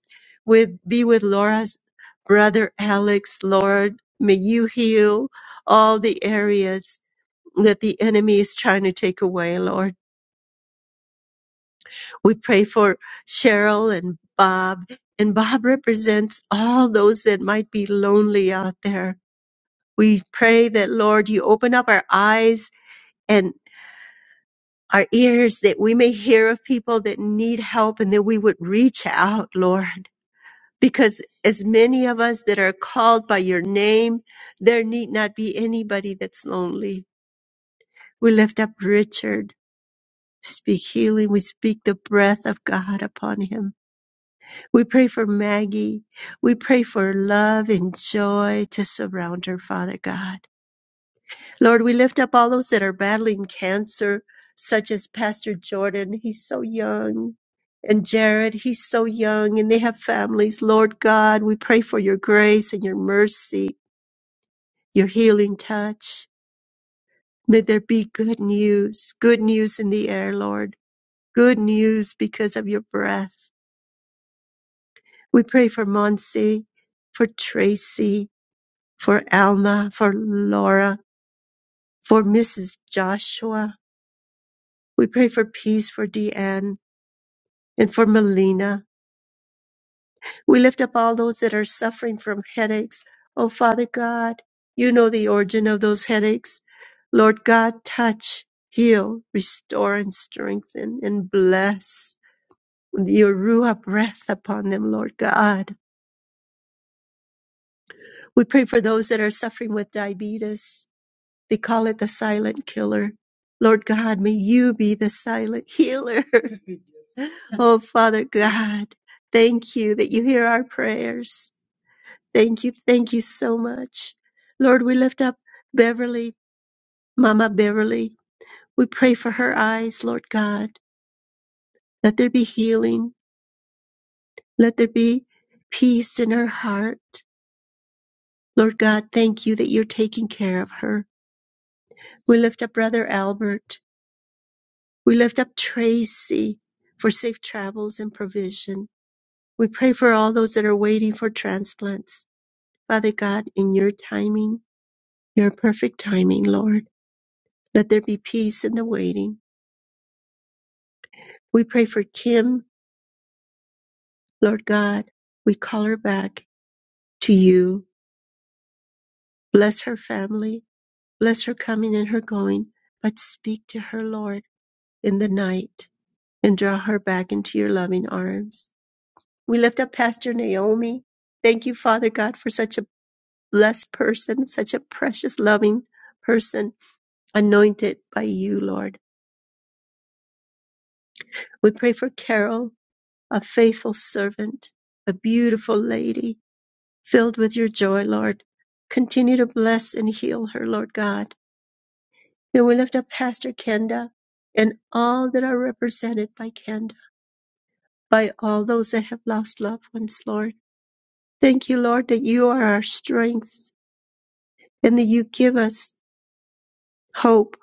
[SPEAKER 2] With Be with Laura's brother, Alex, Lord. May you heal all the areas that the enemy is trying to take away, Lord. We pray for Cheryl and Bob, and Bob represents all those that might be lonely out there. We pray that, Lord, you open up our eyes and our ears that we may hear of people that need help and that we would reach out, Lord. Because as many of us that are called by your name, there need not be anybody that's lonely. We lift up Richard. Speak healing. We speak the breath of God upon him We pray for Maggie. We pray for love and joy to surround her, Father God. Lord, we lift up all those that are battling cancer, such as Pastor Jordan. He's so young. And Jared, he's so young and they have families. Lord God, we pray for your grace and your mercy, your healing touch. May there be good news, good news in the air, Lord. Good news because of your breath. We pray for Monsi, for Tracy, for Alma, for Laura, for Mrs. Joshua. We pray for peace for Deanne and for Melina. We lift up all those that are suffering from headaches. Oh, Father God, you know the origin of those headaches. Lord God, touch, heal, restore, and strengthen, and bless your Ruah breath upon them, Lord God. We pray for those that are suffering with diabetes. They call it the silent killer. Lord God, may you be the silent healer. oh, Father God, thank you that you hear our prayers. Thank you. Thank you so much. Lord, we lift up Beverly, Mama Beverly. We pray for her eyes, Lord God. Let there be healing. Let there be peace in her heart. Lord God, thank you that you're taking care of her. We lift up Brother Albert. We lift up Tracy for safe travels and provision. We pray for all those that are waiting for transplants. Father God, in your timing, your perfect timing, Lord, let there be peace in the waiting. We pray for Kim, Lord God. We call her back to you. Bless her family. Bless her coming and her going. But speak to her, Lord, in the night and draw her back into your loving arms. We lift up Pastor Naomi. Thank you, Father God, for such a blessed person, such a precious, loving person, anointed by you, Lord. We pray for Carol, a faithful servant, a beautiful lady, filled with your joy, Lord. Continue to bless and heal her, Lord God. And we lift up Pastor Kenda and all that are represented by Kenda, by all those that have lost loved ones, Lord. Thank you, Lord, that you are our strength and that you give us hope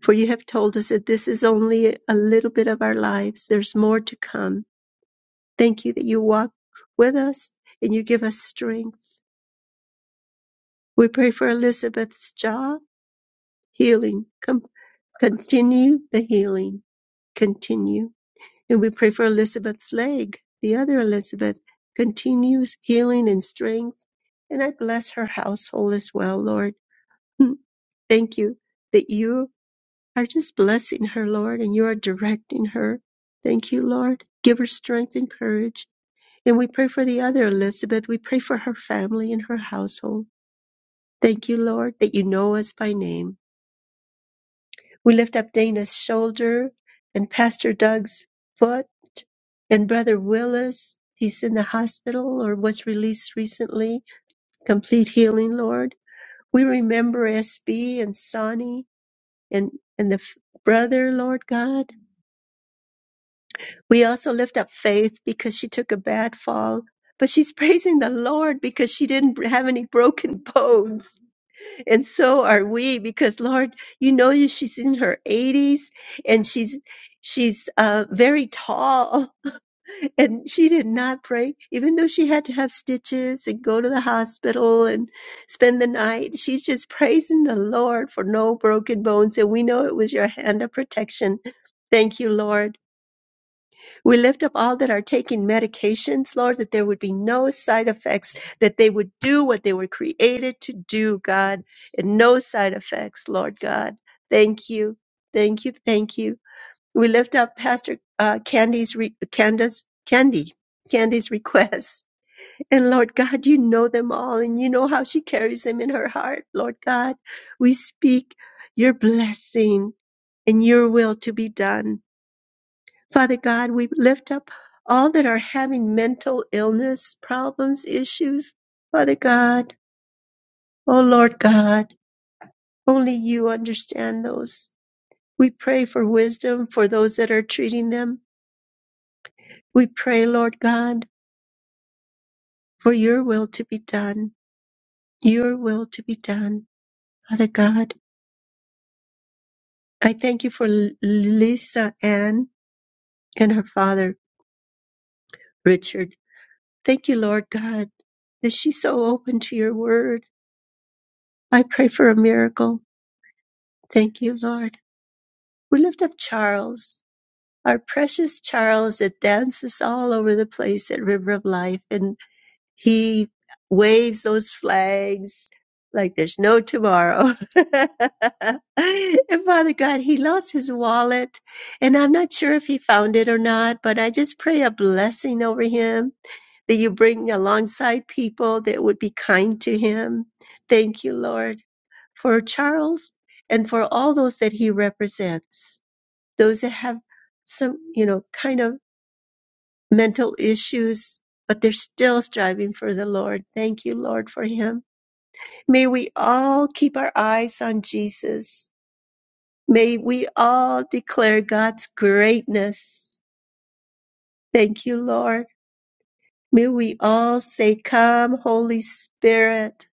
[SPEAKER 2] For you have told us that this is only a little bit of our lives. There's more to come. Thank you that you walk with us and you give us strength. We pray for Elizabeth's jaw healing. Com- continue the healing. Continue. And we pray for Elizabeth's leg, the other Elizabeth. Continues healing and strength. And I bless her household as well, Lord. Hmm. Thank you that you are just blessing her, Lord, and you are directing her. Thank you, Lord. Give her strength and courage. And we pray for the other Elizabeth. We pray for her family and her household. Thank you, Lord, that you know us by name. We lift up Dana's shoulder and Pastor Doug's foot and Brother Willis. He's in the hospital or was released recently. Complete healing, Lord. We remember SB and Sonny and, and the f- brother, Lord God. We also lift up Faith because she took a bad fall, but she's praising the Lord because she didn't have any broken bones. And so are we because Lord, you know you- she's in her 80s and she's she's uh, very tall and she did not break even though she had to have stitches and go to the hospital and spend the night. She's just praising the Lord for no broken bones and we know it was your hand of protection. Thank you, Lord. We lift up all that are taking medications, Lord, that there would be no side effects, that they would do what they were created to do, God, and no side effects, Lord God. Thank you. Thank you. Thank you. We lift up Pastor uh, Candy's, re- Candace, Candy, Candy's requests. And Lord God, you know them all and you know how she carries them in her heart, Lord God. We speak your blessing and your will to be done Father God, we lift up all that are having mental illness problems, issues. Father God, oh Lord God, only you understand those. We pray for wisdom for those that are treating them. We pray, Lord God, for your will to be done. Your will to be done. Father God, I thank you for L- Lisa Ann and her father, Richard. Thank you, Lord God, that she's so open to your word. I pray for a miracle. Thank you, Lord. We lift up Charles, our precious Charles that dances all over the place at River of Life, and he waves those flags like there's no tomorrow. and Father God, he lost his wallet, and I'm not sure if he found it or not, but I just pray a blessing over him that you bring alongside people that would be kind to him. Thank you, Lord for Charles and for all those that he represents, those that have some, you know, kind of mental issues, but they're still striving for the Lord. Thank you, Lord, for him. May we all keep our eyes on Jesus. May we all declare God's greatness. Thank you, Lord. May we all say, Come, Holy Spirit,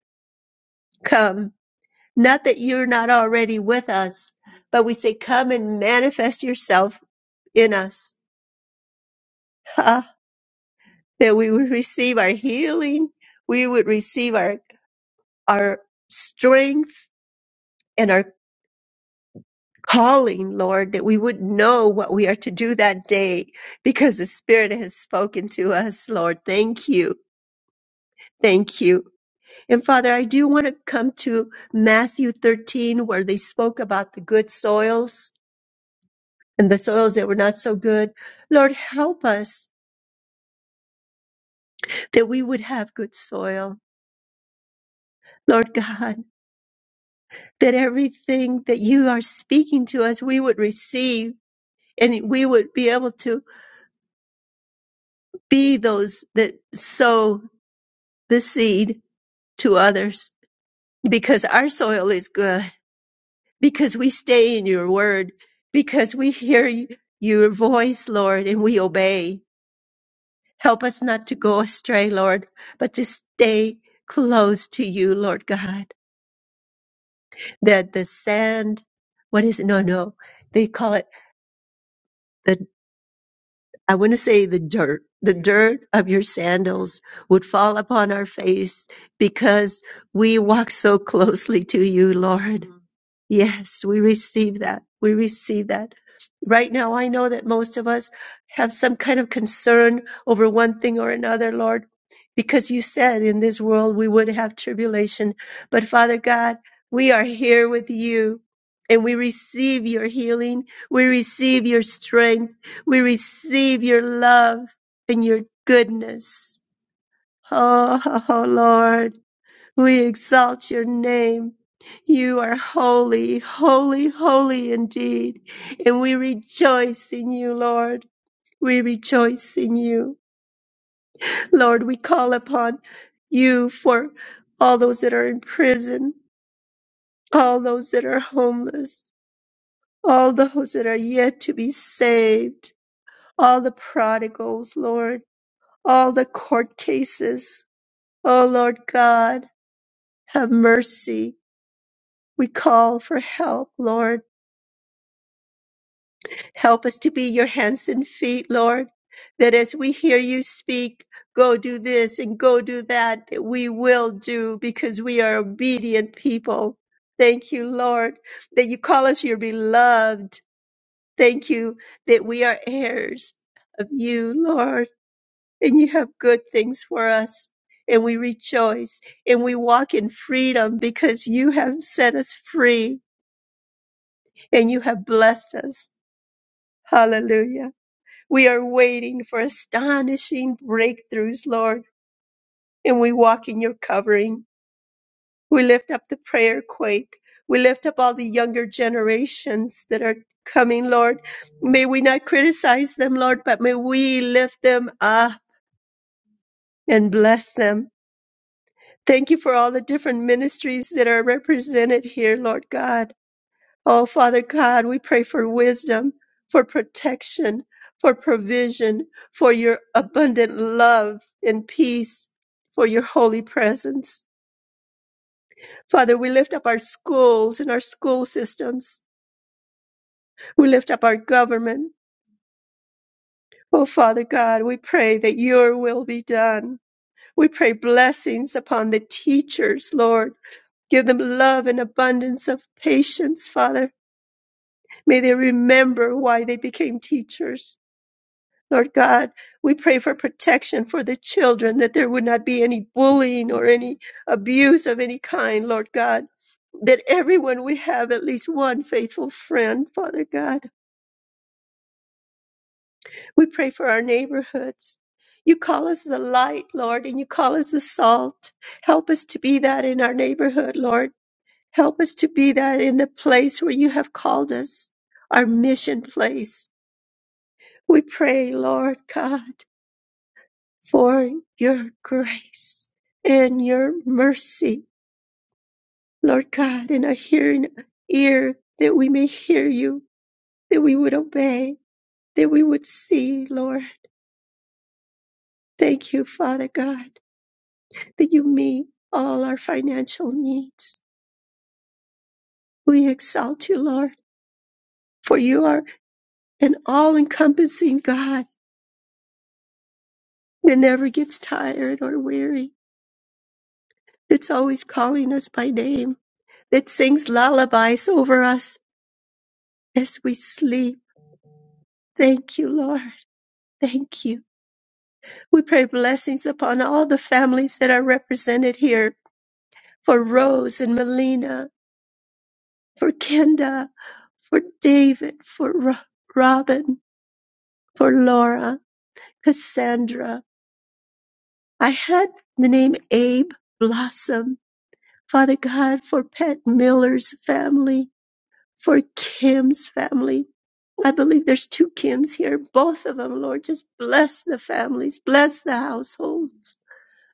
[SPEAKER 2] come. Not that you're not already with us, but we say, Come and manifest yourself in us, ah, that we would receive our healing, we would receive our, our strength and our calling, Lord, that we would know what we are to do that day because the Spirit has spoken to us, Lord. Thank you. Thank you. And Father, I do want to come to Matthew 13, where they spoke about the good soils and the soils that were not so good. Lord, help us that we would have good soil. Lord God, that everything that you are speaking to us, we would receive and we would be able to be those that sow the seed to others because our soil is good, because we stay in your word, because we hear y- your voice, Lord, and we obey. Help us not to go astray, Lord, but to stay close to you, Lord God. That the sand, what is it? No, no. They call it the. I want to say the dirt, the dirt of your sandals would fall upon our face because we walk so closely to you, Lord. Yes, we receive that. We receive that. Right now, I know that most of us have some kind of concern over one thing or another, Lord, because you said in this world we would have tribulation. But Father God, we are here with you and we receive your healing. We receive your strength. We receive your love and your goodness. Oh, Lord. We exalt your name. You are holy, holy, holy indeed. And we rejoice in you, Lord. We rejoice in you. Lord, we call upon you for all those that are in prison, all those that are homeless, all those that are yet to be saved, all the prodigals, Lord, all the court cases. Oh, Lord God, have mercy. We call for help, Lord. Help us to be your hands and feet, Lord, that as we hear you speak, go do this and go do that, that we will do because we are obedient people. Thank you, Lord, that you call us your beloved. Thank you that we are heirs of you, Lord, and you have good things for us. And we rejoice and we walk in freedom because you have set us free and you have blessed us. Hallelujah. We are waiting for astonishing breakthroughs, Lord, and we walk in your covering. We lift up the prayer quake. We lift up all the younger generations that are coming, Lord. May we not criticize them, Lord, but may we lift them up and bless them. Thank you for all the different ministries that are represented here, Lord God. Oh, Father God, we pray for wisdom, for protection, for provision, for your abundant love and peace, for your holy presence. Father, we lift up our schools and our school systems. We lift up our government. Oh, Father God, we pray that your will be done. We pray blessings upon the teachers, Lord. Give them love and abundance of patience, Father. May they remember why they became teachers. Lord God, we pray for protection for the children, that there would not be any bullying or any abuse of any kind, Lord God. That everyone would have at least one faithful friend, Father God. We pray for our neighborhoods. You call us the light, Lord, and you call us the salt. Help us to be that in our neighborhood, Lord. Help us to be that in the place where you have called us, our mission place. We pray, Lord God. for your grace and your mercy, Lord God, in our hearing ear, that we may hear you, that we would obey, that we would see, Lord. Thank you, Father God, that you meet all our financial needs. We exalt you, Lord, for you are an all encompassing God that never gets tired or weary, that's always calling us by name, that sings lullabies over us as we sleep Thank you, Lord. Thank you. We pray blessings upon all the families that are represented here for Rose and Melina, for Kenda, for David, for Ro- Robin, for Laura, Cassandra. I had the name Abe Blossom. Father God, for Pat Miller's family, for Kim's family. I believe there's two Kims here. Both of them, Lord, just bless the families, bless the households.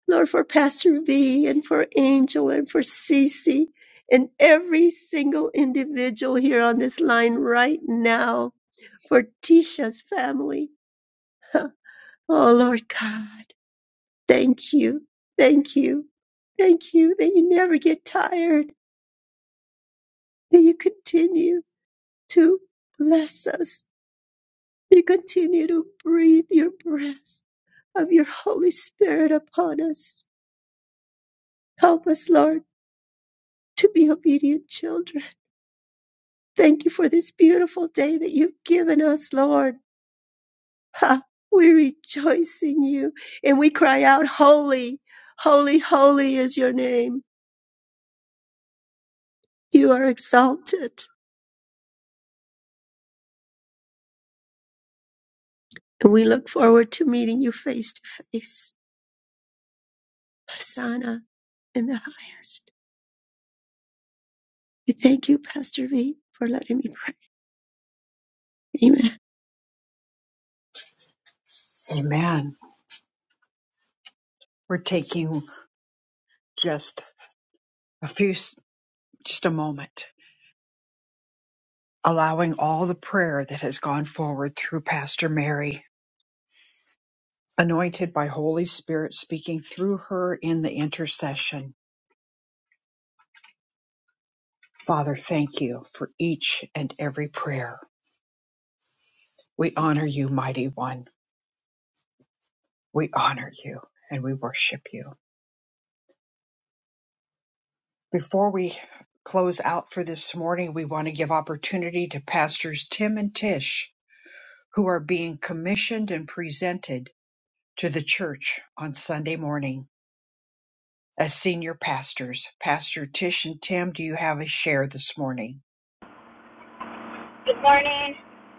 [SPEAKER 2] Lord, for Pastor V and for Angel and for Cece and every single individual here on this line right now, for Tisha's family. Oh, Lord God, thank you, thank you, thank you that you never get tired, that you continue to bless us. You continue to breathe your breath of your Holy Spirit upon us. Help us, Lord, to be obedient children Thank you for this beautiful day that you've given us, Lord. Ha, we rejoice in you and we cry out, Holy, holy, holy is your name. You are exalted. And we look forward to meeting you face to face. Hosanna in the highest. We thank you, Pastor V, for letting me pray. Amen.
[SPEAKER 1] Amen. We're taking just a few, just a moment. allowing all the prayer that has gone forward through Pastor Mary, anointed by Holy Spirit speaking through her in the intercession. Father, thank you for each and every prayer. We honor you, mighty one. We honor you and we worship you. Before we close out for this morning, we want to give opportunity to pastors Tim and Tish who are being commissioned and presented to the church on Sunday morning. as senior pastors. Pastor Tish and Tim, do you have a share this morning?
[SPEAKER 12] Good morning.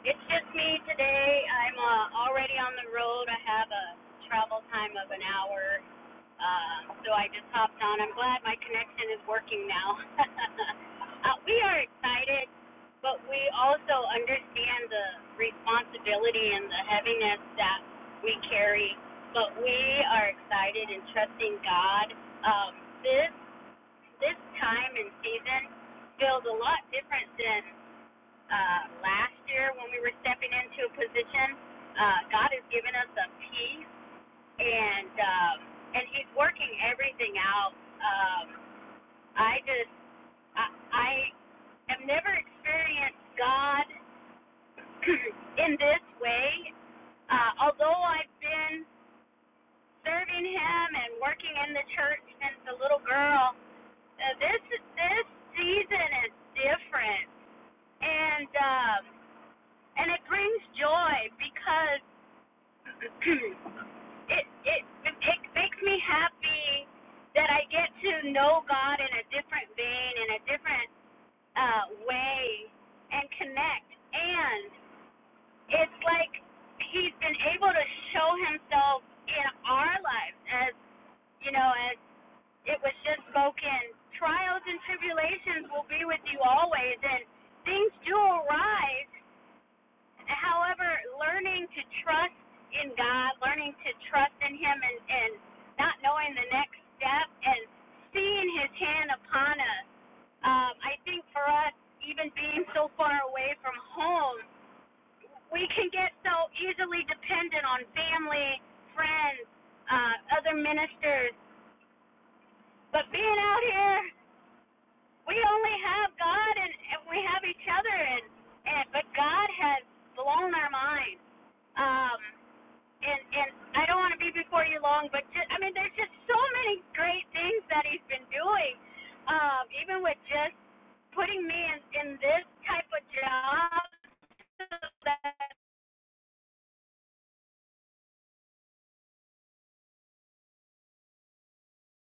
[SPEAKER 12] It's just me today. I'm uh, already on the road. I have a travel time of an hour, uh, so I just hopped on. I'm glad my connection is working now. uh, we are excited, but we also understand the responsibility and the heaviness that we carry. But we are excited and trusting God. Um, this this time and season feels a lot different than uh, last year when we were stepping into a position. Uh, God has given us a peace, and um, and He's working everything out. Um, I just I, I have never experienced God in this way. Uh, although I've been serving Him and working in the church since a little girl, uh, this this season is different, and um, and it brings joy because it it it makes me happy that I get to know God in a different vein, in a different uh, way, and connect. And it's like He's been able to show Himself in our lives, as you know, as it was just spoken. Trials and tribulations will be with you always, and things do arise, However, learning to trust in God, learning to trust in Him, and, and not knowing the next step, and seeing His hand upon us, um, I think for us, even being so far away from home, we can get so easily dependent on family, friends, uh, other ministers. But being out here, we only have God and, and we have each other, and, and but God has blown our mind. Um, and and I don't want to be before you long, but just, I mean, there's just so many great things that he's been doing, um, even with just putting me in in this type of job so that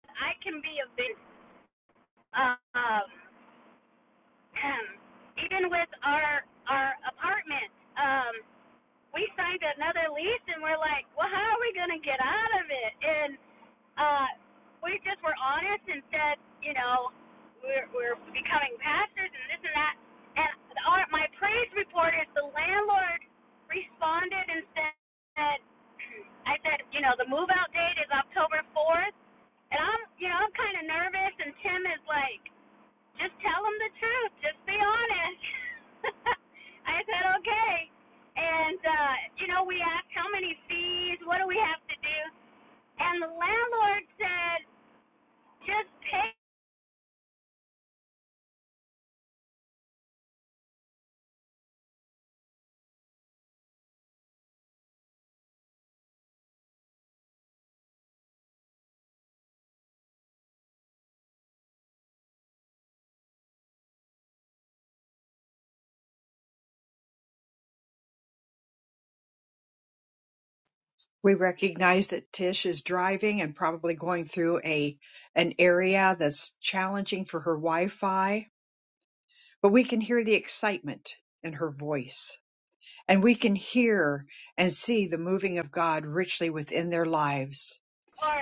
[SPEAKER 12] I can be a big, um, even with our our apartment, um, we signed another lease and we're like, well, how are we gonna get out of it? And uh, we just were honest and said, you know, we're, we're becoming pastors and this and that. And our, my praise report is the landlord responded and said, I said, you know, the move out date is October 4th. And I'm, you know, I'm kind of nervous. And Tim is like, just tell them the truth. Just be honest. I said, okay. And, uh, you know, we asked how many fees, what do we have to do? And the landlord said, just pay
[SPEAKER 1] We recognize that Tish is driving and probably going through a an area that's challenging for her Wi-Fi, but we can hear the excitement in her voice. And we can hear and see the moving of God richly within their lives.
[SPEAKER 12] for,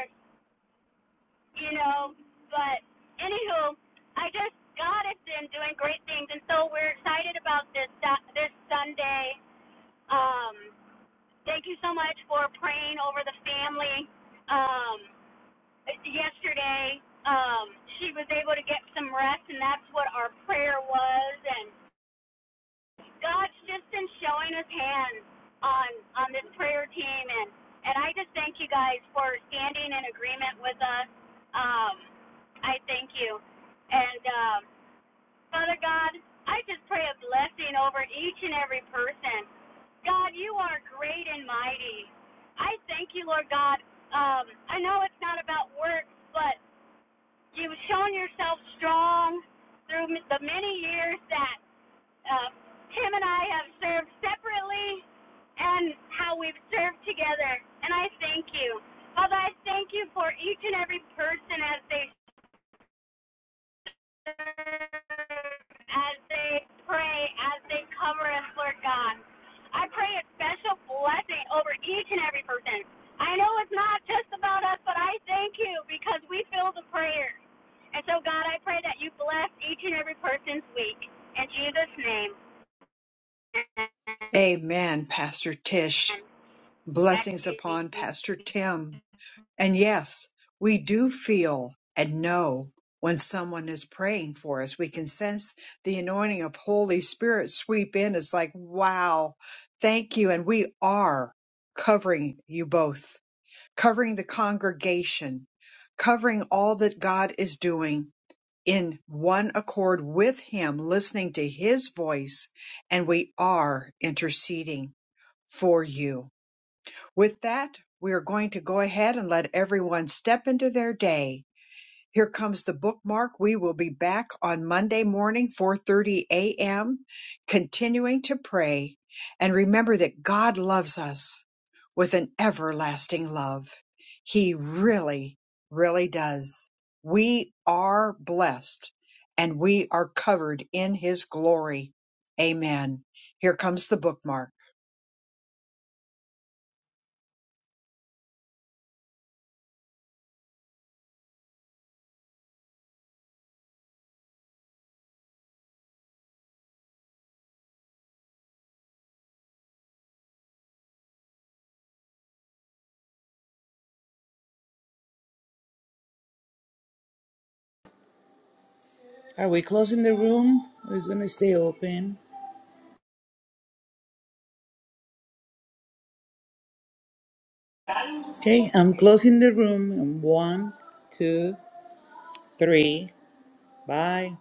[SPEAKER 12] you know. But anywho, I just God has been doing great things, and so we're excited about this this Sunday. Um, thank you so much for praying over the family. Um, yesterday, um, she was able to get some rest, and that's what our prayer was. And God's just been showing His hand on on this prayer team, and and I just thank you guys for standing in agreement with us. Um, I thank you, and um, Father God, I just pray a blessing over each and every person. God, you are great and mighty. I thank you, Lord God. Um, I know it's not about works, but you've shown yourself strong through the many years that uh, Tim and I have served separately and how we've served together. And I thank you. Father, I thank you for each and every person as they as they pray, as they cover us, Lord God. I pray a special blessing over each and every person. I know it's not just about us, but I thank you because we feel the prayer. And so, God, I pray that you bless each and every person's week. In Jesus' name,
[SPEAKER 1] Amen, Pastor Tish.
[SPEAKER 12] and back to
[SPEAKER 1] Blessings
[SPEAKER 12] you.
[SPEAKER 1] upon Pastor Tim. And yes, we do feel and know when someone is praying for us. We can sense the anointing of Holy Spirit sweep in. It's like, wow, thank you. And we are covering you both, covering the congregation, covering all that God is doing in one accord with Him, listening to His voice. And we are interceding for you. With that, we are going to go ahead and let everyone step into their day. Here comes the bookmark. We will be back on Monday morning, 4:30 a.m., continuing to pray and remember that God loves us with an everlasting love. He really, really does. We are blessed and we are covered in his glory. Amen. Here comes the bookmark.
[SPEAKER 8] Are we closing the room? it's gonna stay open. Okay, I'm closing the room in one, two, three. Bye.